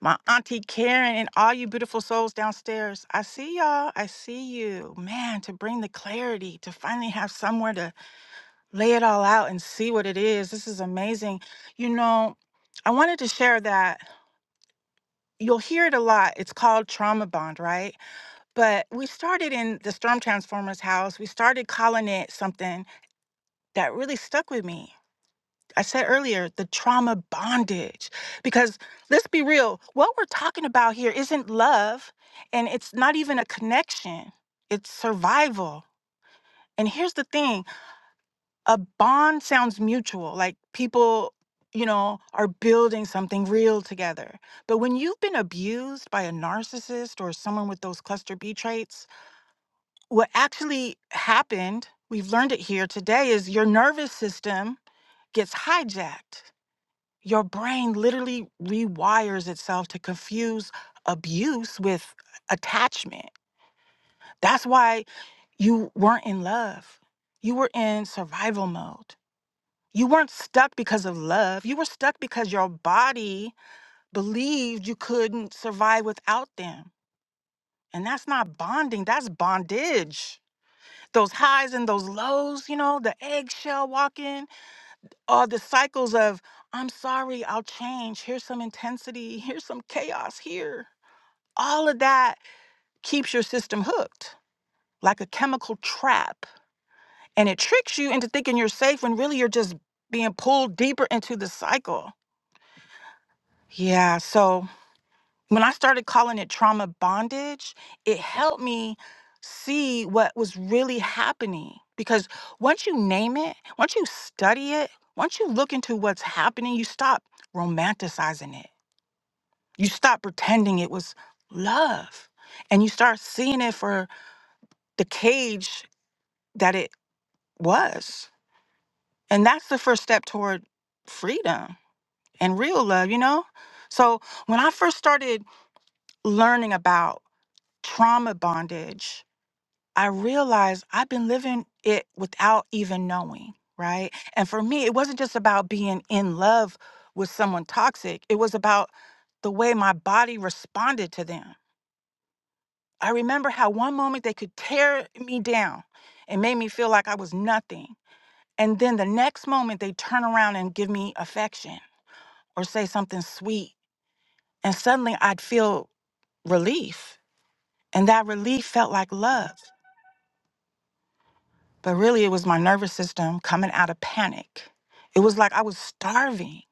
my auntie Karen, and all you beautiful souls downstairs. I see y'all. I see you. Man, to bring the clarity, to finally have somewhere to lay it all out and see what it is. This is amazing. You know, I wanted to share that. You'll hear it a lot. It's called trauma bond, right? But we started in the Storm Transformers house. We started calling it something that really stuck with me. I said earlier, the trauma bondage. Because let's be real, what we're talking about here isn't love and it's not even a connection, it's survival. And here's the thing a bond sounds mutual, like people, you know, are building something real together. But when you've been abused by a narcissist or someone with those cluster B traits, what actually happened, we've learned it here today, is your nervous system gets hijacked Your brain literally rewires itself to confuse abuse with attachment. That's why you weren't in love. You were in survival mode. You weren't stuck because of love. You were stuck because your body believed you couldn't survive without them. And that's not bonding, that's bondage. Those highs and those lows, you know, the eggshell walking. Or the cycles of, I'm sorry, I'll change. Here's some intensity. Here's some chaos here. All of that keeps your system hooked like a chemical trap. And it tricks you into thinking you're safe when really you're just being pulled deeper into the cycle. Yeah. So when I started calling it trauma bondage, it helped me see what was really happening. Because once you name it, once you study it, once you look into what's happening, you stop romanticizing it You stop pretending it was love and you start seeing it for the cage that it was. And that's the first step toward freedom and real love, you know? So when I first started learning about trauma bondage, I realized I've been living it without even knowing, right? And for me, it wasn't just about being in love with someone toxic, it was about the way my body responded to them I remember how one moment they could tear me down and made me feel like I was nothing. And then the next moment they turn around and give me affection or say something sweet. And suddenly I'd feel relief. And that relief felt like love. But really, it was my nervous system coming out of panic. It was like I was starving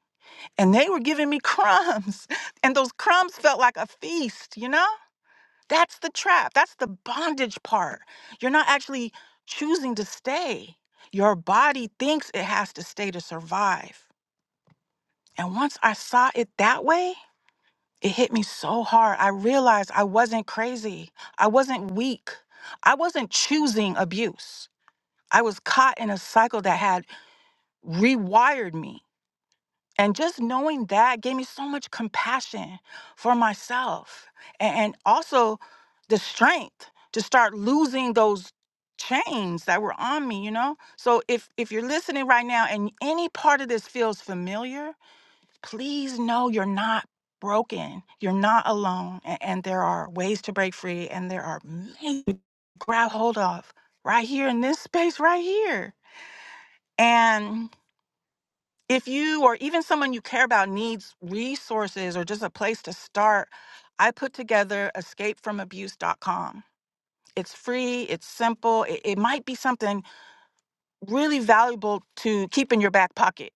and they were giving me crumbs. And those crumbs felt like a feast, you know? That's the trap. That's the bondage part. You're not actually choosing to stay. Your body thinks it has to stay to survive. And once I saw it that way, it hit me so hard. I realized I wasn't crazy. I wasn't weak. I wasn't choosing abuse. I was caught in a cycle that had rewired me And just knowing that gave me so much compassion for myself a- and also the strength to start losing those chains that were on me, you know? So if if you're listening right now and any part of this feels familiar, please know you're not broken. You're not alone a- and, there are ways to break free and there are many to grab hold of right here in this space right here. and if you or even someone you care about needs resources or just a place to start, I put together escape from abuse dot com. It's free, it's simple, it, it might be something really valuable to keep in your back pocket.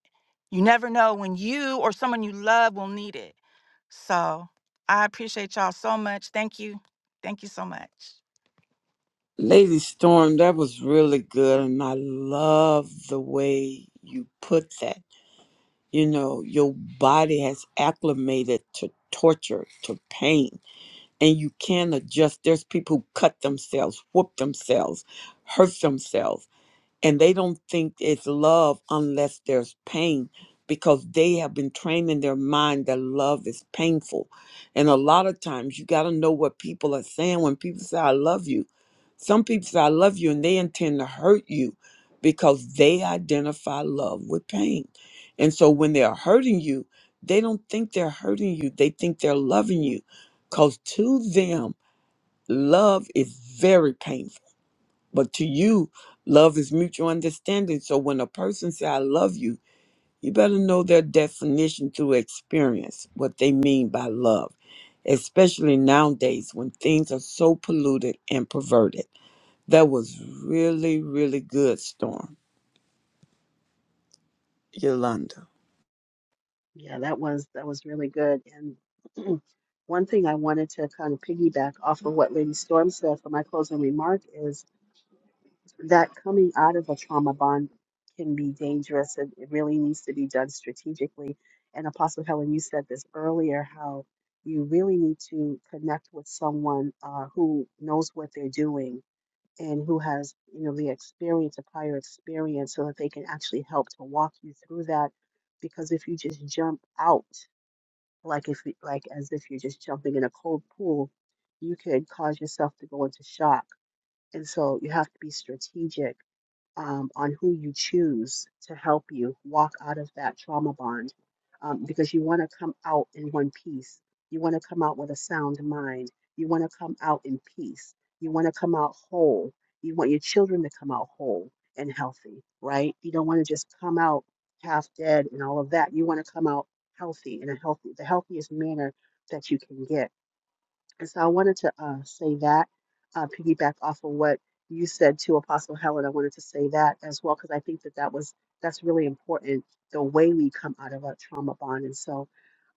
You never know when you or someone you love will need it. So I appreciate y'all so much. Thank you. Thank you so much.
Lady Storm, that was really good. And I love the way you put that. You know, your body has acclimated to torture, to pain, and you can adjust. There's people who cut themselves, whoop themselves, hurt themselves and they don't think it's love unless there's pain because they have been trained in their mind that love is painful and a lot of times you got to know what people are saying when people say i love you some people say i love you and they intend to hurt you because they identify love with pain and so when they're hurting you they don't think they're hurting you they think they're loving you because to them love is very painful but to you, love is mutual understanding. So when a person say I love you, you better know their definition to experience what they mean by love, especially nowadays when things are so polluted and perverted. That was really, really good, Storm Yolanda.
Yeah, that was that was really good. And one thing I wanted to kind of piggyback off of what Lady Storm said for my closing remark is that coming out of a trauma bond can be dangerous and it really needs to be done strategically. And Apostle Helen, you said this earlier, how you really need to connect with someone uh, who knows what they're doing and who has, you know, the experience, a prior experience, so that they can actually help to walk you through that. Because if you just jump out like if you- like as if you're just jumping in a cold pool, you could cause yourself to go into shock. And so you have to be strategic um, on who you choose to help you walk out of that trauma bond um, because you want to come out in one piece. You want to come out with a sound mind. You want to come out in peace. You want to come out whole. You want your children to come out whole and healthy, right? You don't want to just come out half dead and all of that. You want to come out healthy in a healthy, the healthiest manner that you can get and so I wanted to uh, say that, uh, piggyback off of what you said to Apostle Helen. I wanted to say that as well because I think that that was that's really important. The way we come out of our trauma bond, and so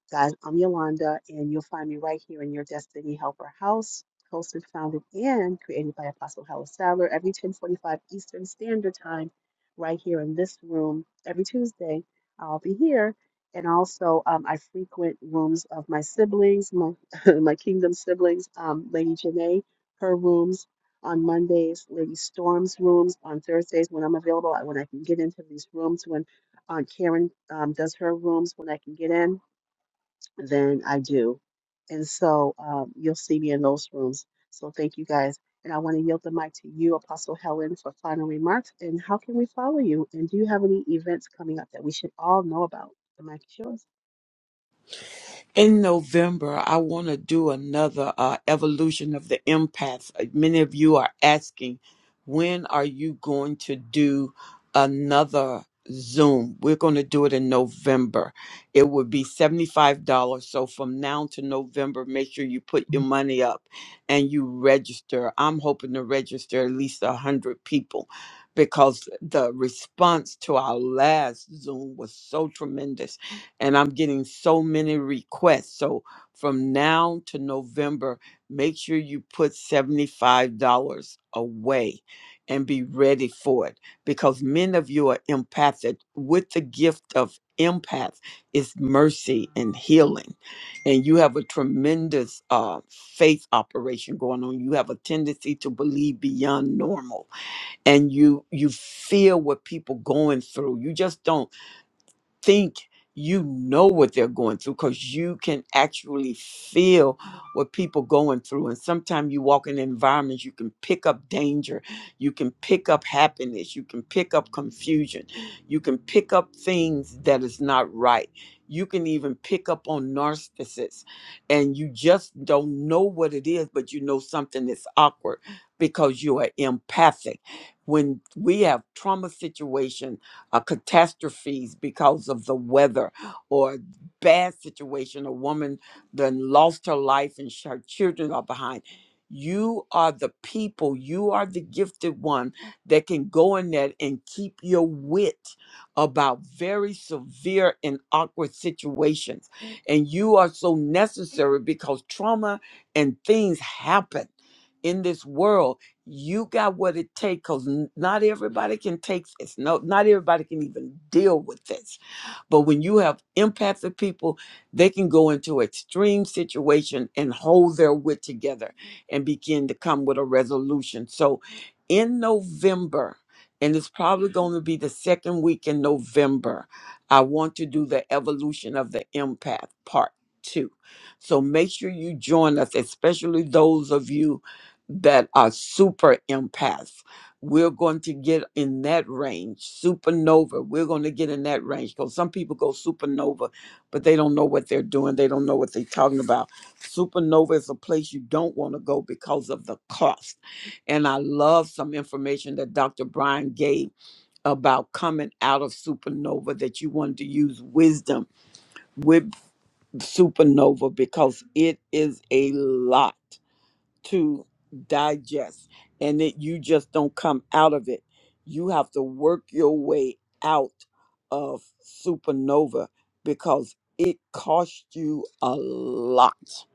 Guys, I'm Yolanda, and you'll find me right here in your Destiny Helper house, hosted, founded, and created by Apostle Helen Sadler every 1045 Eastern Standard Time, right here in this room every Tuesday. I'll be here. And also, um, I frequent rooms of my siblings, my, my kingdom siblings, um, Lady Janae, her rooms on Mondays, Lady Storm's rooms on Thursdays when I'm available, when I can get into these rooms, when Aunt Karen um, does her rooms, when I can get in than I do. And so um, you'll see me in those rooms. So thank you guys. And I want to yield the mic to you, Apostle Helen, for final remarks. And how can we follow you? And do you have any events coming up that we should all know about? The mic is yours.
in November, I want to do another uh, evolution of the empath. Uh, Many of you are asking, when are you going to do another Zoom? We're going to do it in November. It would be $75. So from now to November, make sure you put your money up and you register. I'm hoping to register at least 100 people because the response to our last Zoom was so tremendous and I'm getting so many requests. So from now to November, make sure you put $75 away and be ready for it because many of you are empathic with the gift of empath is mercy and healing and you have a tremendous uh, faith operation going on you have a tendency to believe beyond normal and you you feel what people going through you just don't think you know what they're going through because you can actually feel what people going through and sometimes you walk in environments you can pick up danger you can pick up happiness you can pick up confusion you can pick up things that is not right you can even pick up on narcissists and you just don't know what it is but you know something that's awkward because you are empathic when we have trauma situations uh, catastrophes because of the weather or bad situation. A woman then lost her life and sh- her children are behind. You are the people, you are the gifted one that can go in there and keep your wit about very severe and awkward situations. And you are so necessary because trauma and things happen in this world you got what it takes because not everybody can take this no not everybody can even deal with this but when you have empathic people they can go into extreme situation and hold their wit together and begin to come with a resolution so in november and it's probably going to be the second week in november i want to do the evolution of the empath part two so make sure you join us especially those of you that are super empaths. We're going to get in that range, supernova. We're going to get in that range because some people go supernova, but they don't know what they're doing. They don't know what they're talking about. Supernova is a place you don't want to go because of the cost. And I love some information that Dr. Brian gave about coming out of supernova that you wanted to use wisdom with supernova because it is a lot to digest and that you just don't come out of it. You have to work your way out of supernova because it costs you a lot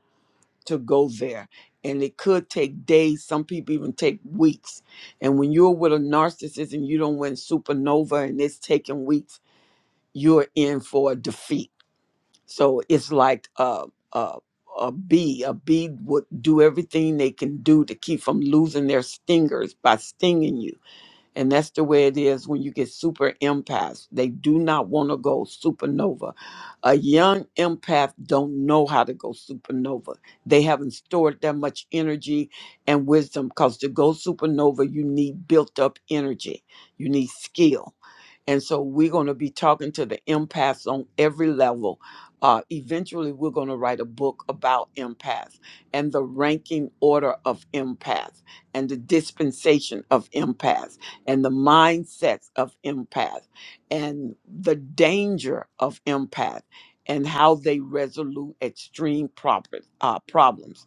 to go there. And it could take days, some people even take weeks. And when you're with a narcissist and you don't win supernova and it's taking weeks, you're in for a defeat so it's like a, a, a bee. A bee would do everything they can do to keep from losing their stingers by stinging you and that's the way it is when you get super empaths. They do not want to go supernova. A young empath don't know how to go supernova. They haven't stored that much energy and wisdom because to go supernova, you need built up energy. You need skill. And so we're going to be talking to the empaths on every level. Uh, eventually, we're going to write a book about empaths and the ranking order of empaths and the dispensation of empaths and the mindsets of empath and the danger of empath and how they resolve extreme proper, uh, problems.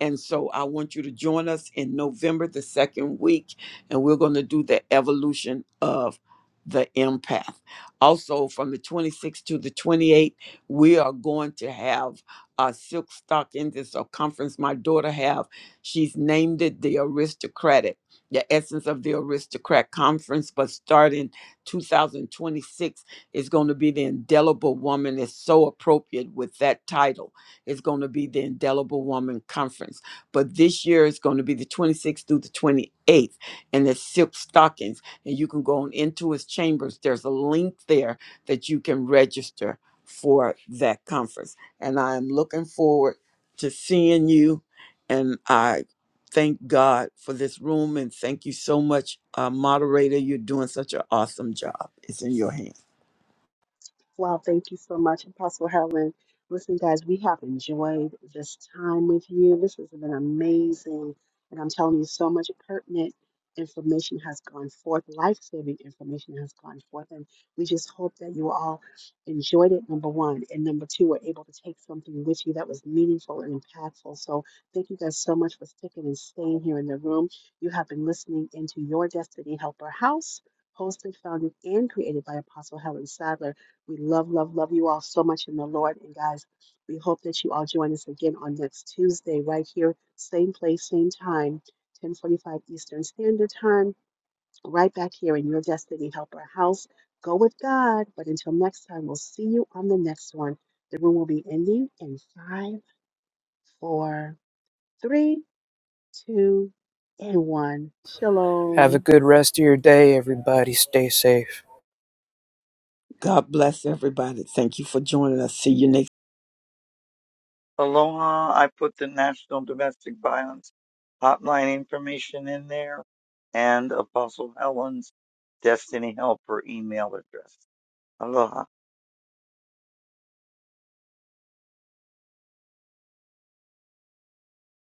And so I want you to join us in November, the second week, and we're going to do the evolution of the empath. Also, from the 26th to the 28th, we are going to have a silk stock in this circumference my daughter have. She's named it the aristocratic the essence of the aristocrat conference but starting 2026 is going to be the indelible woman is so appropriate with that title it's going to be the indelible woman conference but this year is going to be the 26th through the 28th and it's silk stockings and you can go on into his chambers there's a link there that you can register for that conference and i am looking forward to seeing you and i Thank God for this room and thank you so much, uh, moderator. You're doing such an awesome job. It's in your hands.
Wow, thank you so much, Apostle Helen. Listen, guys, we have enjoyed this time with you. This has been amazing. And I'm telling you, so much pertinent information has gone forth, life saving information has gone forth. And we just hope that you all enjoyed it, number one. And number two, were able to take something with you that was meaningful and impactful. So thank you guys so much for sticking and staying here in the room. You have been listening into Your Destiny Helper House. Hosted, founded, and created by Apostle Helen Sadler we love, love, love you all so much in the Lord. And guys, we hope that you all join us again on next Tuesday, right here, same place, same time, 1045 Eastern Standard Time, right back here in your Destiny Helper house. Go with God. But until next time, we'll see you on the next one. The room will be ending in five, four, three, two, and one.
Have
Shalom.
a good rest of your day, everybody. Stay safe.
God bless everybody. Thank you for joining us. See you next.
Aloha, I put the National Domestic Violence Hotline information in there and Apostle Helen's Destiny Helper email address. Aloha.